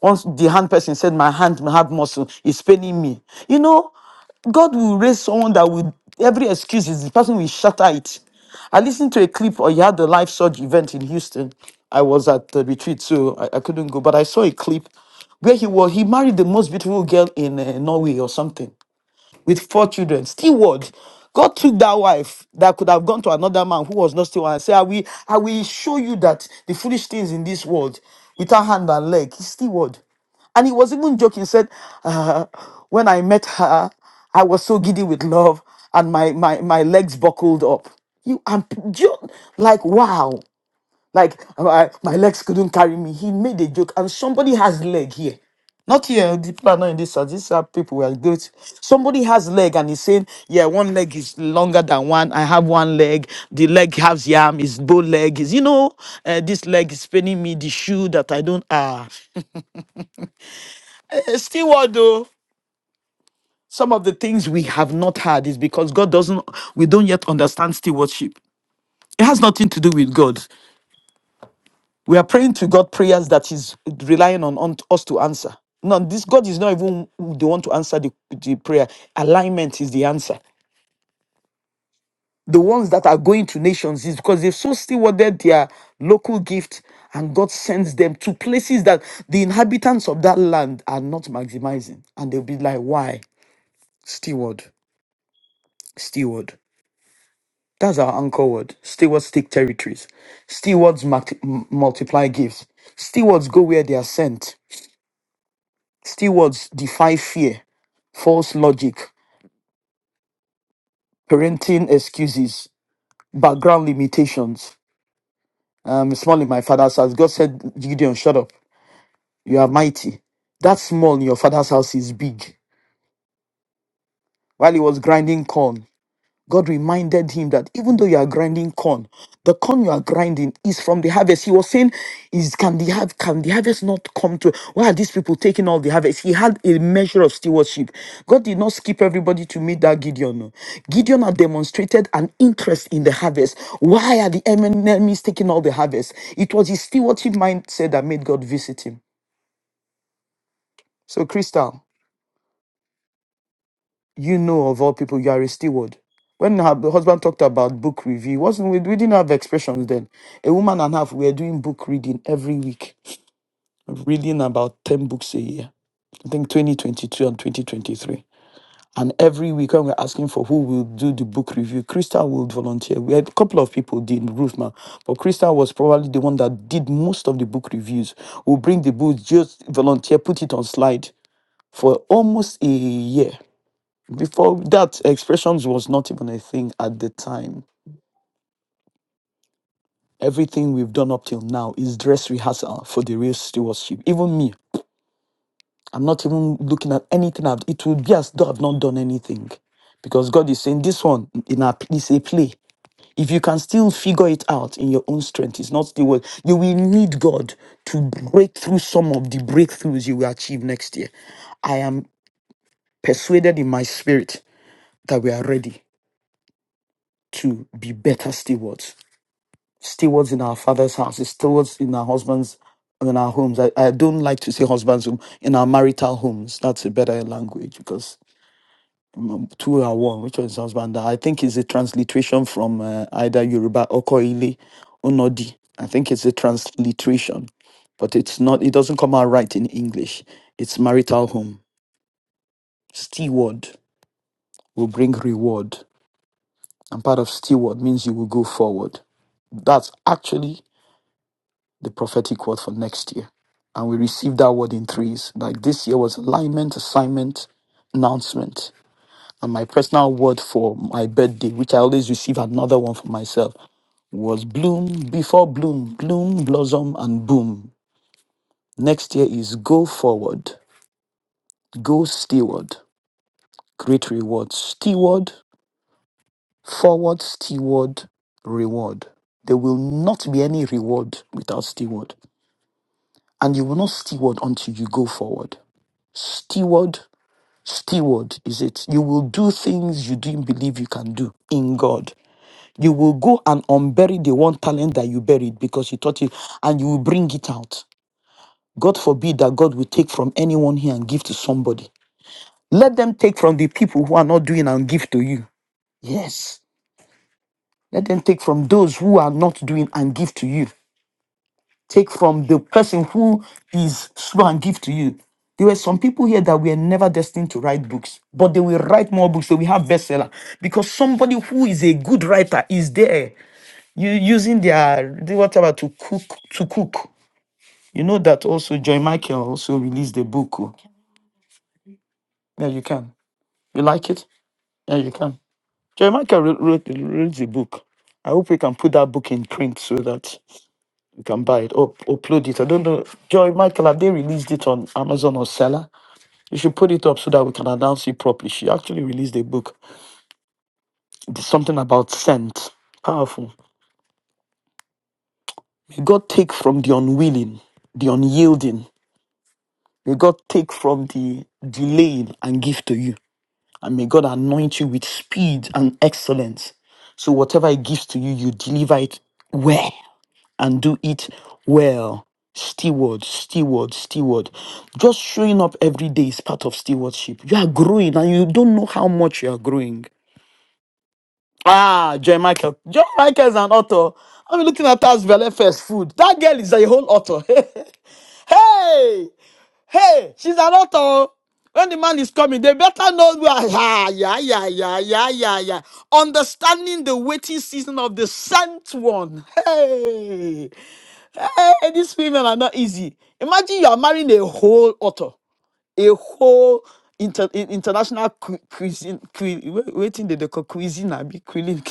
Speaker 3: Once the hand person said my hand may have muscle, it's paining me. You know, God will raise someone that will every excuse is the person will shatter it. I listened to a clip or you had the life surge event in Houston. I was at the retreat, so I, I couldn't go, but I saw a clip where he was he married the most beautiful girl in uh, Norway or something with four children. Steward. God took that wife that could have gone to another man who was not steward and said, I will, I will show you that the foolish things in this world without hand and leg. He's steward. And he was even joking, said, uh, When I met her, I was so giddy with love and my, my, my legs buckled up. You and ju- like wow. Like my, my legs couldn't carry me. He made a joke, and somebody has leg here. Not here, the people are not in this house. These are people who are good. Somebody has leg and he's saying, Yeah, one leg is longer than one. I have one leg. The leg has yam, is bow leg, is you know, uh, this leg is paining me, the shoe that I don't ah. Uh, steward though. Some of the things we have not had is because God doesn't we don't yet understand stewardship. It has nothing to do with God. We are praying to God prayers that is relying on, on us to answer. No, this God is not even the one to answer the, the prayer. Alignment is the answer. The ones that are going to nations is because they've so stewarded their local gift and God sends them to places that the inhabitants of that land are not maximizing. And they'll be like, why? Steward, steward. That's our anchor word. Stewards take territories. Stewards mac- m- multiply gifts. Stewards go where they are sent. Stewards defy fear, false logic, parenting excuses, background limitations. Um, small in my father's house. God said, Gideon, shut up. You are mighty. That small in your father's house is big. While he was grinding corn, God reminded him that even though you are grinding corn, the corn you are grinding is from the harvest. He was saying, "Is can the have can the harvest not come to? Why are these people taking all the harvest?" He had a measure of stewardship. God did not skip everybody to meet that Gideon. no. Gideon had demonstrated an interest in the harvest. Why are the em- enemies taking all the harvest? It was his stewardship mindset that made God visit him. So, Crystal. you know of all people you are a steward when her b- husband talked about book review it wasn't we, we didn't have expressions then a woman and a half we were doing book reading every week reading about 10 books a year i think 2022 and 2023 and every week when we're asking for who will do the book review crystal would volunteer we had a couple of people did ruth ma but crystal was probably the one that did most of the book reviews we'll bring the books just volunteer put it on slide for almost a year before that, expressions was not even a thing at the time. Everything we've done up till now is dress rehearsal for the real stewardship. Even me, I'm not even looking at anything. I've, it would be as though I've not done anything, because God is saying this one in a, is a play. If you can still figure it out in your own strength, it's not still what you will need God to break through some of the breakthroughs you will achieve next year. I am persuaded in my spirit that we are ready to be better stewards stewards in our father's house, stewards in our husbands in our homes. I, I don't like to say husbands home in our marital homes. That's a better language because um, um, two are one. Which one is husband? I think it's a transliteration from uh, either Yoruba or Koile or Nodi. I think it's a transliteration, but it's not. It doesn't come out right in English. It's marital home. Steward will bring reward, and part of steward means you will go forward. That's actually the prophetic word for next year. And we received that word in threes. Like this year was alignment, assignment, announcement. And my personal word for my birthday, which I always receive another one for myself, was bloom before bloom, bloom, blossom, and boom. Next year is go forward, go steward, great reward, steward, forward, steward, reward. There will not be any reward without steward. And you will not steward until you go forward. Steward, steward is it? You will do things you didn't believe you can do in God. You will go and unbury the one talent that you buried because you thought it, and you will bring it out. God forbid that God will take from anyone here and give to somebody. Let them take from the people who are not doing and give to you. Yes. Let them take from those who are not doing and give to you. take from the person who is slow and give to you. There were some people here that were never destined to write books, but they will write more books. So we have bestseller because somebody who is a good writer is there. You using their the whatever to cook to cook. You know that also Joy Michael also released a book. oh. Yeah, you can. You like it? Yeah, you can. Joy Michael wrote, wrote, wrote the book. I hope we can put that book in print so that You can buy it. Up, upload it. I don't know. Joy Michael, have they released it on Amazon or Seller? You should put it up so that we can announce it properly. She actually released a book. There's something about scent. Powerful. May God take from the unwilling, the unyielding. May God take from the delaying and give to you. And may God anoint you with speed and excellence. So whatever he gives to you, you deliver it well. and do it well. Steward, steward, steward. Just showing up every day is part of stewardship. You are growing and you don't know how much you are growing. Ah, Joy Michael. Joy Michael is an author. I'm looking at her as Vele first food. That girl is a whole author. hey, hey, she's an author. When the man is coming, they better know where. Yeah, yeah, yeah, yeah, yeah, yeah, yeah. Understanding the waiting season of the sent one. Hey. Eh, these women are not easy. Imagine you are marrying a whole author, a whole inter, in- international cu- cuisine. Cu- wait waiting the deco cuisine, I be cuisine.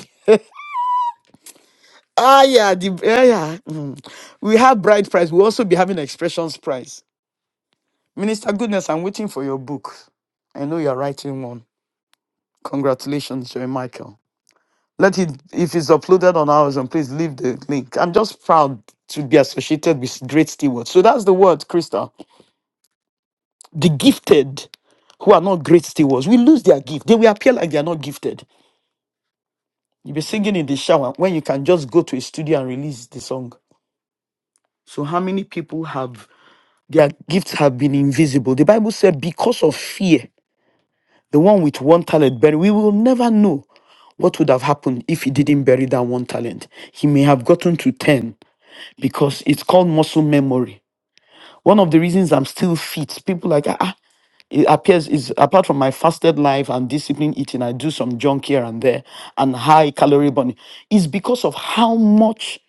Speaker 3: ah yeah, the ah, yeah. mm. We have bride price. We also be having expressions prize. Minister Goodness, I'm waiting for your book. I know you're writing one. Congratulations, Joy Michael. Let it if it's uploaded on Amazon, please leave the link. I'm just proud to be associated with great stewards. So that's the word, Crystal. the gifted who are not great stewards will lose their gift. They will appear like they are not gifted. You'll be singing in the shower when you can just go to a studio and release the song. So, how many people have their gifts have been invisible? The Bible said, because of fear, the one with one talent buried, we will never know what would have happened if he didn't bury that one talent. He may have gotten to 10 because it's called muscle memory. One of the reasons I'm still fit, people like, ah, ah, it appears is apart from my fasted life and disciplined eating, I do some junk here and there and high calorie burning. It's because of how much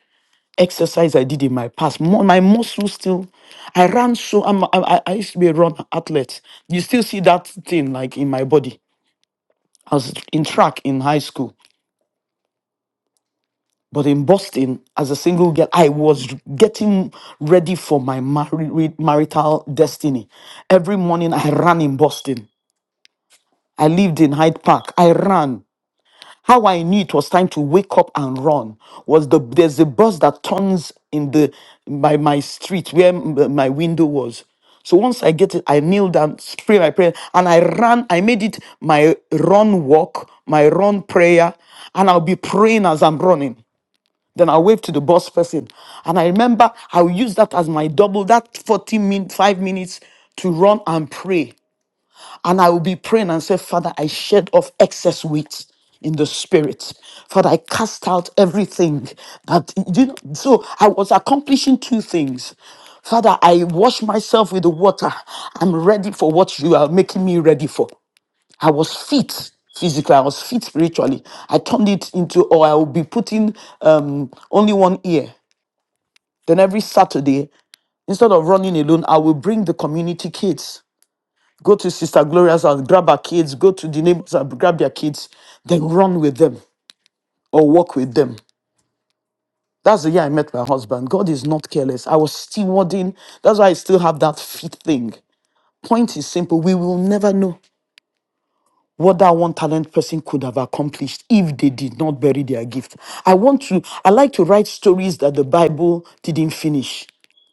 Speaker 3: exercise I did in my past. Mu- My muscles still, I ran so, I'm, I, I I used to be a run athlete. You still see that thing like in my body. I was in track in high school, but in Boston, as a single girl, I was getting ready for my mari- marital destiny. Every morning I ran in Boston. I lived in Hyde Park. I ran. How I knew it was time to wake up and run was the there's a bus that turns in the by my street where m- my window was. So once I get it, I kneel down, pray my prayer, and I ran. I made it my run walk, my run prayer, and I'll be praying as I'm running. Then i wave to the bus person. And I remember I'll use that as my double, that 40 min, 5 minutes to run and pray. And I will be praying and say, Father, I shed off excess weight in the spirit. Father, I cast out everything that, you know, so I was accomplishing two things. Father, I wash myself with the water. I'm ready for what you are making me ready for. I was fit physically, I was fit spiritually. I turned it into, or I will be putting um, only one ear. Then every Saturday, instead of running alone, I will bring the community kids Go to Sister Gloria's house, grab her kids, go to the neighbors and grab their kids, then run with them or walk with them. That's the year I met my husband. God is not careless. I was stewarding. That's why I still have that fit thing. Point is simple. We will never know what that one talent person could have accomplished if they did not bury their gift. I want to, I like to write stories that the Bible didn't finish.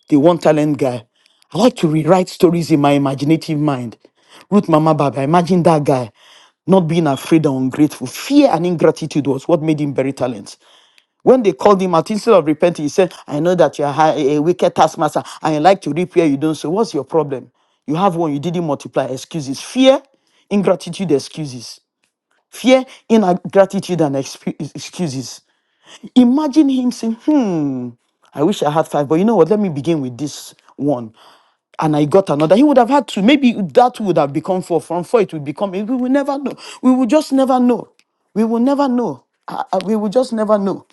Speaker 3: The one talent guy. I like to rewrite stories in my imaginative mind. Ruth Mama Baba, imagine that guy not being afraid or ungrateful. Fear and ingratitude was what made him bury talents. When they called him out, instead of repenting, he said, I know that you're a a wicked taskmaster and you like to reap where you don't. So, what's your problem? You have one, you didn't multiply. Excuses. Fear, ingratitude, excuses fear, ingratitude, and excu- excuses. Imagine him saying, Hmm, I wish I had five, but you know what? Let me begin with this one. And I got another. He would have had two. Maybe that would have become four. From four, it would become. We will never know. We will just never know. We will never know. Uh, uh, we will just never know.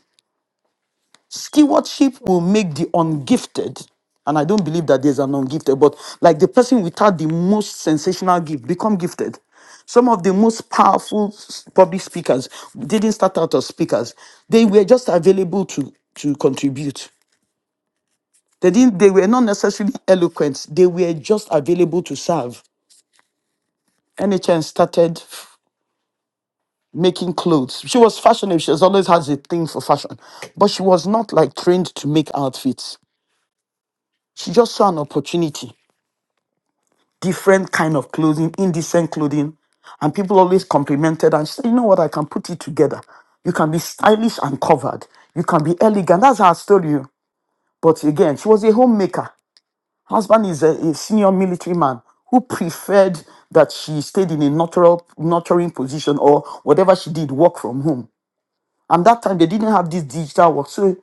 Speaker 3: Stewardship will make the ungifted, and I don't believe that there's an ungifted, but like the person without the most sensational gift become gifted. Some of the most powerful s- public speakers didn't start out as speakers. They were just available to, to contribute. They didn't they were not necessarily eloquent. They were just available to serve. NHN started f- making clothes. She was fashionable. She has always has a thing for fashion. But she was not like trained to make outfits. She just saw an opportunity. different kind of clothing, indecent clothing. And people always complimented and said, you know what, I can put it together. You can be stylish and covered. You can be elegant. That's her story. oh. But again, she was a homemaker. Husband is a, a senior military man who preferred that she stayed in a natural nurturing position or whatever she did, work from home. And that time they didn't have this digital work. So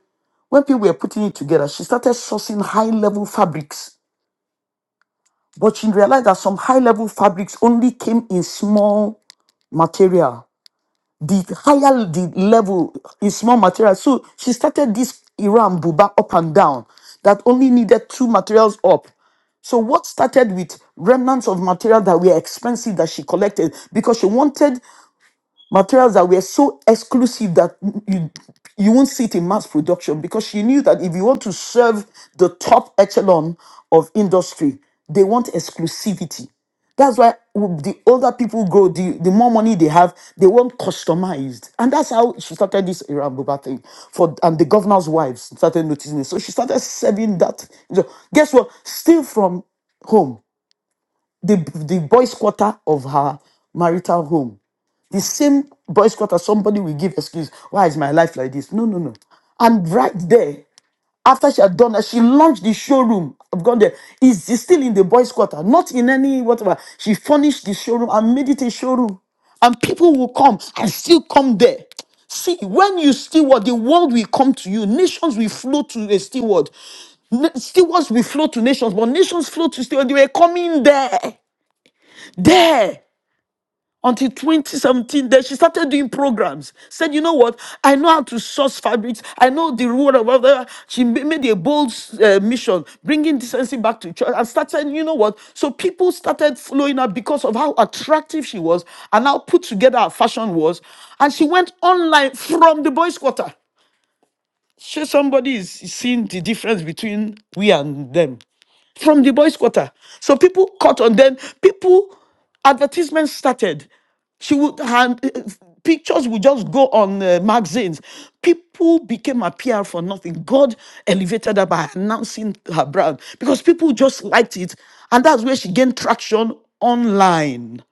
Speaker 3: when people were putting it together, she started sourcing high level fabrics but she realized that some high level fabrics only came in small material. The higher the level in small material. So she started this Iran Buba up and down that only needed two materials up. So what started with remnants of material that were expensive that she collected because she wanted materials that were so exclusive that you you won't see it in mass production because she knew that if you want to serve the top echelon of industry, they want exclusivity. That's why the older people grow, the, the more money they have, they want customized. And that's how she started this Iran Boba thing. For and the governor's wives started noticing it. So she started serving that. So guess what? Still from home, the the boys' quarter of her marital home the same boy boycott as somebody will give excuse. Why is my life like this? No, no, no. And right there, after she had done that, she launched the showroom. I've gone there. It's it's still in the boys' quarter, not in any whatever. She furnished the showroom and made it a showroom. And people will come and still come there. See, when you steward, the world will come to you. Nations will flow to a steward. Na- Stewards will flow to nations, but nations flow to steward. They were coming there. There until 2017 then she started doing programs said you know what i know how to source fabrics i know the rule of other she ma- made a bold uh, mission bringing decency back to church and started you know what so people started following her because of how attractive she was and how put together her fashion was and she went online from the boys quarter Sure, somebody is seeing the difference between we and them from the boys' quarter. So people caught on them. People advertisements started. She would hand eh, eh, pictures would just go on uh, magazines. People became a PR for nothing. God elevated her by announcing her brand because people just liked it, and that's where she gained traction online.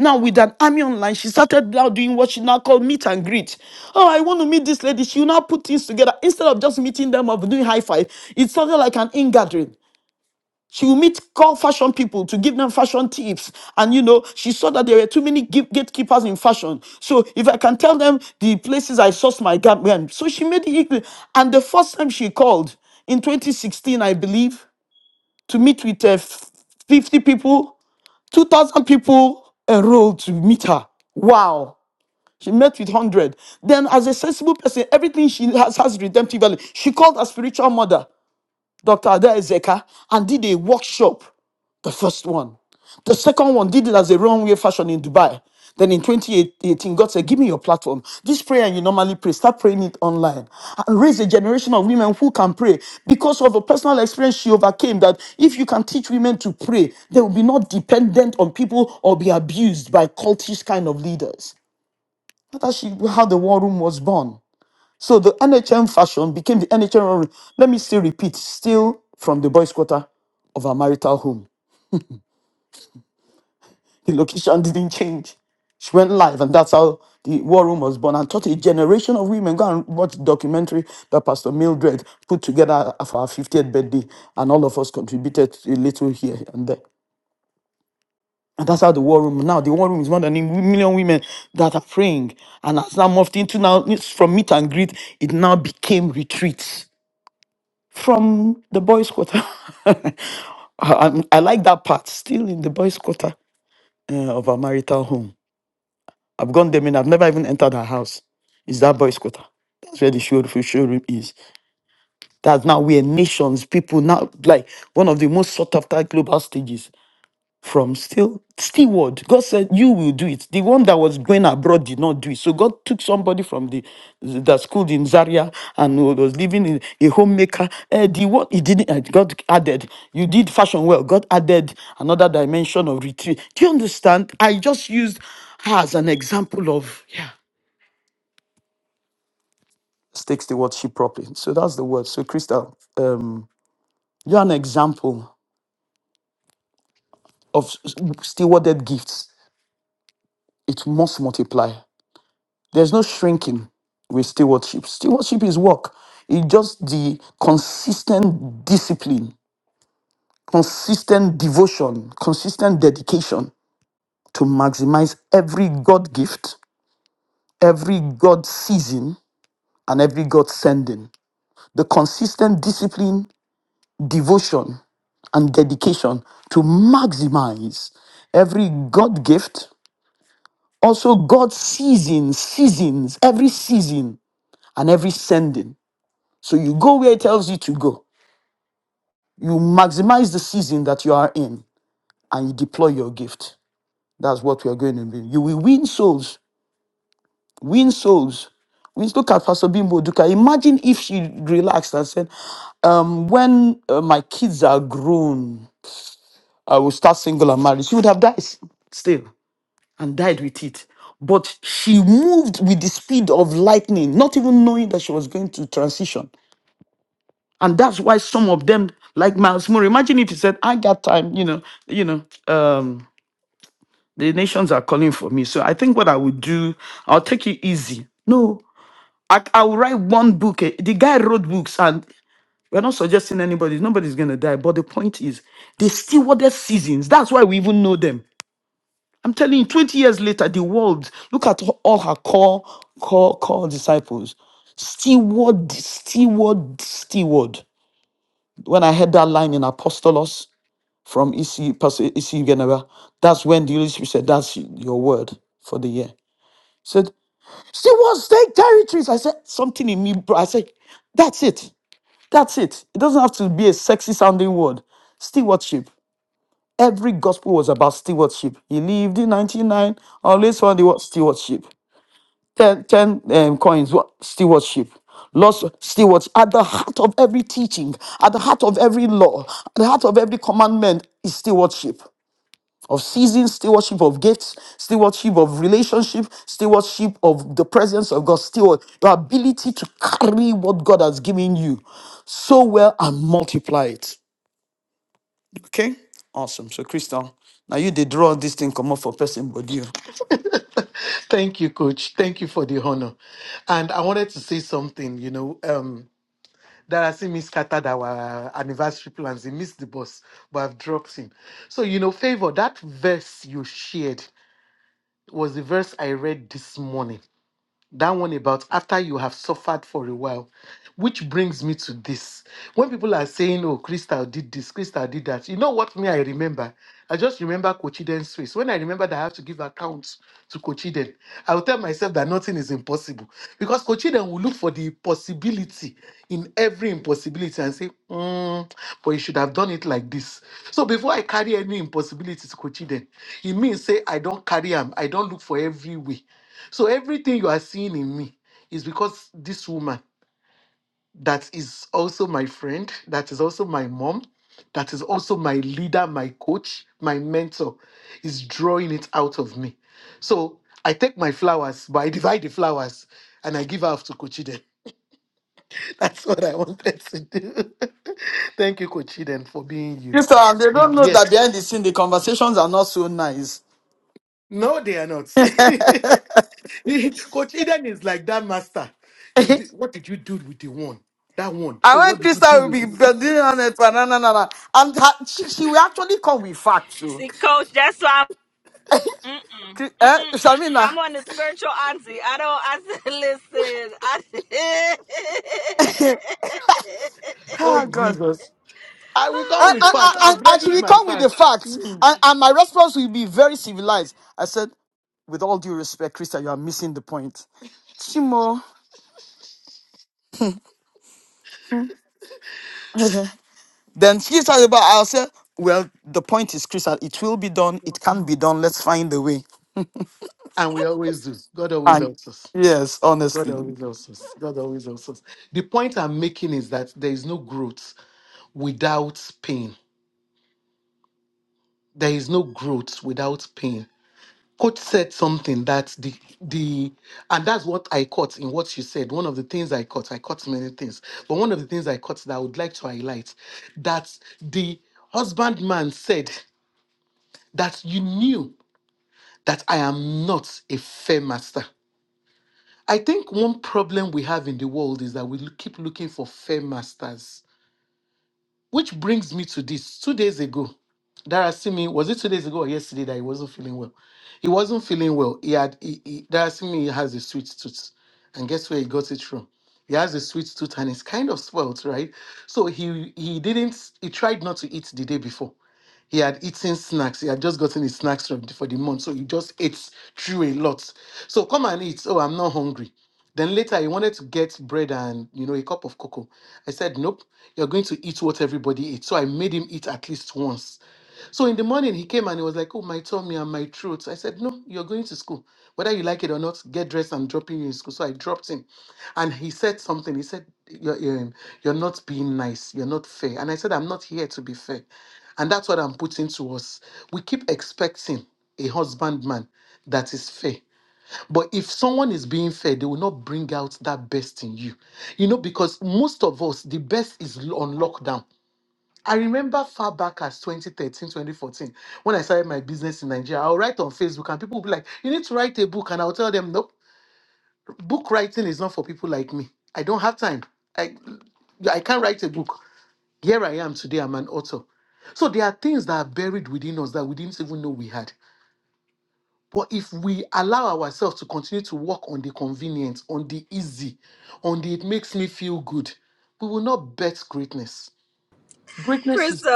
Speaker 3: Now, with an army online, she started now doing what she now called meet and greet. Oh, I want to meet this lady. She will now put things together. Instead of just meeting them or doing high five, it's something like an in gathering. She will meet call fashion people to give them fashion tips. And you know, she saw that there were too many gate- gatekeepers in fashion. So if I can tell them the places I sourced my garment, so she made it. equal. And the first time she called in 2016, I believe, to meet with uh, f- 50 people, 2,000 people enrolled to meet her. Wow. She met with 100. Then, as a sensible person, everything she has has redemptive value. She called her spiritual mother. Dr. Ada Ezeka, and did a workshop, the first one. The second one did it as a runway fashion in Dubai. Then in 2018, God said, Give me your platform. This prayer you normally pray, start praying it online. And raise a generation of women who can pray. Because of a personal experience she overcame, that if you can teach women to pray, they will be not dependent on people or be abused by cultish kind of leaders. That's how she- how the war room was born. So the NHM fashion became the NHM. running. Let me still repeat, still from the boys' quarter of our marital home. The location didn't change. She went live, and that's how the war room was born and taught a generation of women. Go and watch the documentary that Pastor Mildred put together for our 50th birthday, and all of us contributed a little here and there. And that's how the war room now. The war room is more than a million women that are praying, and has now morphed into now it's from meet and greet. It now became retreats from the boys' quarter. I, I'm- I like that part. Still in the boys' quarter uh, of our marital home. I've gone there, and I've never even entered her house. It's that boys' quarter. That's where the show, showroom is. That's now where nations, people now like one of the most sought after global stages from still steward. God said, "You will do it." The one that was going abroad did not do it. So God took somebody from the that schooled in Zaria and who was living in a homemaker. Eh, the one he didn't. eh, God added, "You did fashion well." God added another dimension of retreat. Do you understand? I just used her as an example of takes the wordship properly. So that's the word. So Crystal, um, you're an example of s- stewarded gifts. It must multiply. There's no shrinking with stewardship. Stewardship is work. It's just the consistent discipline, consistent devotion, consistent dedication to maximize every God gift, every God season, and every God sending. The consistent discipline, devotion, and dedication to maximize every God gift, also God's seasons, seasons, every season, and every sending. So you go where it tells you to go. You maximize the season that you are in and you deploy your gift. That's what we are going to do. You will win souls, win souls. We look at Pastor Bimbo Duka. Imagine if she relaxed and said, um, when uh, my kids are grown, I will start single and married. She would have died still and died with it. But she moved with the speed of lightning, not even knowing that she was going to transition. And that's why some of them, like Miles Moore, imagine if he said, I got time, you know, you know, um, the nations are calling for me. So I think what I would do, I'll take it easy. No, I, I will write one book. eh, The guy wrote books, and we're not suggesting anybody, nobody's going to die. But the point is, they stewarded seasons. That's why we even know them. I'm telling you, 20 years later, the world, look at all her core, core, core disciples steward, steward, steward. When I heard that line in Apostolos, from EC, Pastor EC Geneva. That's when the Holy Spirit said, That's your word for the year. He said, See what's take territories. I said, Something in me, bro. I said, That's it. That's it. It doesn't have to be a sexy sounding word. Stewardship. Every gospel was about stewardship. He lived in 99, always found the word stewardship. 10 10 um, coins, what? Stewardship. Lost stewards at the heart of every teaching, at the heart of every law, at the heart of every commandment is stewardship. of seasons, stewardship of gifts, stewardship of relationship, stewardship of the presence of God, steward the ability to carry what God has given you so well and multiply it. Okay? Awesome. So, Crystal, now you did draw this thing come up for person but you.
Speaker 4: Thank you, Coach. Thank you for the honor. And I wanted to say something, you know, um, Darasi scattered our anniversary plans. He missed the bus, but I've dropped him. So, you know, favor, that verse you shared was the verse I read this morning that one about after you have suffered for a while which brings me to this when people are saying oh crystal did this crystal did that you know what me i remember i just remember cochiden's face when i remember that i have to give accounts to cochiden i will tell myself that nothing is impossible because cochiden will look for the possibility in every impossibility and say "Mm, but you should have done it like this so before i carry any impossibility to cochiden it means say i don't carry them. i don't look for every way so everything you are seeing in me is because this woman that is also my friend, that is also my mom, that is also my leader, my coach, my mentor, is drawing it out of me. So I take my flowers, but I divide the flowers and I give half to Kochiden. That's what I wanted to do. Thank you, Kochiden, for being you.
Speaker 3: Crystal, and they don't
Speaker 4: The-
Speaker 3: know that
Speaker 4: yes.
Speaker 3: behind the scene the conversations are not so nice.
Speaker 4: No, they are not. Coach Eden is like that master. You did,
Speaker 3: I
Speaker 4: what did you do with the one? That one. So what
Speaker 3: went
Speaker 4: did you do
Speaker 3: Crystal will
Speaker 4: with
Speaker 3: be
Speaker 4: this?
Speaker 3: building on it, but na na na na. And her, she, she will actually come with facts too. Cri- Eh, Shamina.
Speaker 5: I don't. I said, listen. I
Speaker 4: oh
Speaker 3: Ah God.
Speaker 4: Jesus! I will come
Speaker 3: And,
Speaker 5: I
Speaker 4: with
Speaker 3: and,
Speaker 5: don't
Speaker 3: and,
Speaker 4: facts.
Speaker 3: and
Speaker 4: I've
Speaker 5: know.
Speaker 3: I
Speaker 4: readied
Speaker 3: should
Speaker 4: my
Speaker 3: come with the
Speaker 4: facts,
Speaker 3: facts.
Speaker 4: Hmm.
Speaker 3: And, and my response will be very civilized. I said, with all due respect, Krista, you are missing the point. Chimo. Okay. then she said about I'll say, well, the point is, Krista, it will be done. It can be done. Let's find a way.
Speaker 4: and we always do. God always
Speaker 3: And
Speaker 4: helps us.
Speaker 3: yes,
Speaker 4: God
Speaker 3: honestly.
Speaker 4: always helps us. God always helps us. The point I'm making is that there is no growth without pain. There is no growth without pain coach said something that the the and that's what I caught in what she said. One of the things I caught, I caught many things, but one of the things I caught that I would like to highlight that the husbandman said that you knew that I am not a fair master. I think one problem we have in the world is that we look- keep looking for fair masters Which brings me to this. Two days ago, Dara Simi, was it two days ago or yesterday that he wasn't feeling well? He wasn't feeling well. He had he, he, Dara Simi has a sweet tooth. And guess where he got it from? He has a sweet tooth and it's kind of swelled, right? So he he didn't he tried not to eat the day before. He had eaten snacks. He had just gotten his snacks from, for the month. So he just ate through a lot. So come and eat. Oh, I'm not hungry. Then later he wanted to get bread and you know a cup of cocoa. I said, Nope, you're going to eat what everybody eats. So I made him eat at least once. So in the morning he came and he was like, Oh, my tummy and my throat. I said, No, you're going to school. Whether you like it or not, get dressed I'm dropping you in school. So I dropped him. And he said something. He said, You're, um, you're not being nice. You're not fair. And I said, I'm not here to be fair. And that's what I'm putting to us. We keep expecting a husbandman that is fair. But if someone is being fair, they will not bring out that best in you. You know, because most of us, the best is l- on lockdown. I remember far back as 2013, 2014, when I started my business in Nigeria, I'll write on Facebook and people will be like, You need to write a book. And I'll tell them, Nope, book writing is not for people like me. I don't have time. I, I can't write a book. Here I am today, I'm an author. So there are things that are buried within us that we didn't even know we had. But if we allow ourselves to continue to work on the convenience, on the easy, on the it makes me feel good, we will not bet greatness. Greatness is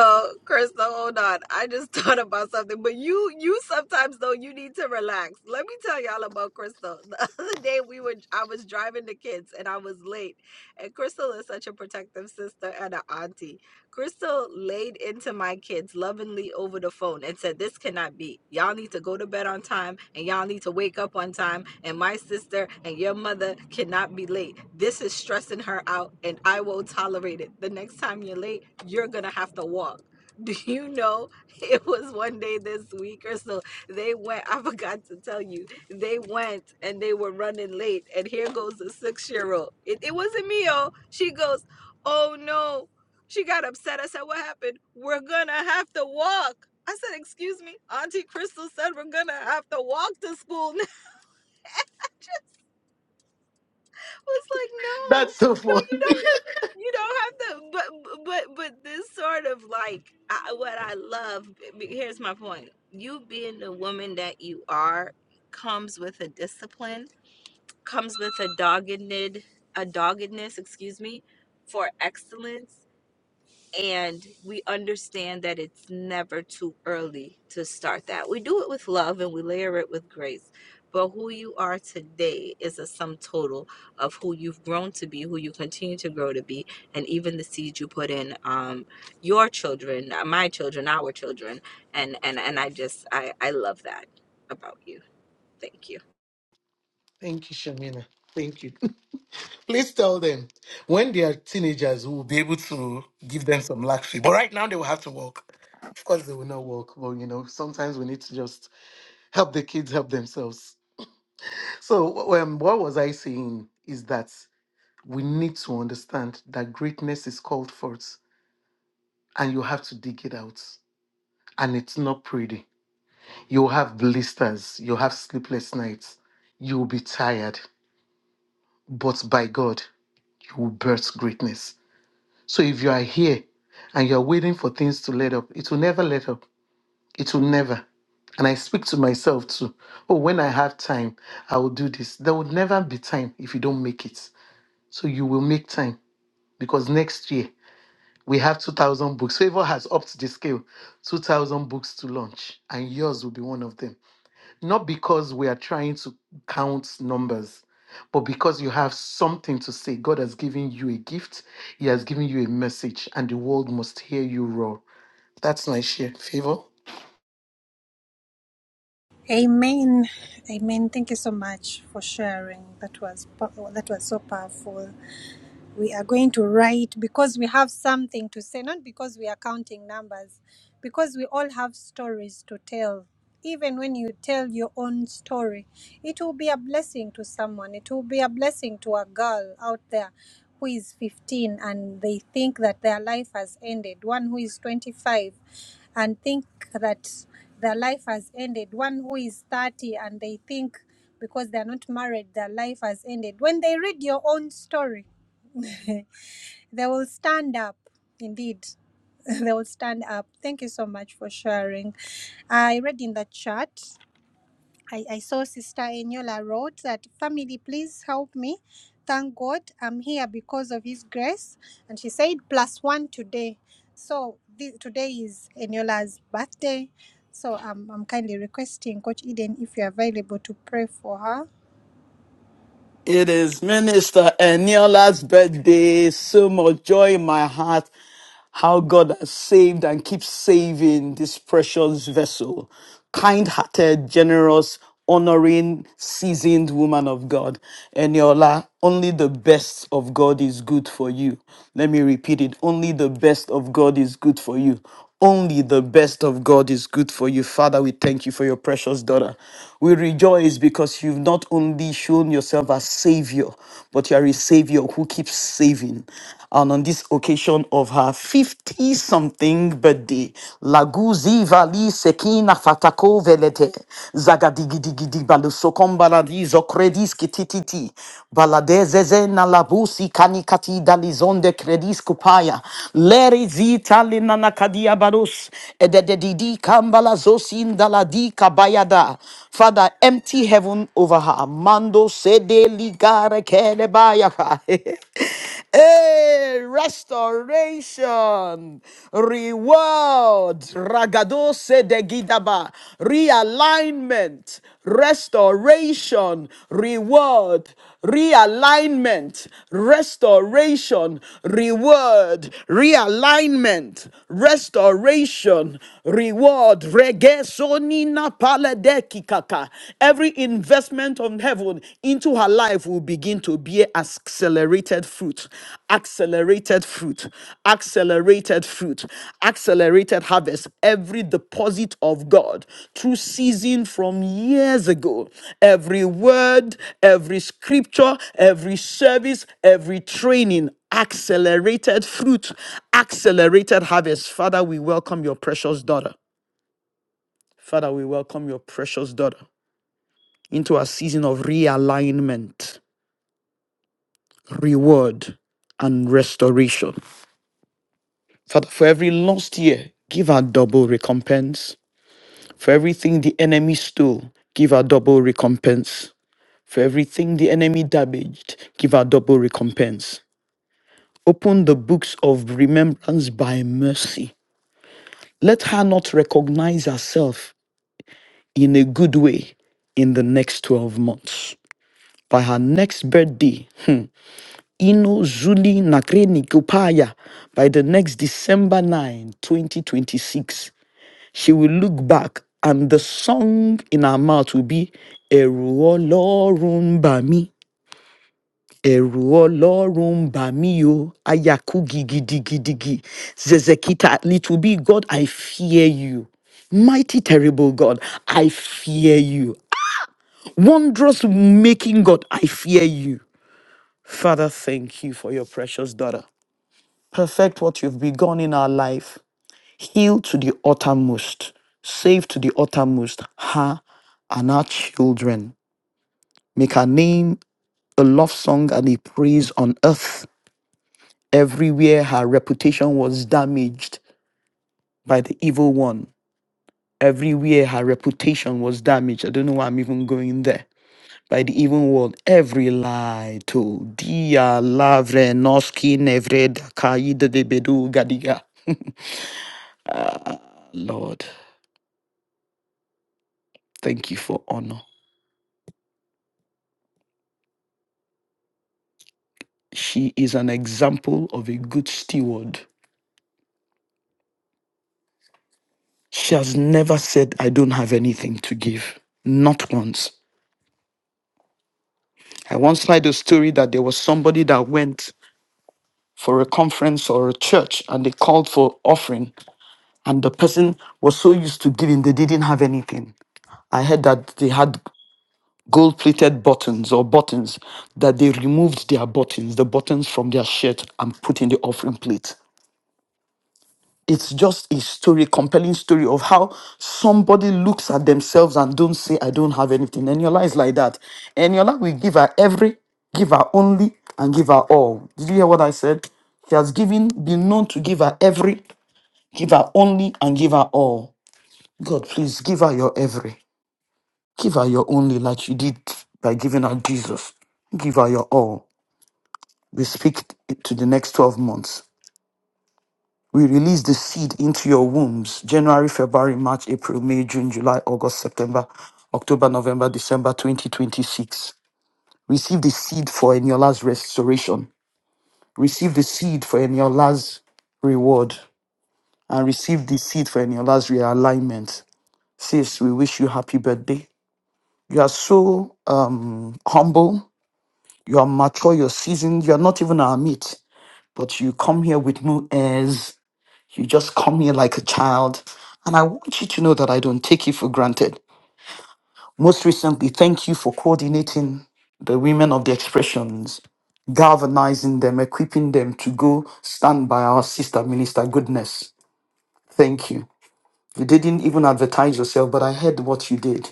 Speaker 4: that's so funny. Thank you, Shamina. Thank you. Please tell them when they are teenagers, we will be able to give them some luxury. But right now, they will have to work. Of course, they will not work. But you know, sometimes we need to just help the kids help themselves. So, um, what was I saying is that we need to understand that greatness is called forth and you have to dig it out. And it's not pretty. You'll have blisters, you'll have sleepless nights, you'll be tired, but by God, you will birth greatness. So, if you are here and you're waiting for things to let up, it will never let up. It will never. And I speak to myself too. Oh, when I have time, I will do this. There will never be time if you don't make it. So, you will make time because next year we have 2000 books favor has upped the scale 2000 books to launch and yours will be one of them not because we are trying to count numbers but because you have something to say god has given you a gift he has given you a message and the world must hear you roar that's my share favor
Speaker 2: Amen, amen. Thank you so much for sharing. That was po- that was so powerful. we are going to write because we have something to say, not because we are counting numbers, because we all have stories to tell. Even when you tell your own story, it will be a blessing to someone. It will be a blessing to a girl out there who is 15 and they think that their life has ended, one who is 25 and think that their life has ended, one who is 30 and they think because they are not married, their life has ended. When they read your own story, They will stand up, indeed. they will stand up. Thank you so much for sharing. I read in the chat, I, I saw Sister Eniola wrote that, Family, please help me. Thank God I'm here because of His grace. And she said, plus one today. So this, today is Eniola's birthday. So I'm, I'm kindly requesting Coach Eden if you're available to pray for her
Speaker 3: It is Minister Eniola's birthday. So much joy in my heart. How God has saved and keeps saving this precious vessel. Kind hearted, generous, honoring, seasoned woman of God. Eniola, only the best of God is good for you. Let me repeat it. Only the best of God is good for you. Only the best of God is good for you. Father, we thank you for your precious daughter. We rejoice because you've not only shown yourself as Savior, but you are a Savior who keeps saving. And on this occasion of her 50 something birthday, Laguzi Vali Sekina Fatako Velete, Zagadigidigidi Balusokombaladi Zokredis Kititi, Kati, Baladezeze nalabusi kanikati dalizonde credis kupaya. Leri zitali nanakadia barus. Edededidi kambala zosin daladi kabayada. Father, empty heaven over her. Mando sede ligare kelebaya. Hey, restoration, reward, ragado se de gidaba, realignment, restoration, reward, realignment, restoration, reward, realignment, restoration, reward, regesonina paledeki kaka. Every investment manifestment of heaven into her life will begin to bear accelerated fruit, accelerated fruit, accelerated fruit, accelerated harvest. Every deposit of God through season from years ago, every word, every scripture, every service, every training. Accelerated fruit, accelerated harvest. Father, we welcome your precious daughter. Father, we welcome your precious daughter into a season of realignment, reward, and restoration. Father, for every lost year, give her double recompense. For everything the enemy stole, give her double recompense. For everything the enemy damaged, give her double recompense. Open the books of remembrance by mercy. Let her not recognize herself in a good way in the next 12 months. By her next birthday, Ino Zuli Nakreni Kupaya by the next December 9, 2026. She will look back and the song in her mouth will be Eru Olorun Ba Mi. Ẹ̀rù Ọlọ́run bà mí o, àyà kú gidigidigidi. Zezekita, It will be God, I fear you. Mighty, terrible God, I fear you. Wondrous making God, I fear you. Father, thank you for your precious daughter. perfect what you've begun in our life, heal to the uttermost, save to the uttermost her and our children. Make her name a love song and a praise on earth. Everywhere her reputation was damaged by the evil one, everywhere her reputation was damaged. I don't know why I'm even going there. By the evil one, every lie told. Dia lavre noski nevred kai de bedu gadiga. Ah, Lord. Thank you for honor. She is an example of a good steward. She has never said, I don't have anything to give. Not once. I once heard a story that there was somebody that went for a conference or a church and they called for offering, and the person was so used to giving, they didn't have anything. I heard that they had gold plated buttons or buttons, that they removed their buttons, the buttons from their shirt, and put in the offering plate. it's just a story, compelling story of how somebody looks at themselves and don't say, I don't have anything. Eniola is like that. Eniola will give her every, give her only, and give her all. Did you hear what I said? She has given, been known to give her every, give her only, and give her all. God, please give her your every. Give her your only, like you did by giving her Jesus. Give her your all. We speak to the next 12 months. We release the seed into your wombs January, February, March, April, May, June, July, August, September, October, November, December 2026. Receive the seed for Eniola's restoration. Receive the seed for Eniola's reward. And receive the seed for Eniola's realignment. Sis, we wish you happy birthday. You are so um, humble. You are mature. You're seasoned. You are not even our meat, but you come here with no airs You just come here like a child. And I want you to know that I don't take you for granted. Most recently, thank you for coordinating the women of the expressions, galvanizing them, equipping them to go stand by our sister minister goodness. Thank you. You didn't even advertise yourself, but I heard what you did.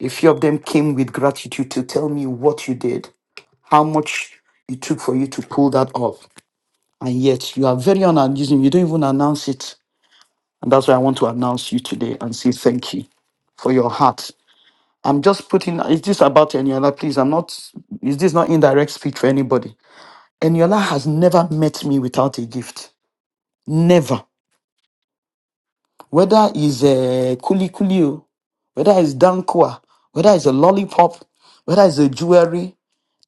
Speaker 3: A few of them came with gratitude to tell me what you did, how much it took for you to pull that off. And yet you are very unannouncing. You don't even announce it. And that's why I want to announce you today and say thank you for your heart. I'm just putting, is this about Eniola? Please, I'm not, is this not indirect speech for anybody? Eniola has never met me without a gift. Never. Whether it's a kuli kuli, o, whether it's dankwa, whether it's a lollipop, whether it's a jewelry,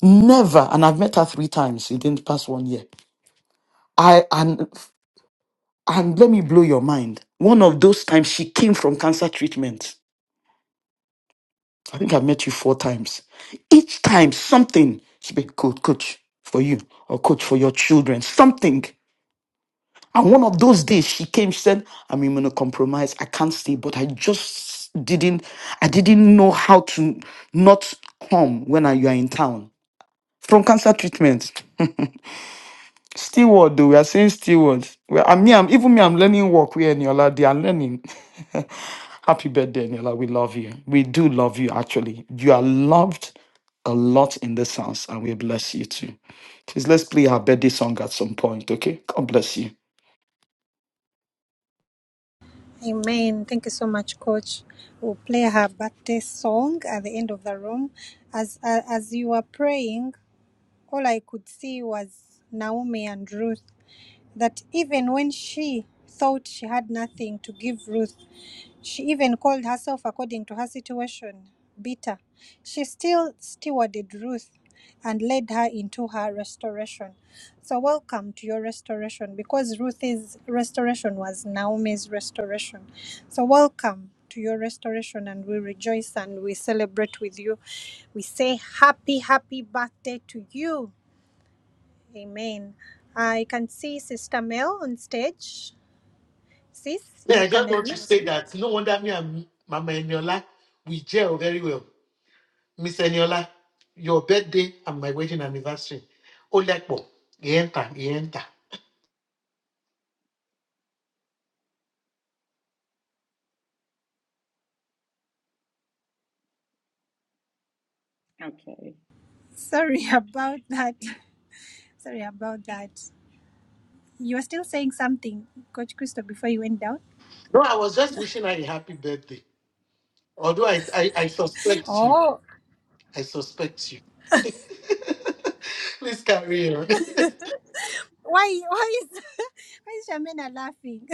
Speaker 3: never. And I've met her three times in the past one year. I, and, and let me blow your mind. One of those times she came from cancer treatment. I think I've met you four times. Each time something she be coach, coach for you or coach for your children, something. And one of those days she came, she said, I'm immunocompromised, I can't stay, but I just didn't, I didn't know how to not come when I, you are in town from cancer treatment. Steward, though, we are saying steward. Well, I mean, I'm even me, I'm learning work with Eniola. They are learning. Happy birthday, Eniola. We love you. We do love you, actually. You are loved a lot in this house, and we bless you too. Please let's play her birthday song at some point, okay? God bless you.
Speaker 2: Amen. Thank you so much, Coach. We'll play her birthday song at the end of the room. As uh, as you were praying, all I could see was Naomi and Ruth that even when she thought she had nothing to give Ruth, she even called herself, according to her situation, bitter. She still stewarded Ruth and led her into her restoration. So, welcome to your restoration because Ruth's restoration was Naomi's restoration. So, welcome to your restoration, and we rejoice and we celebrate with you. We say, Happy, happy birthday to you. Amen. I can see Sister Mel on stage. Sis,
Speaker 4: Yeah,
Speaker 2: you
Speaker 4: I
Speaker 2: can
Speaker 4: just want to
Speaker 2: unmute.
Speaker 4: say that no wonder me and Mama Eniola, we gel very well. Miss Eniola, your birthday and my wedding anniversary. Oh, like, enter, enter.
Speaker 8: Okay.
Speaker 2: Sorry about that. Sorry about that. You were still saying something, Coach Christo, before you went down.
Speaker 4: No, I was just wishing her a happy birthday. Although I, I, I suspect you.
Speaker 2: Oh,
Speaker 4: I suspect you. Please carry on.
Speaker 2: why? Why is why is Shamina laughing?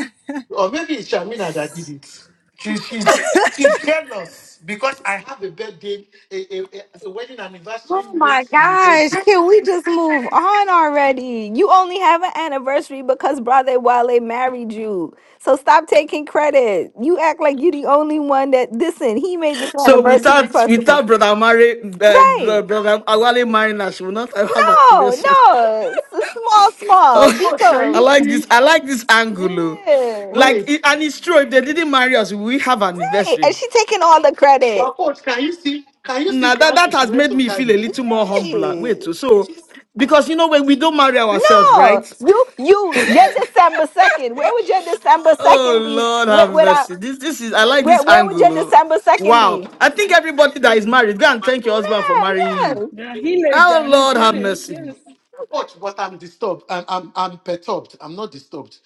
Speaker 4: or maybe it's Shamina that did it. She, she's, she's jealous because I have a birthday, a, a, a a wedding anniversary
Speaker 5: Oh my
Speaker 4: late in a
Speaker 5: gosh,
Speaker 4: birthday.
Speaker 5: can we just move on already? You only have an anniversary because Brother Wale married you. So stop taking credit. You act like you're the only one that listen, he made this
Speaker 3: So
Speaker 5: anniversary
Speaker 3: without
Speaker 5: possible.
Speaker 3: without brother Mari, uh,
Speaker 5: Right.
Speaker 3: bro- brother Awale Marina, she will not have had an
Speaker 5: No,
Speaker 3: investment.
Speaker 5: no. It's a small,
Speaker 3: Oh,
Speaker 5: small.
Speaker 4: Coach, can
Speaker 3: I
Speaker 4: you
Speaker 5: Biko.
Speaker 3: like
Speaker 4: see?
Speaker 3: this. I like this angle. oh.
Speaker 5: Amen.
Speaker 3: Like,
Speaker 4: Wait.
Speaker 3: it, and it's true. If they didn't marry us, we have an
Speaker 5: Hey, and
Speaker 3: anniversary.
Speaker 5: she taking all the credit.
Speaker 4: Well, coach, can you see? Can you see
Speaker 3: Now
Speaker 4: the
Speaker 3: that, that
Speaker 4: angle she
Speaker 3: has
Speaker 4: went
Speaker 3: made
Speaker 4: to
Speaker 3: me feel
Speaker 4: carry?
Speaker 3: a little more humbler. Wait,
Speaker 5: Hey.
Speaker 3: so so- because you know when we don't marry ourselves,
Speaker 5: No,
Speaker 3: right?
Speaker 5: you, you, your December second. Where would your December
Speaker 3: Oh
Speaker 5: second be?
Speaker 3: Lord have
Speaker 5: Without
Speaker 3: mercy. This this is I like
Speaker 5: Where
Speaker 3: this
Speaker 5: where would
Speaker 3: angle.
Speaker 5: your
Speaker 3: oh.
Speaker 5: December second be?
Speaker 3: Wow. I think everybody that is married, go and thank your husband for
Speaker 5: Yeah,
Speaker 3: marrying you.
Speaker 5: yeah.
Speaker 8: Yeah, he laid
Speaker 3: Oh
Speaker 8: down his
Speaker 3: Lord have
Speaker 8: life.
Speaker 3: mercy.
Speaker 8: Yes.
Speaker 4: Coach, but I'm disturbed. I'm, I'm, I'm perturbed. I'm not disturbed.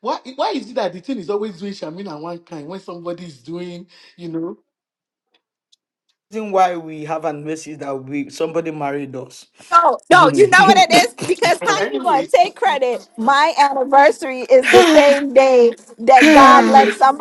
Speaker 4: Why, why is it that the thing is always doing Shamina one kind when somebody is doing, you know?
Speaker 3: Reason why we have an mercy that we somebody married us.
Speaker 5: No, no, you know what it is? Because how you gonna
Speaker 4: Anyways,
Speaker 5: take credit? My
Speaker 4: anyways,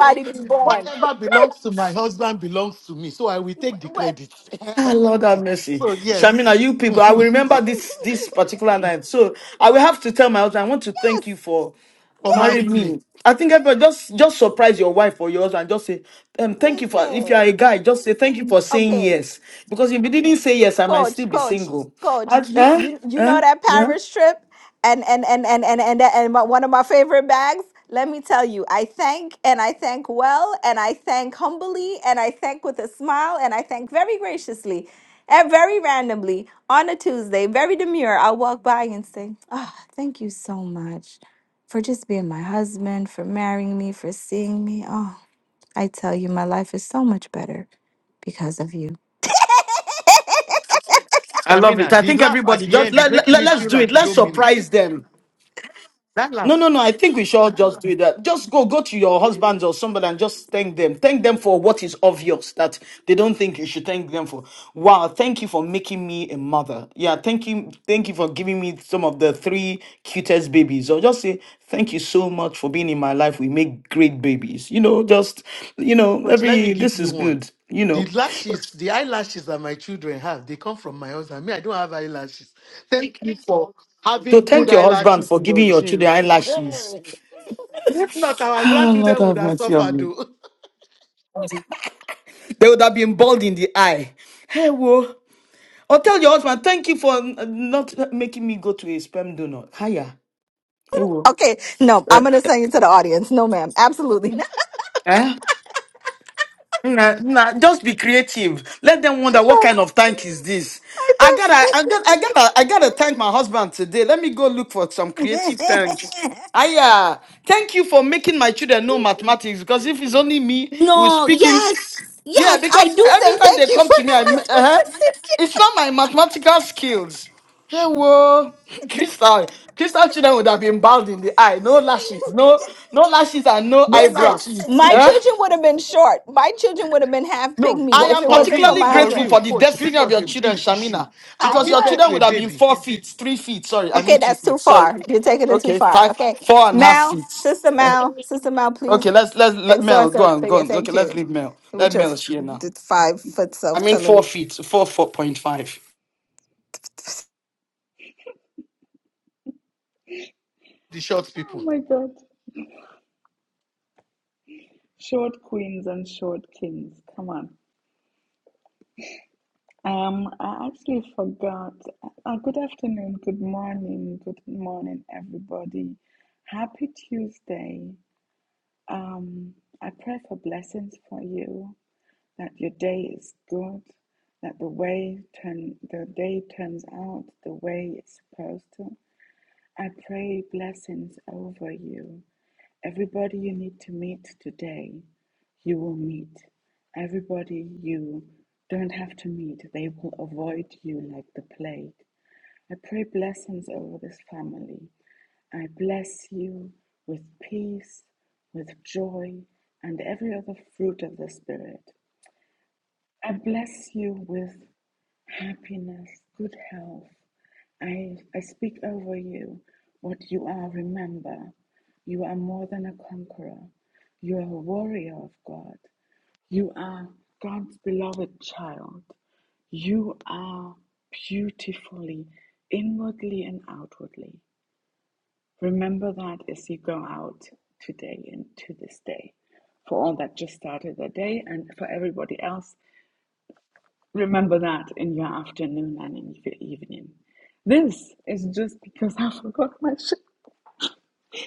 Speaker 4: whatever belongs to my husband belongs to me, so I will take the
Speaker 5: yes,
Speaker 4: credit.
Speaker 3: Ah, Lord have mercy.
Speaker 4: so, yes,
Speaker 3: Shamina, you people, I will
Speaker 4: mhm,
Speaker 3: remember this this particular night. So I will have to tell my husband, I want to thank you for
Speaker 4: for
Speaker 3: marrying
Speaker 4: marrying me.
Speaker 3: me. I think everybody just just surprise your wife or your husband. Just say, um, thank you for if you are a
Speaker 5: listen.
Speaker 3: guy, just say thank you for saying
Speaker 5: Okay.
Speaker 3: yes. Because if you didn't say yes, I might still
Speaker 5: coach
Speaker 3: be
Speaker 5: coach
Speaker 3: single.
Speaker 5: coach
Speaker 3: I,
Speaker 5: you
Speaker 3: eh?
Speaker 5: you you know
Speaker 3: Eh?
Speaker 5: that
Speaker 3: Yeah.
Speaker 5: paris trip and and and and and and, and my, one of my favorite bags let me tell you i thank and i thank well and i thank humbly and i thank with a smile and i thank very graciously and very randomly on a tuesday very demure i'll walk by and say "Ah, thank you so much for just being my husband for marrying me for seeing me oh i tell you my life is so much better because of you
Speaker 3: I love it.
Speaker 4: Shamina,
Speaker 3: I
Speaker 4: the
Speaker 3: think
Speaker 4: laugh at
Speaker 3: everybody
Speaker 4: the
Speaker 3: just
Speaker 4: end is
Speaker 3: let, let,
Speaker 4: making me
Speaker 3: let's
Speaker 4: feel
Speaker 3: do it.
Speaker 4: like you
Speaker 3: Let's
Speaker 4: don't mean it.
Speaker 3: surprise them.
Speaker 4: That laugh,
Speaker 3: No, no, no. I think we should all just do that. Just go, go to your husband or somebody and just thank them. Thank them for what is obvious that they don't think you should thank them for. Wow, thank you for making me a mother. Yeah, thank you, thank you for giving me some of the three cutest babies. Or just say thank you so much for being in my life. We make great babies. You know, just you know,
Speaker 4: coach, let me
Speaker 3: every
Speaker 4: give
Speaker 3: this
Speaker 4: you
Speaker 3: is
Speaker 4: one.
Speaker 3: good. You
Speaker 4: The
Speaker 3: know,
Speaker 4: lashes, the eyelashes that my children have, they come from my husband. Me, I don't have eyelashes. Thank you for
Speaker 3: so
Speaker 4: having good
Speaker 3: thank your husband
Speaker 4: eyelashes
Speaker 3: for
Speaker 4: in your
Speaker 3: giving your children
Speaker 4: jeans.
Speaker 3: eyelashes.
Speaker 4: Hey, if not, our
Speaker 3: Ah, Lord
Speaker 4: grandchildren would
Speaker 3: have
Speaker 4: have
Speaker 3: mercy
Speaker 4: suffered.
Speaker 3: on
Speaker 4: Though.
Speaker 3: me. They would have been bald in the eye. Hey, wo. Or tell your husband, thank you for uh, not making me go to a sperm donor. Hiya. Hey, wo.
Speaker 5: okay
Speaker 3: Eh? Eh? Nah, nah, just be creative. Let them wonder what kind of tank is this. I gotta, I gotta, I gotta, I gotta thank my husband today. Let me go look for some creative tanks. Aya, thank you for making my children know mathematics because if it's only me who's
Speaker 5: No,
Speaker 3: speaking,
Speaker 5: yes,
Speaker 3: yeah,
Speaker 5: yes, I
Speaker 3: because
Speaker 5: do
Speaker 3: every
Speaker 5: say
Speaker 3: time they
Speaker 5: thank you
Speaker 3: come
Speaker 5: for
Speaker 3: to me, I, uh
Speaker 5: doing
Speaker 3: it's not my mathematical skills. Hello, Crystal. Crystal children would have been bald in the eye, no lashes, no, no lashes and no
Speaker 4: no
Speaker 5: Listen,
Speaker 3: eyebrows.
Speaker 4: lashes.
Speaker 5: my
Speaker 3: Eh?
Speaker 5: children would have been short. My children would have been half
Speaker 4: No,
Speaker 3: I
Speaker 5: pygmy
Speaker 4: but
Speaker 5: if
Speaker 3: am
Speaker 5: it
Speaker 4: for
Speaker 5: wasn't for
Speaker 4: real,
Speaker 3: particularly
Speaker 5: my
Speaker 4: for
Speaker 3: grateful
Speaker 5: husband.
Speaker 3: for
Speaker 4: real,
Speaker 3: the
Speaker 4: coach,
Speaker 3: destiny
Speaker 4: this
Speaker 3: of
Speaker 4: was
Speaker 3: your
Speaker 4: a
Speaker 3: children,
Speaker 4: big issue.
Speaker 3: Shamina,
Speaker 4: I'll
Speaker 3: because
Speaker 5: I
Speaker 3: your
Speaker 4: give birth
Speaker 5: am.
Speaker 3: children
Speaker 4: to a
Speaker 3: would have been
Speaker 4: baby,
Speaker 3: four feet, three feet. Sorry, I mean
Speaker 5: Okay,
Speaker 3: two
Speaker 5: that's
Speaker 3: feet.
Speaker 5: too
Speaker 3: Sorry.
Speaker 5: far. You're taking it too
Speaker 3: Okay,
Speaker 5: far.
Speaker 3: five,
Speaker 5: Okay,
Speaker 3: four and a half
Speaker 5: Mal,
Speaker 3: feet.
Speaker 5: sister Mal, sister Mal,
Speaker 3: Okay,
Speaker 5: please
Speaker 3: let's let's let Mel
Speaker 5: exhort
Speaker 3: go
Speaker 5: the.
Speaker 3: on, go. on. Okay,
Speaker 5: Thank
Speaker 3: let's
Speaker 5: you
Speaker 3: leave Mel.
Speaker 5: with
Speaker 3: Let
Speaker 5: your
Speaker 3: Mel
Speaker 5: f-
Speaker 3: share now.
Speaker 5: five foot
Speaker 3: I
Speaker 5: self
Speaker 3: mean
Speaker 5: telling
Speaker 3: four
Speaker 5: me.
Speaker 3: feet, four four point five.
Speaker 4: the short
Speaker 8: Oh
Speaker 4: people.
Speaker 8: my God. Short queens and short kings. Come on. Um, I actually forgot. Uh, good afternoon, good morning, good morning, everybody. Happy Tuesday. Um, I pray for blessings for you, that your day is good, that the way turn the day turns out the way it's supposed to. I pray blessings over you. Everybody you need to meet today, you will meet. Everybody you don't have to meet, they will avoid you like the plague. I pray blessings over this family. I bless you with peace, with joy, and every other fruit of the Spirit. I bless you with happiness, good health, I, I speak over you what you are. Remember, you are more than a conqueror. You are a warrior of God. You are God's beloved child. You are beautifully, inwardly and outwardly. Remember that as you go out today and to this day. For all that just started their day, and for everybody else Remember that in your afternoon and in your evening. This is just because I forgot my shit.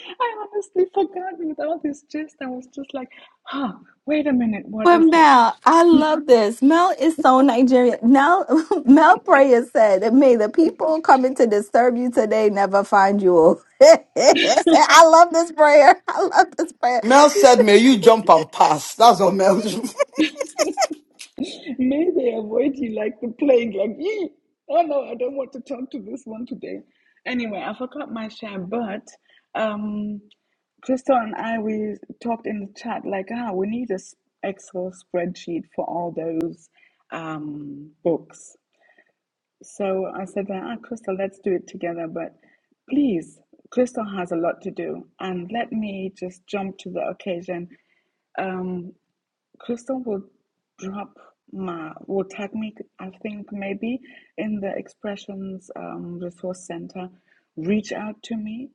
Speaker 8: I honestly forgot with all this gist. I was just like, huh, wait a minute, what
Speaker 5: But
Speaker 8: is it?
Speaker 5: Mel, I love this. Mel is so Nigerian. Now, Mel Prayer said, that, May the people coming to disturb you today never find you. I love this prayer. I love this prayer.
Speaker 3: Mel said, "May you jump and pass." That's what Mel.
Speaker 8: May they avoid you like the plague, like, "Ee, oh no, I don't want to talk to this one today. Anyway, I forgot my share, but um, Crystal and I, we talked in the chat like, ah, we need a s- Excel spreadsheet for all those um, books So I said ah, Crystal, let's do it together, but please, Crystal has a lot to do, and let me just jump to the occasion. Um, Crystal will drop my will tag me i think maybe in the expressions um, resource center reach out to me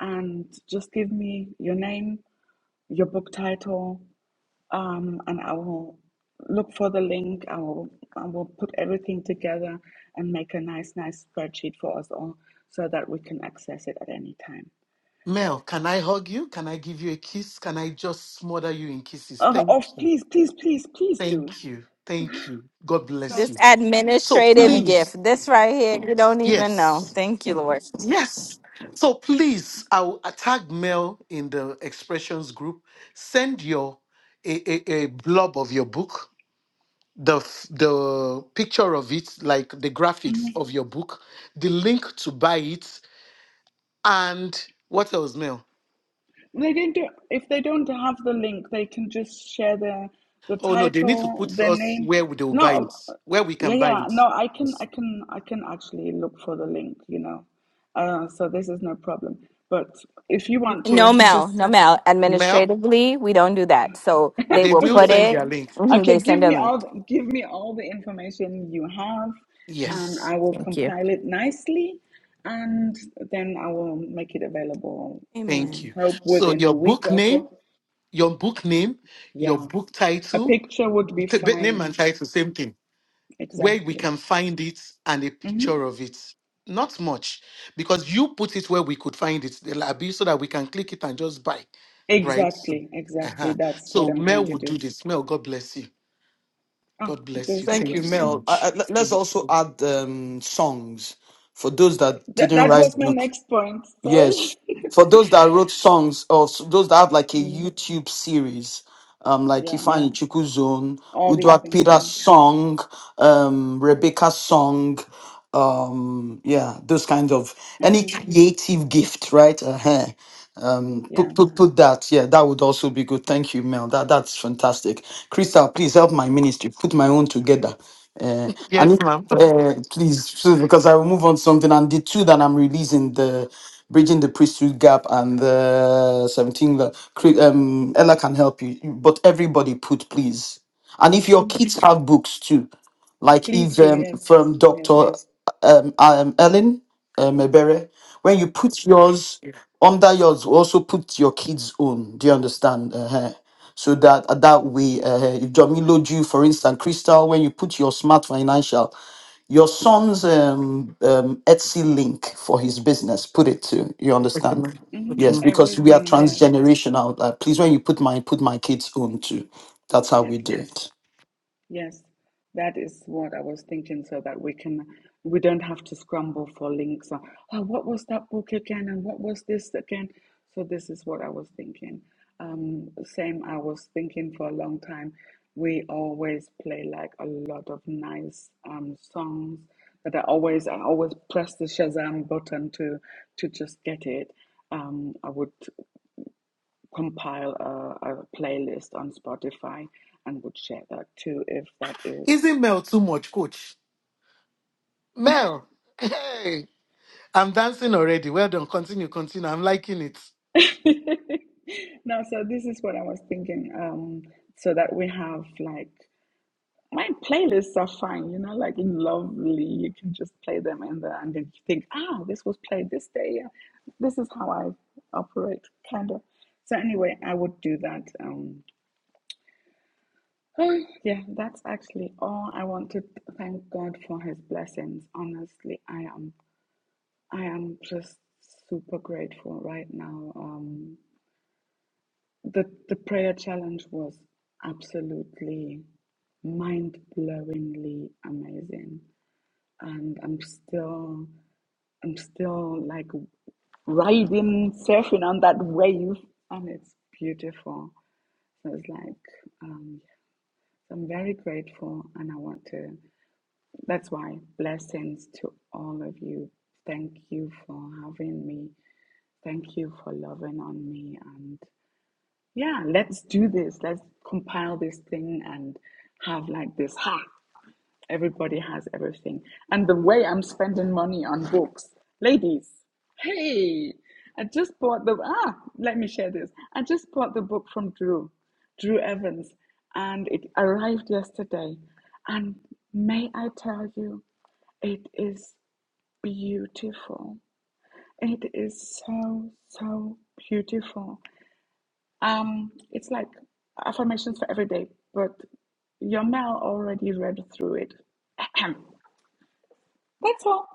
Speaker 8: and just give me your name your book title um, and i will look for the link i will i will put everything together and make a nice nice spreadsheet for us all so that we can access it at any time
Speaker 4: Mel, can I hug you? Can I give you a kiss? Can I just smother you in kisses?
Speaker 8: oh,
Speaker 4: Thank
Speaker 8: oh
Speaker 4: you.
Speaker 8: please please please please do
Speaker 4: Thank you. Thank you. God
Speaker 8: so
Speaker 4: bless you. So
Speaker 8: i will
Speaker 4: please, yes. Yes. So please, I will tag Mel in the expressions group. Send your a, a, a blob of your book, the f- the picture of it, like the graphics of your book, the link to buy it, and what else, Mel?
Speaker 8: They can do if they don't have the link, they can just share their the
Speaker 4: Oh no, they need to
Speaker 8: title,
Speaker 4: put
Speaker 8: their
Speaker 4: us
Speaker 8: name.
Speaker 4: where we- they will buy
Speaker 8: No,
Speaker 4: it, where we
Speaker 8: yeah,
Speaker 4: can buy
Speaker 8: yeah.
Speaker 4: it.
Speaker 8: No, I can,
Speaker 4: Yes.
Speaker 8: I can, I can actually look for the link. You know, uh, so this is no problem. But if you want to, just
Speaker 4: Mel, they will
Speaker 8: okay,
Speaker 4: send their link.
Speaker 8: okay. Give me all, the, give me all the information you have, and
Speaker 4: Yes,
Speaker 8: I will compile it nicely, and then I will make it available. Um,
Speaker 4: thank you.
Speaker 8: hope
Speaker 4: So
Speaker 8: within a
Speaker 4: your
Speaker 8: week
Speaker 4: book
Speaker 8: or
Speaker 4: name,
Speaker 8: so.
Speaker 4: your book name, your
Speaker 8: Yeah.
Speaker 4: book
Speaker 8: A
Speaker 4: title
Speaker 8: picture would be
Speaker 4: T- but Name and
Speaker 8: fine.
Speaker 4: try the same thing. Where we
Speaker 8: Exactly.
Speaker 4: can find it and a
Speaker 8: hmm
Speaker 4: picture of it. Not much, because you put it where we could find it, The lobby, so that we can click it and just buy, right? So,
Speaker 8: Exactly. Exactly.
Speaker 4: uh-huh.
Speaker 8: That's what
Speaker 4: so
Speaker 8: I'm going
Speaker 4: Mel
Speaker 8: to
Speaker 4: would
Speaker 8: do.
Speaker 4: do this. Mel, God bless you.
Speaker 8: Oh,
Speaker 4: God bless
Speaker 8: there's
Speaker 4: you.
Speaker 8: no...
Speaker 3: Thank you,
Speaker 4: Thank you so
Speaker 3: Mel. I,
Speaker 4: much.
Speaker 3: I- let- let's also add um, songs for those that
Speaker 8: that,
Speaker 3: didn't
Speaker 8: that was
Speaker 3: write
Speaker 8: my
Speaker 3: books.
Speaker 8: next point.
Speaker 3: Yes.
Speaker 8: Sorry.
Speaker 3: For those that wrote songs or s- those that have like a
Speaker 8: Mm,
Speaker 3: YouTube series, um, like
Speaker 8: yeah.
Speaker 3: Ifeanyi Chukwu Zone,
Speaker 8: All these
Speaker 3: Udwa
Speaker 8: things.
Speaker 3: Peter's
Speaker 8: Yeah.
Speaker 3: song, um, Rebecca's song, um, yeah, those kinds of any
Speaker 8: hmm
Speaker 3: creative gift, right? Uh-huh um put,
Speaker 8: Yeah.
Speaker 3: put put that yeah that would also be good thank you mel that that's fantastic crystal please help my ministry put my own together uh, and
Speaker 4: Yes,
Speaker 3: if,
Speaker 4: ma'am.
Speaker 3: uh, please so- because i will move on to something and the two that i'm releasing the bridging the priesthood gap and the 17 lo- Cri- um ella can help you but everybody put please and if your kids have books too like
Speaker 8: Please
Speaker 3: if
Speaker 8: do.
Speaker 3: um,
Speaker 8: Yes.
Speaker 3: from
Speaker 8: Yes.
Speaker 3: dr um, um ellen um, Ebere, when you put yours under yours we also put your kids own do you understand uh so that uh, that way uh, if Jamiloju, you for instance crystal when you put your smart financial your son's um, um etsy link for his business put it to you
Speaker 4: Okay,
Speaker 3: understand
Speaker 4: ma'am.
Speaker 8: hmm
Speaker 4: Okay,
Speaker 3: yes
Speaker 4: ma'am.
Speaker 3: because we are
Speaker 8: Everything. Yes.
Speaker 3: transgenerational uh, please when you put my put my kids own too that's how we
Speaker 8: Yes.
Speaker 3: do it
Speaker 8: Yes, that is what I was thinking, so that we can we don't have to scramble for links or oh, what was that book again and what was this again? So this is what I was thinking. Um, same I was thinking for a long time. We always play like a lot of nice um, songs that I always I always press the Shazam button to to just get it. Um, I would compile a, a playlist on Spotify and would share that too if that is.
Speaker 4: Isn't Mel too much, coach? Mel, hey, I'm dancing already. Well done. Continue, continue. I'm liking it.
Speaker 8: no, so this is what I was thinking. Um, so that we have like my playlists are fine, you know, like in Lovely, you can just play them in there and then you think, ah, this was played this day. Yeah, this is how I operate, kind of. So anyway, I would do that. Um, Oh, yeah, that's actually all I want to Thank God for His blessings. Honestly, I am. I am just super grateful right now. Um, the the prayer challenge was absolutely mind blowingly amazing, and I'm still I'm still like riding, surfing on that wave, and it's beautiful. So it's like um, so I'm very grateful, and I want to. That's why blessings to all of you. Thank you for having me. Thank you for loving on me. And yeah, let's do this. Let's compile this thing and have like this. Ha! Everybody has everything. And the way I'm spending money on books, ladies, hey, I just bought the, ah, let me share this. I just bought the book from Drew, Drew Evans, and it arrived yesterday. And may I tell you, it is beautiful. It is so, so beautiful. Um, it's like affirmations for every day, but Yomel already read through it. That's all.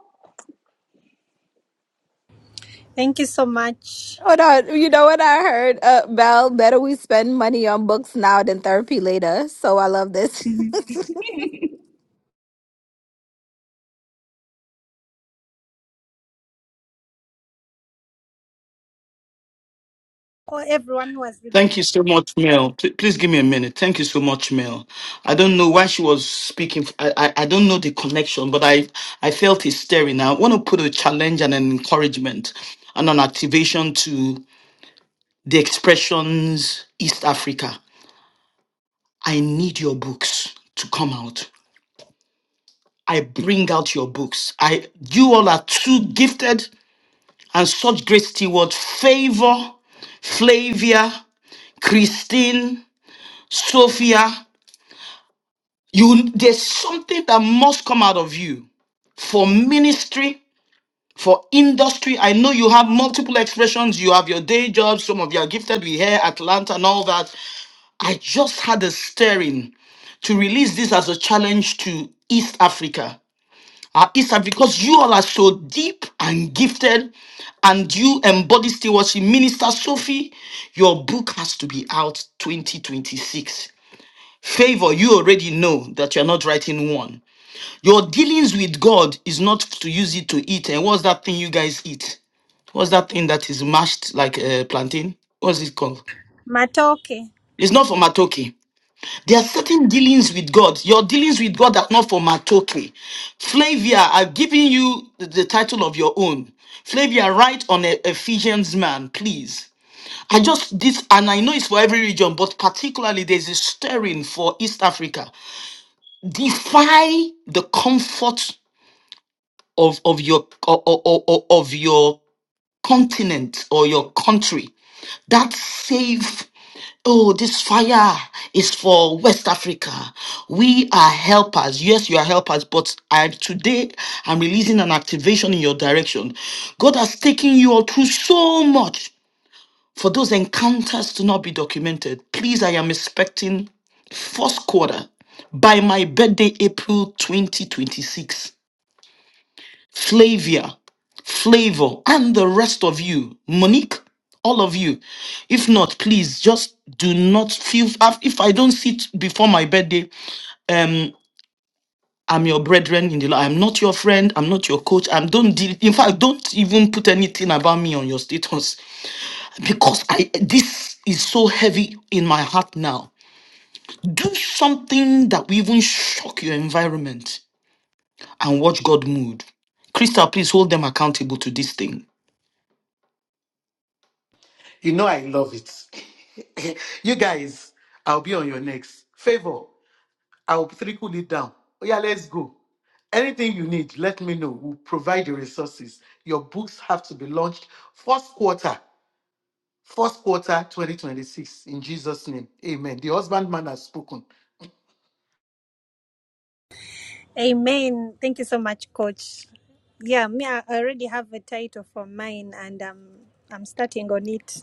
Speaker 2: Thank you so much.
Speaker 5: Hold on. You know what I heard? Uh, Mel, better we spend money on books now than therapy later. So I love this.
Speaker 8: Mhm.
Speaker 2: Oh, everyone who was really
Speaker 3: Thank you so much, Mel. P- Please give me a minute. Thank you so much, Mel. I don't know why she was speaking. I, I, I don't know the connection, but I, I felt it stirring. I want to put a challenge and an encouragement and an activation to the expressions East Africa. I need your books to come out. I bring out your books. I, you all are too gifted and such great stewards. Favor Flavia, Christine, Sophia. You there's something that must come out of you for ministry, for industry. I know you have multiple expressions. You have your day jobs. Some of you are gifted with hair, Atlanta, and all that. I just had a stirring to release this as a challenge to East Africa. Uh, East Africa, because you all are so deep and gifted, and you embody stewardship. Minister Sophie, your book has to be out 2026. Favor, you already know that you're not writing one. Your dealings with God is not to use it to eat. And what's that thing you guys eat? What's that thing that is mashed like a plantain? What's it called?
Speaker 2: Matoke.
Speaker 3: It's not for matoke. There are certain dealings with God. Your dealings with God are not for matoke. Flavia, I've given you the, the title of your own. Flavia, write on a Ephesians man, please. I just this, and I know it's for every region, but particularly there's a stirring for East Africa. Defy the comfort of of your o- o- o- o- of your continent or your country that save oh this fire is for west africa we are helpers yes you are helpers but i today i'm releasing an activation in your direction god has taken you all through so much for those encounters to not be documented please i am expecting first quarter by my birthday april 2026 Flavia, Flavor, and the rest of you, Monique, all of you. If not, please just do not feel. If I don't sit before my birthday, um, I'm your brethren in the Lord. I'm not your friend. I'm not your coach. I'm don't. deal- In fact, don't even put anything about me on your status because I. This is so heavy in my heart now. Do something that will even shock your environment and watch God move. Crystal, please hold them accountable to this thing.
Speaker 4: You know I love it. you guys, I'll be on your next. Favor, I'll trickle it down. Oh yeah, let's go. Anything you need, let me know. We'll provide the resources. Your books have to be launched first quarter, first quarter 2026. In Jesus' name. Amen. The husbandman has spoken.
Speaker 2: Amen. Thank you so much, Coach. Yeah, me, I already have a title for mine, and um, I'm starting on it.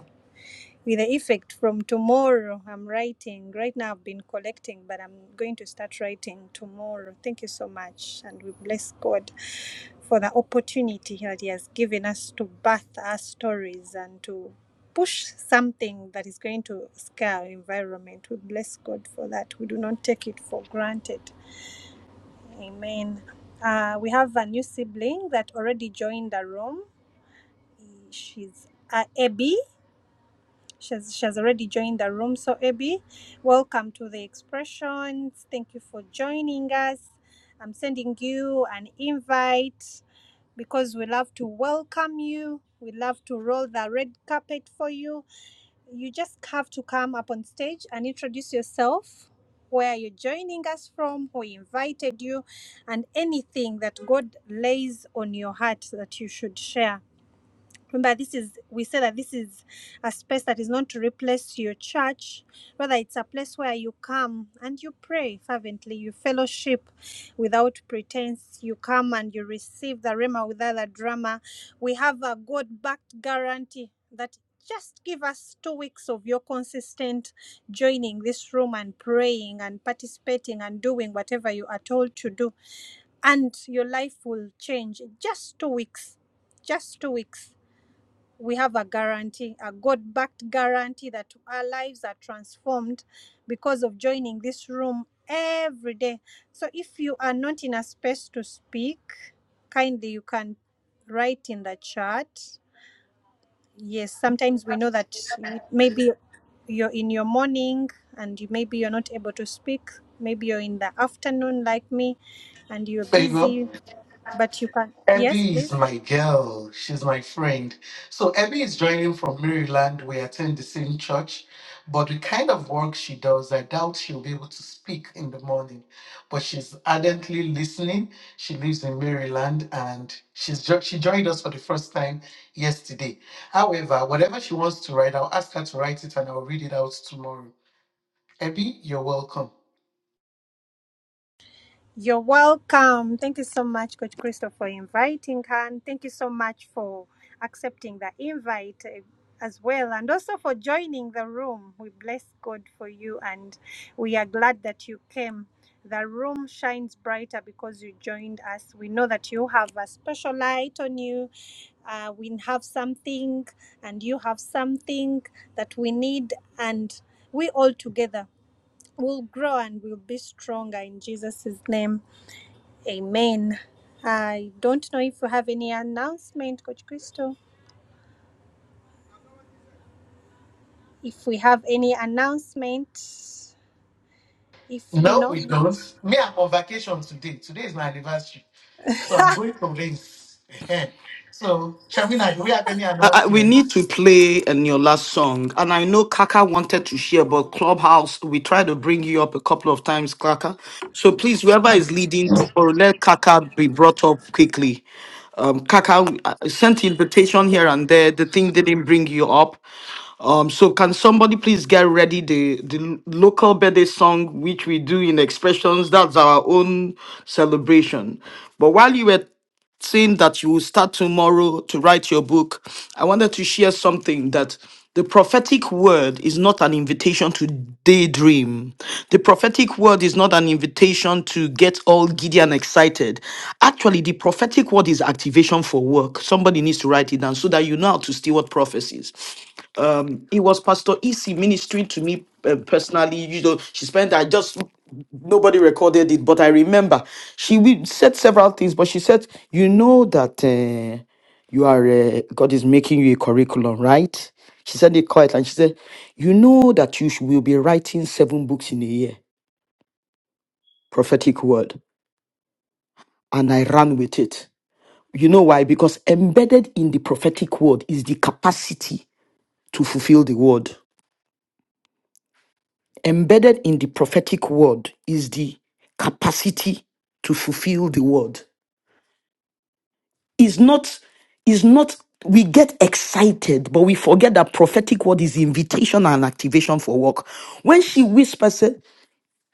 Speaker 2: with the effect from tomorrow i'm writing right now i've been collecting but i'm going to start writing tomorrow thank you so much and we bless god for the opportunity that he has given us to birth our stories and to push something that is going to scare our environment we bless god for that we do not take it for granted amen uh, we have a new sibling that already joined the room she's uh, abby She's, she's already joined the room. So, Abby, welcome to the expressions. Thank you for joining us. I'm sending you an invite because we love to welcome you. We love to roll the red carpet for you. You just have to come up on stage and introduce yourself, where you're joining us from, who invited you, and anything that God lays on your heart that you should share. Remember, this is we say that this is a space that is not to replace your church. Rather, it's a place where you come and you pray fervently, you fellowship without pretense. You come and you receive the rema without the drama. We have a God-backed guarantee that just give us two weeks of your consistent joining this room and praying and participating and doing whatever you are told to do, and your life will change. Just two weeks. Just two weeks we have a guarantee, a God backed guarantee that our lives are transformed because of joining this room every day. So if you are not in a space to speak, kindly you can write in the chat. Yes, sometimes we know that it- maybe you're in your morning and you, maybe you're not able to speak. Maybe you're in the afternoon like me and you're
Speaker 4: Favor.
Speaker 2: busy, but you can. Yes,
Speaker 4: Abby
Speaker 2: please.
Speaker 4: is my girl. She's my friend. So Abby is joining from Maryland. We attend the same church, but the kind of work she does, I doubt she'll be able to speak in the morning. But she's ardently listening. She lives in Maryland, and she's jo- she joined us for the first time yesterday. However, whatever she wants to write, I'll ask her to write it, and I'll read it out tomorrow. Abby, you're welcome.
Speaker 2: You're welcome. Thank you so much, Coach Christopher, for inviting her. And thank you so much for accepting the invite eh, as well. And also for joining the room. We bless God for you and we are glad that you came. The room shines brighter because you joined us. We know that you have a special light on you. Uh, we have something, and you have something that we need, and we all together will grow and will be stronger in Jesus' name. Amen. I don't know if we have any announcement, Coach Crystal. If we have any announcement, if
Speaker 4: No,
Speaker 2: not,
Speaker 4: we don't. Me, I'm on vacation today. Today is my anniversary. So I'm going to Linz. Ehem. so, Shamina, do we have any
Speaker 3: I, I, we need
Speaker 4: announcements?
Speaker 3: to play in your last song, and I know Kaka wanted to share, but Clubhouse, we tried to bring you up a couple of times, Kaka. So please, whoever is leading, or let Kaka be brought up quickly. Um, Kaka I sent invitation here and there. The thing didn't bring you up. Um, so can somebody please get ready the the l- local birthday song which we do in expressions? That's our own celebration. But while you were saying that you will start tomorrow to write your book, I wanted to share something that the prophetic word is not an invitation to daydream. The prophetic word is not an invitation to get all giddy and excited. Actually, the prophetic word is activation for work. Somebody needs to write it down so that you know how to steward prophecies um it was pastor ec ministering to me uh, personally you know she spent i just nobody recorded it but i remember she we- said several things but she said you know that uh, you are uh, god is making you a curriculum right she said it quietly and she said you know that you sh- will be writing seven books in a year prophetic word and i ran with it you know why because embedded in the prophetic word is the capacity to fulfill the word Embedded in the prophetic word is the capacity to fulfill the word. Is not is not we get excited, but we forget that prophetic word is invitation and activation for work. When she whispers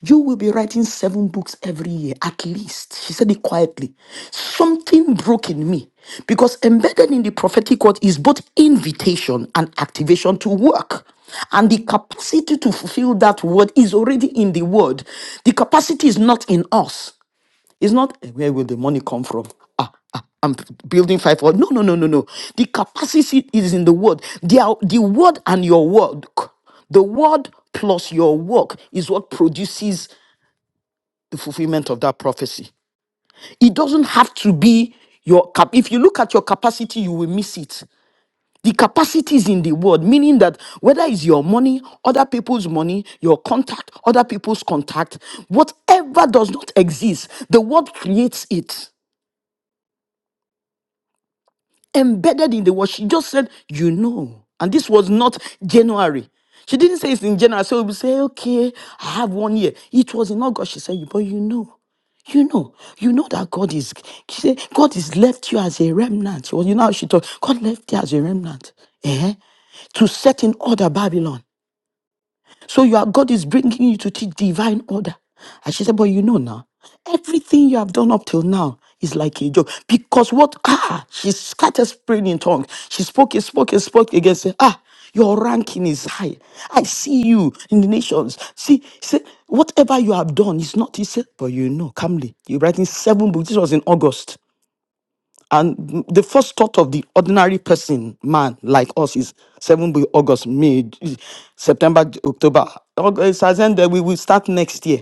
Speaker 3: you will be writing seven books every year, at least. She said it quietly. Something broke in me because embedded in the prophetic word is both invitation and activation to work. And the capacity to fulfill that word is already in the word. The capacity is not in us. It's not "Eh, where will the money come from? Ah, ah, I'm building five. Or no, no, no, no, no. The capacity is in the word. The, ou- the word and your work, the word plus your work is what produces the fulfillment of that prophecy. It doesn't have to be your cap. If you look at your capacity, you will miss it. The capacity is in the word, meaning that whether it's your money, other people's money, your contact, other people's contact, whatever does not exist, the word creates it. embedded in the word. She just said, you know. And this was not January. She didn't say it's in January. So we say, okay, I have one year. It was in August. She said, but you know. You know, you know that God is, she said, God has left you as a remnant. Well, you know how she talked. God left you as a remnant. Eh? To set in order Babylon. So you are, God is bringing you to teach divine order. And she said, but you know now, everything you have done up till now is like a joke. Because what, ah, she started praying in tongues. She spoke, and spoke, and spoke again, said, ah, your ranking is high. I see you in the nations. See, say, whatever you have done is not, he said, but you know, calmly, you're writing seven books. This was in August. And the first thought of the ordinary person, man like us, is 7 by August, May, J- September, J- October. August has ended. We will start next year.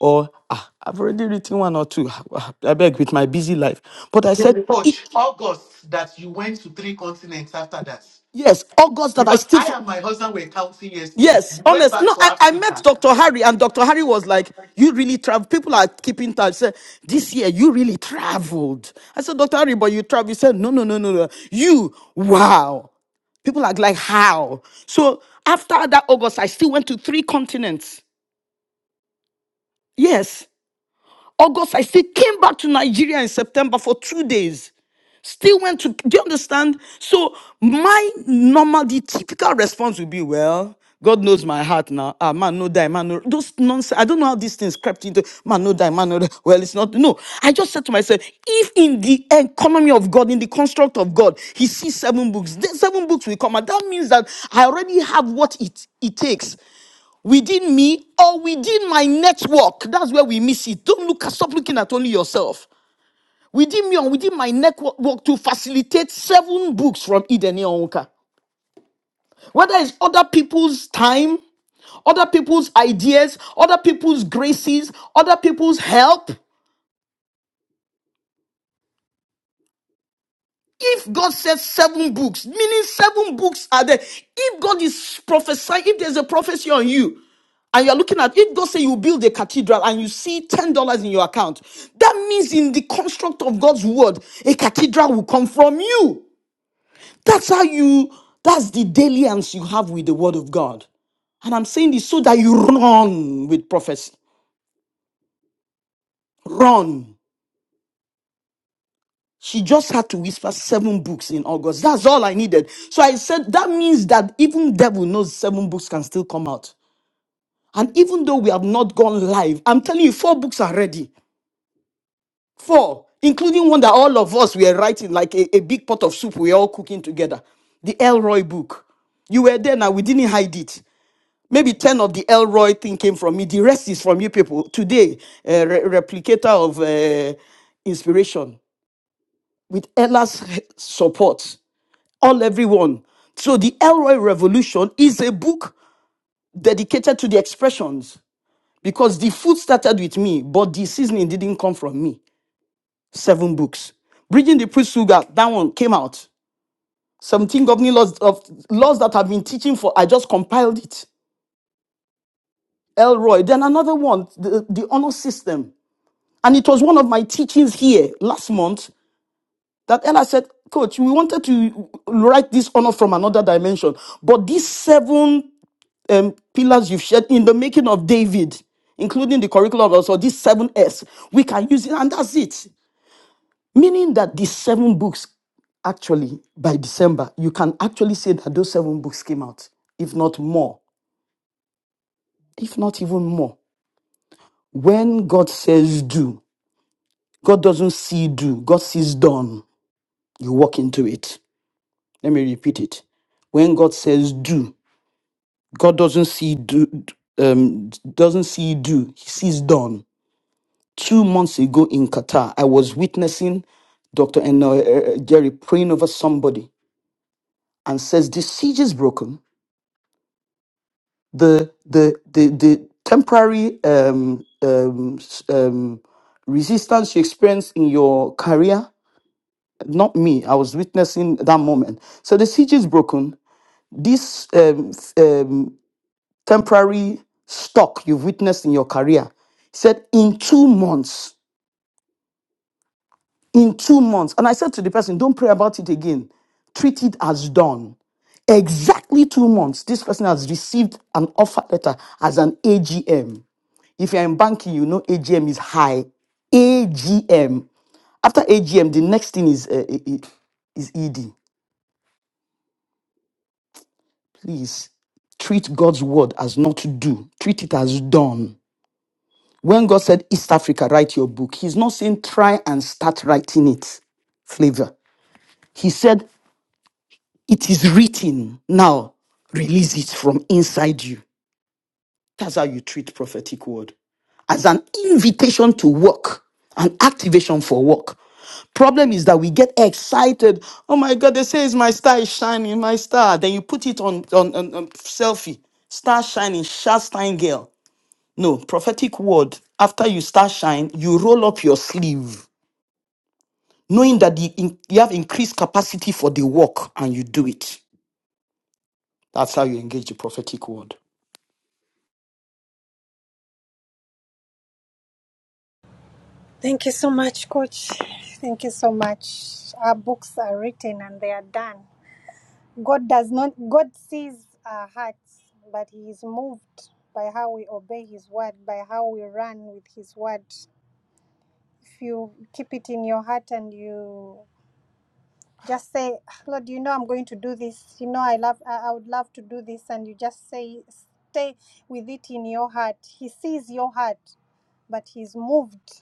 Speaker 3: Or ah, I've already written one or two. I beg with my busy life. But I said, "E-
Speaker 4: Coach, August, that you went to three continents after that.
Speaker 3: yes, August that I
Speaker 4: Because
Speaker 3: still.
Speaker 4: I and my husband were counting yesterday.
Speaker 3: Yes,
Speaker 4: You went
Speaker 3: honest.
Speaker 4: back
Speaker 3: No,
Speaker 4: to
Speaker 3: I, I met
Speaker 4: Africa.
Speaker 3: Dr. Harry, and Dr. Harry was like, You really travel. People are keeping touch. Said, this year, you really traveled. I said, Dr. Harry, but you travel. He said, No, no, no, no, no. You, wow. People are like, How? So after that August, I still went to three continents. Yes. August, I still came back to Nigeria in September for two days. Still went to, do you understand? So, my normal, the typical response would be, well, God knows my heart now. Ah, man, no die, man, no. Those nonsense. I don't know how these things crept into, man, no die, man, no die. Well, it's not. No. I just said to myself, if in the economy of God, in the construct of God, He sees seven books, then seven books will come. And that means that I already have what it, it takes within me or within my network. That's where we miss it. Don't look at, stop looking at only yourself. Within me or within my network to facilitate seven books from Eden Onka. Whether it's other people's time, other people's ideas, other people's graces, other people's help. If God says seven books, meaning seven books are there. If God is prophesying, if there's a prophecy on you, and you're looking at if God say you build a cathedral and you see ten dollars in your account, that means in the construct of God's word, a cathedral will come from you. That's how you. That's the dalliance you have with the word of God. And I'm saying this so that you run with prophecy. Run. She just had to whisper seven books in August. That's all I needed. So I said, that means that even devil knows seven books can still come out. And even though we have not gone live, I'm telling you, four books are ready. Four, including one that all of us were writing, like a, a big pot of soup we are all cooking together. The Elroy book. You were there now, we didn't hide it. Maybe 10 of the Elroy thing came from me. The rest is from you people. Today, a re- replicator of uh, inspiration with Ella's support. all everyone. So the Elroy Revolution is a book dedicated to the expressions because the food started with me, but the seasoning didn't come from me. Seven books. Bridging the Priest Sugar, that one came out. 17 governing laws of laws that I've been teaching for, I just compiled it. Elroy. Then another one, the, the honor system. And it was one of my teachings here last month that Ella said, Coach, we wanted to write this honor from another dimension, but these seven um, pillars you've shared in the making of David, including the curriculum also, these seven S, we can use it, and that's it. Meaning that these seven books, actually, by December, you can actually say that those seven books came out, if not more, if not even more. When God says do, God doesn't see do, God sees done. You walk into it. Let me repeat it when God says do, God doesn't see do um doesn't see do, he sees done. two months ago in Qatar, I was witnessing Dr. N- uh, uh, uh, Jerry praying over somebody and says, The siege is broken. The, the, the, the temporary um, um, s- um, resistance you experienced in your career, not me, I was witnessing that moment. So the siege is broken. This um, f- um, temporary stock you've witnessed in your career, he said, in two months. in two months. And I said to the person, don't pray about it again. Treat it as done. Exactly two months, this person has received an offer letter as an AGM. If you're in banking, you know AGM is high. AGM. After AGM, the next thing is, uh, is ED. Please treat God's word as not to do, treat it as done. When God said, East Africa, write your book, He's not saying try and start writing it flavor. He said, It is written. Now release it from inside you. That's how you treat prophetic word as an invitation to work, an activation for work. Problem is that we get excited. Oh my God, they say it's my star is shining, my star. Then you put it on on, on, on selfie. Star shining, shast shine girl. No, prophetic word. After you start shine, you roll up your sleeve, knowing that the, in- you have increased capacity for the work and you do it. That's how you engage the prophetic word.
Speaker 2: thank you so much, Coach. Thank you so much. Our books are written and they are done. God does not. God sees our hearts, but He is moved by how we obey His word, by how we run with His word. If you keep it in your heart and you just say lord you know i'm going to do this you know i love i, I would love to do this and you just say stay with it in your heart he sees your heart but he's moved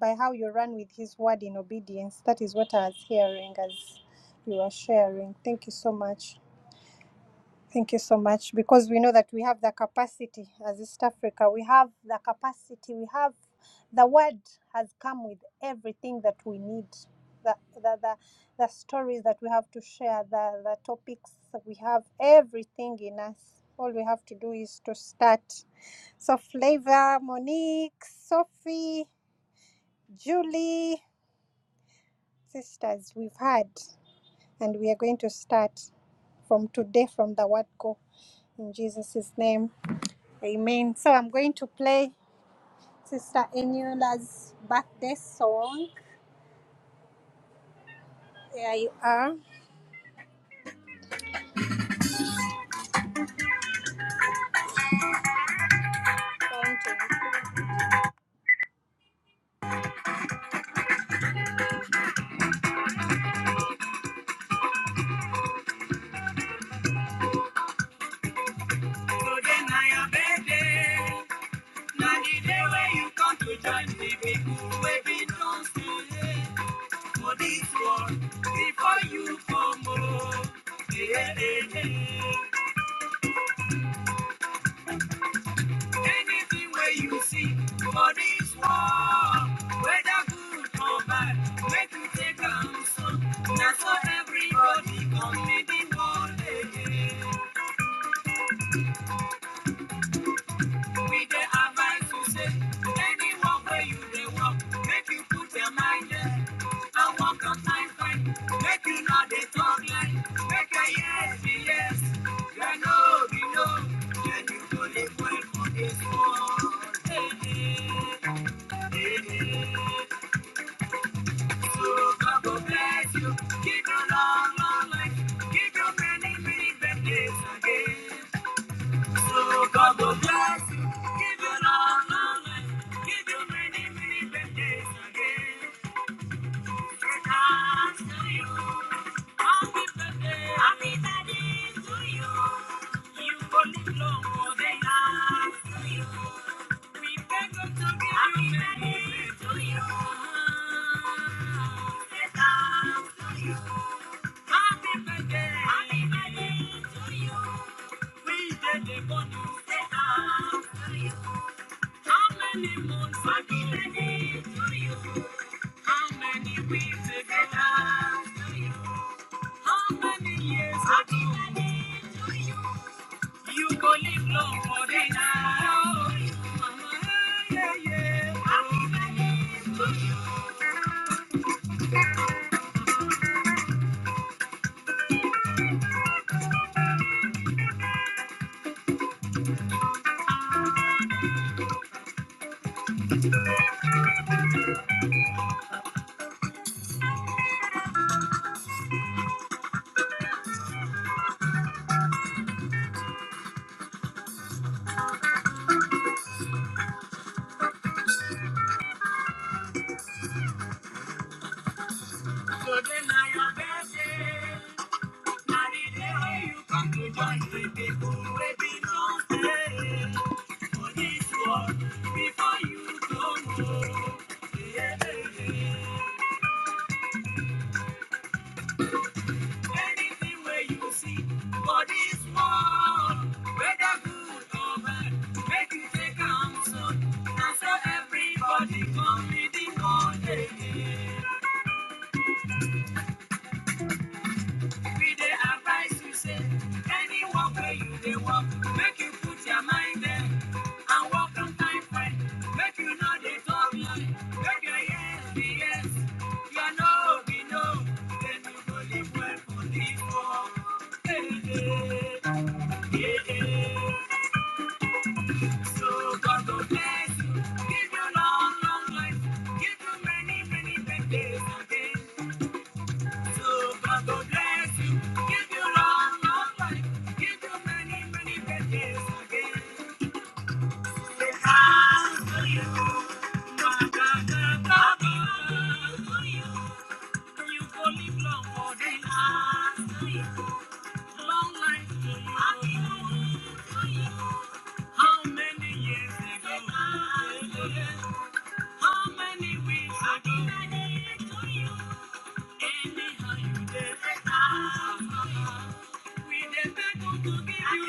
Speaker 2: by how you run with his word in obedience that is what i was hearing as you were sharing thank you so much Thank you so much because we know that we have the capacity as East Africa. We have the capacity. We have the word has come with everything that we need. The, the, the, the stories that we have to share, the, the topics that we have, everything in us. All we have to do is to start. So, Flavor, Monique, Sophie, Julie, sisters, we've had, and we are going to start from today from the word go in Jesus' name. Amen. So I'm going to play Sister Eniola's birthday song. There you are. Going to- Today na your birthday. Na the day where you come to join the people wey be dance today. For this world, before you come, oh, yeah, yeah, yeah. Anything where you see for this world, whether good or bad, make you take a look. That's what everybody come meet the world again. We dey advise you say, anyone where you dey walk, make you put your mind there. I walk on time fine. Make you not dey talk lie. Make a yes be yes, your know be know. Then you go live well for this world. Hey, hey, hey, hey. So God go bless you. Give you long, long life. Give you many, many birthdays again. So God bless give you long, life, give you many, many birthdays again. Thanks to you. Happy birthday. Happy birthday to you. You will live long more than life to you. We beg to give you many birthday to you. Happy birthday. Happy birthday to you. We did the but you say, ah, How many moons have been a day to you? How many weeks have been ah, to you? How many years have been a day to you? You go live long for the now. Yeah, yeah. Happy birthday to you. Today na your birthday. Now the you come to join with people wey belong eh, before you go know. Yeah, Anything where you see for this whether good or bad, make you take am so. so everybody come with the one. day. Every day I rise, you say, any walk where you they walk, make you put your mind there. And walk on time, friend, make you know they talk lie. Make your yes be yes, your no be no. Then you go live well for the world. Hey, hey, hey. hey. So God go bless you, give you long, long life, give you many, many birthdays again. How many years ago? How many weeks ago? Anyhow, you did it.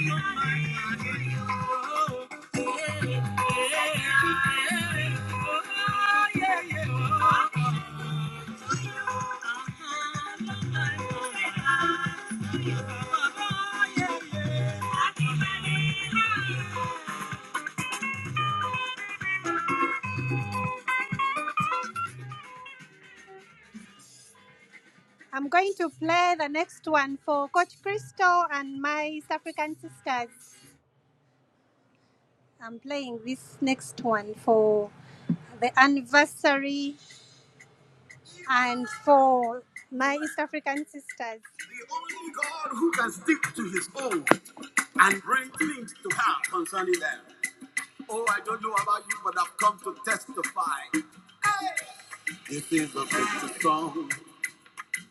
Speaker 2: no Oh, yeah, yeah, yeah. Oh, yeah, yeah. Uh-huh. No no Oh, yeah, yeah. I'm going to play the next one for Coach Crystal and my East African sisters. I'm playing this next one for the anniversary and for my East African sisters. The only God who can stick to his own and bring things to pass concerning them. Oh, I don't know about you, but I've come to testify. This is a victory song.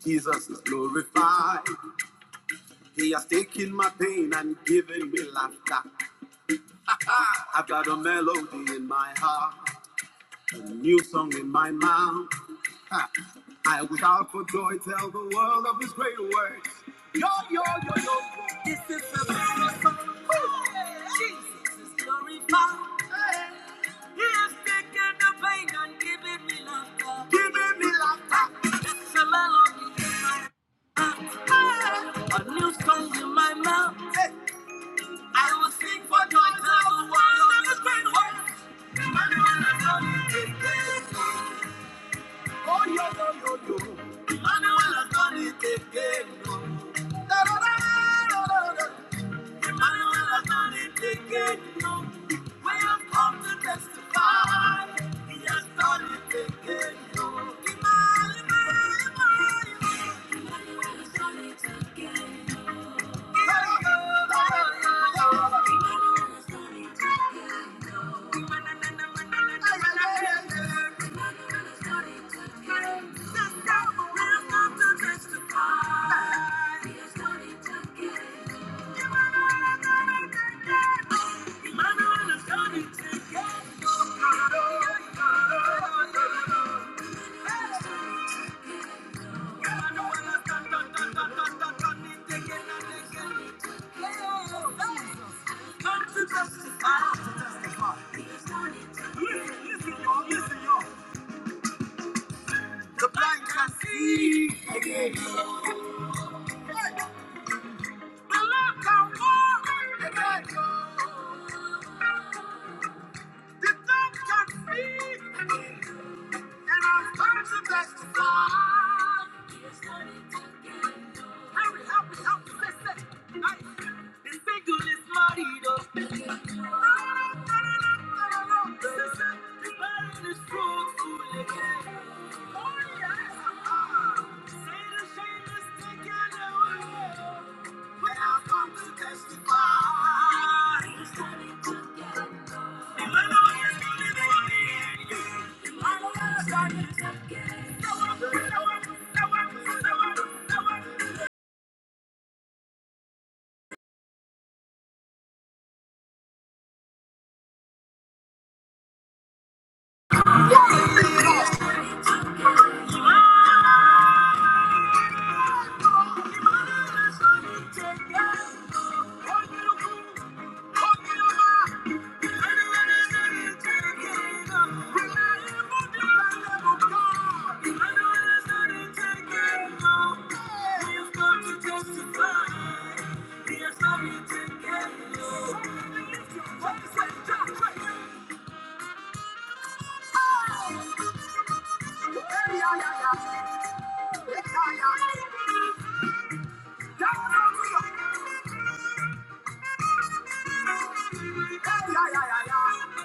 Speaker 2: Jesus is glorified. He has taken my pain and given me laughter. I've got a melody in my heart. New song in my mouth. Ha. I was out for joy, tell the world of his great works. Yo, yo, yo, yo. This is the very song. Jesus is glorified. Hey. He has taken the pain and given me laughter. Given me laughter. It's a melody in my heart. Hey. A new song in my mouth. I will sing for joy, tell the world of his great works. And wonders of his deeds. Oh, yo, yo, yo, yo. Emmanuel has done it again. oh. Da, da, da, da, da, da, Emmanuel has done it again. no. We have come to testify. He has done it again. oh. Emmanuel, Emmanuel, Emmanuel. Emmanuel has done it again. Thank you. The blind can see The deaf can speak And I've come to testify. Here's what it did. Hurry, help me, help me, listen. Hey, this single is marido. Listen, the barren is fruitful again. Oh, yes. ah, ah. Say the shame is taken away. Thank you. Hey, Yeah, yeah, yeah, yeah.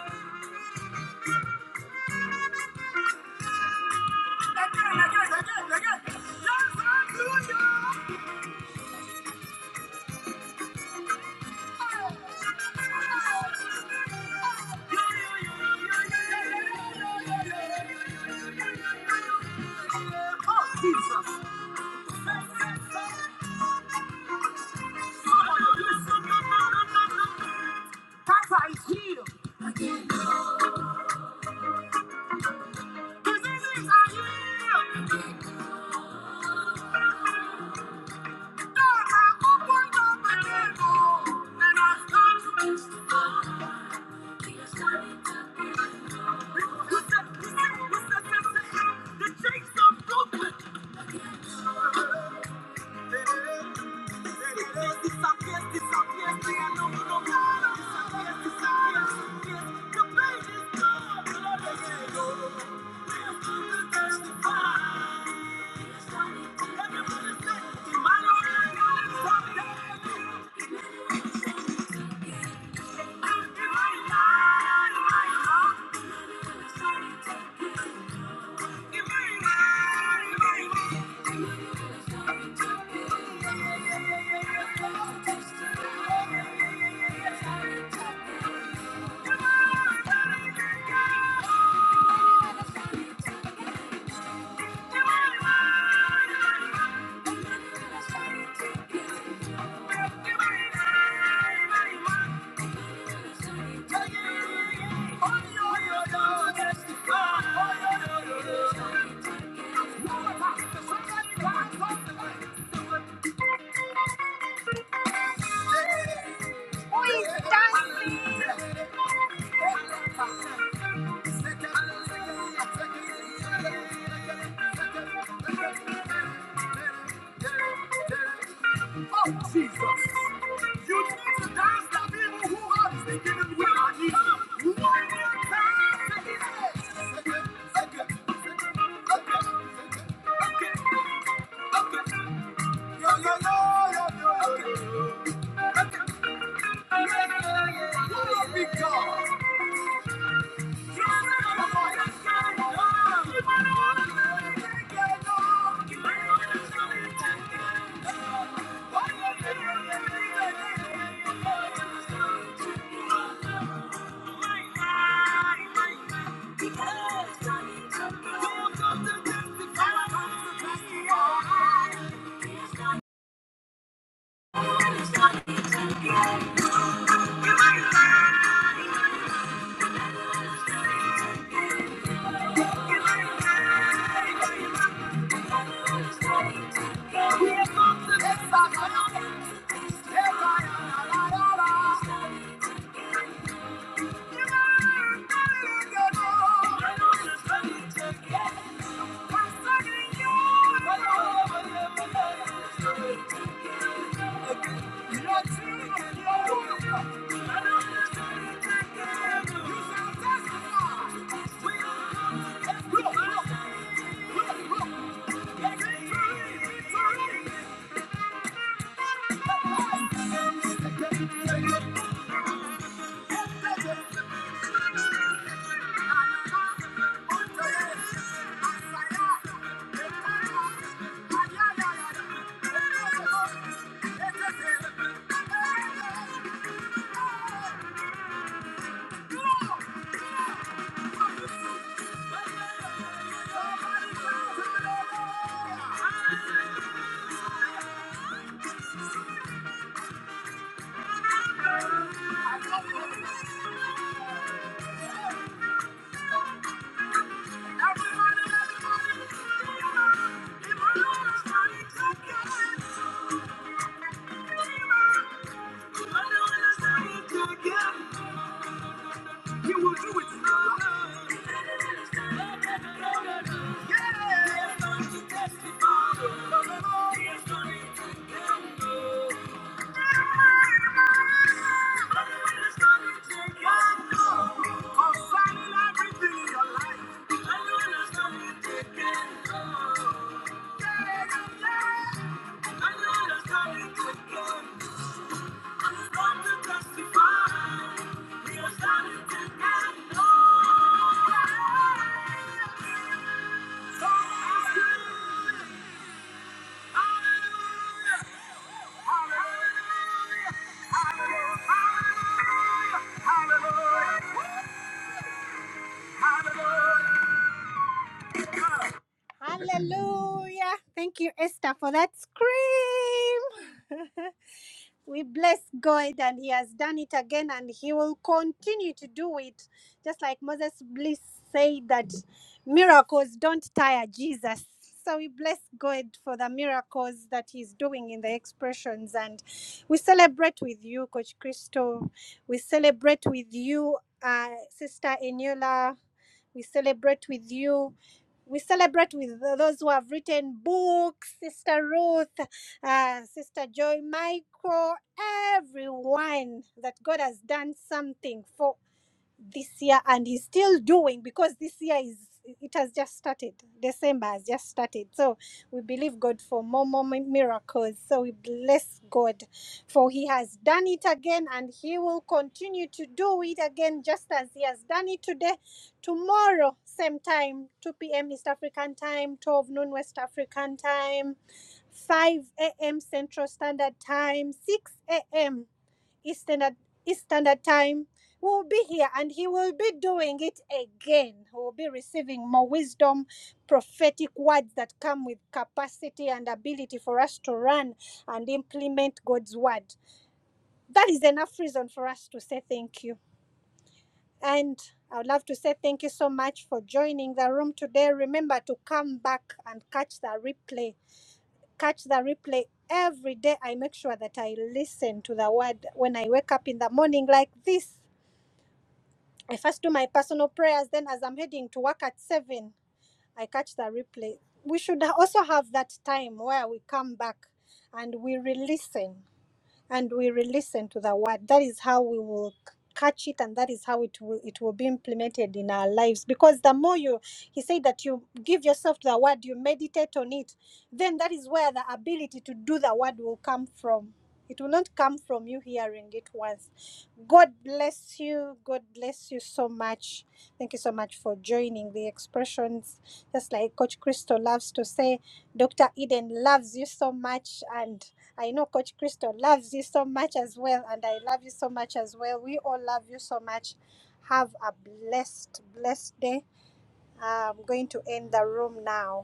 Speaker 2: Again, again, again, again. Yes, I'm doing it. Listen, listen, listen, listen. The chase of Brooklyn. Thank you. Thank you. Oh, Jesus. You need to dance the people who have been One more time to Okay, okay, okay, okay, okay, okay. Yo, yo, yo, yo, yo. What a big God! Thank you. Thank you. Thank you. Everybody, everybody, Yeah. Hallelujah. Thank you, Esther, for that scream. We bless God and He has done it again and He will continue to do it. Just like Moses Bliss said that miracles don't tire Jesus. So we bless God for the miracles that He's doing in the expressions. And we celebrate with you, Coach Christo. We celebrate with you, uh, Sister Eniola. We celebrate with you, we celebrate with those who have written books, Sister Ruth uh, Sister Joy Michael, everyone that God has done something for this year and he's still doing because this year is it has just started december has just started so we believe god for more more miracles so we bless god for he has done it again and he will continue to do it again just as he has done it today tomorrow same time 2 p.m east african time 12 noon west african time 5 a.m central standard time 6 a.m Eastern Eastern time. We will be here and he will be doing it again. We will be receiving more wisdom, prophetic words that come with capacity and ability for us to run and implement God's word. That is enough reason for us to say thank you. And I would love to say thank you so much for joining the room today. Remember to come back and catch the replay. Catch the replay every day. I make sure that I listen to the word when I wake up in the morning like this. I first do my personal prayers, then as I'm heading to work at seven, I catch the replay. We should also have that time where we come back and we re listen and we will listen to the word. That is how we will c- catch it and that is how it will it will be implemented in our lives because the more you he said that you give yourself to the word you meditate on it then that is where the ability to do the word will come from it will not come from you hearing it once god bless you god bless you so much thank you so much for joining the expressions just like coach crystal loves to say dr eden loves you so much and I know Coach Crystal loves you so much as well, and I love you so much as well. We all love you so much. Have a blessed, blessed day. I'm going to end the room now.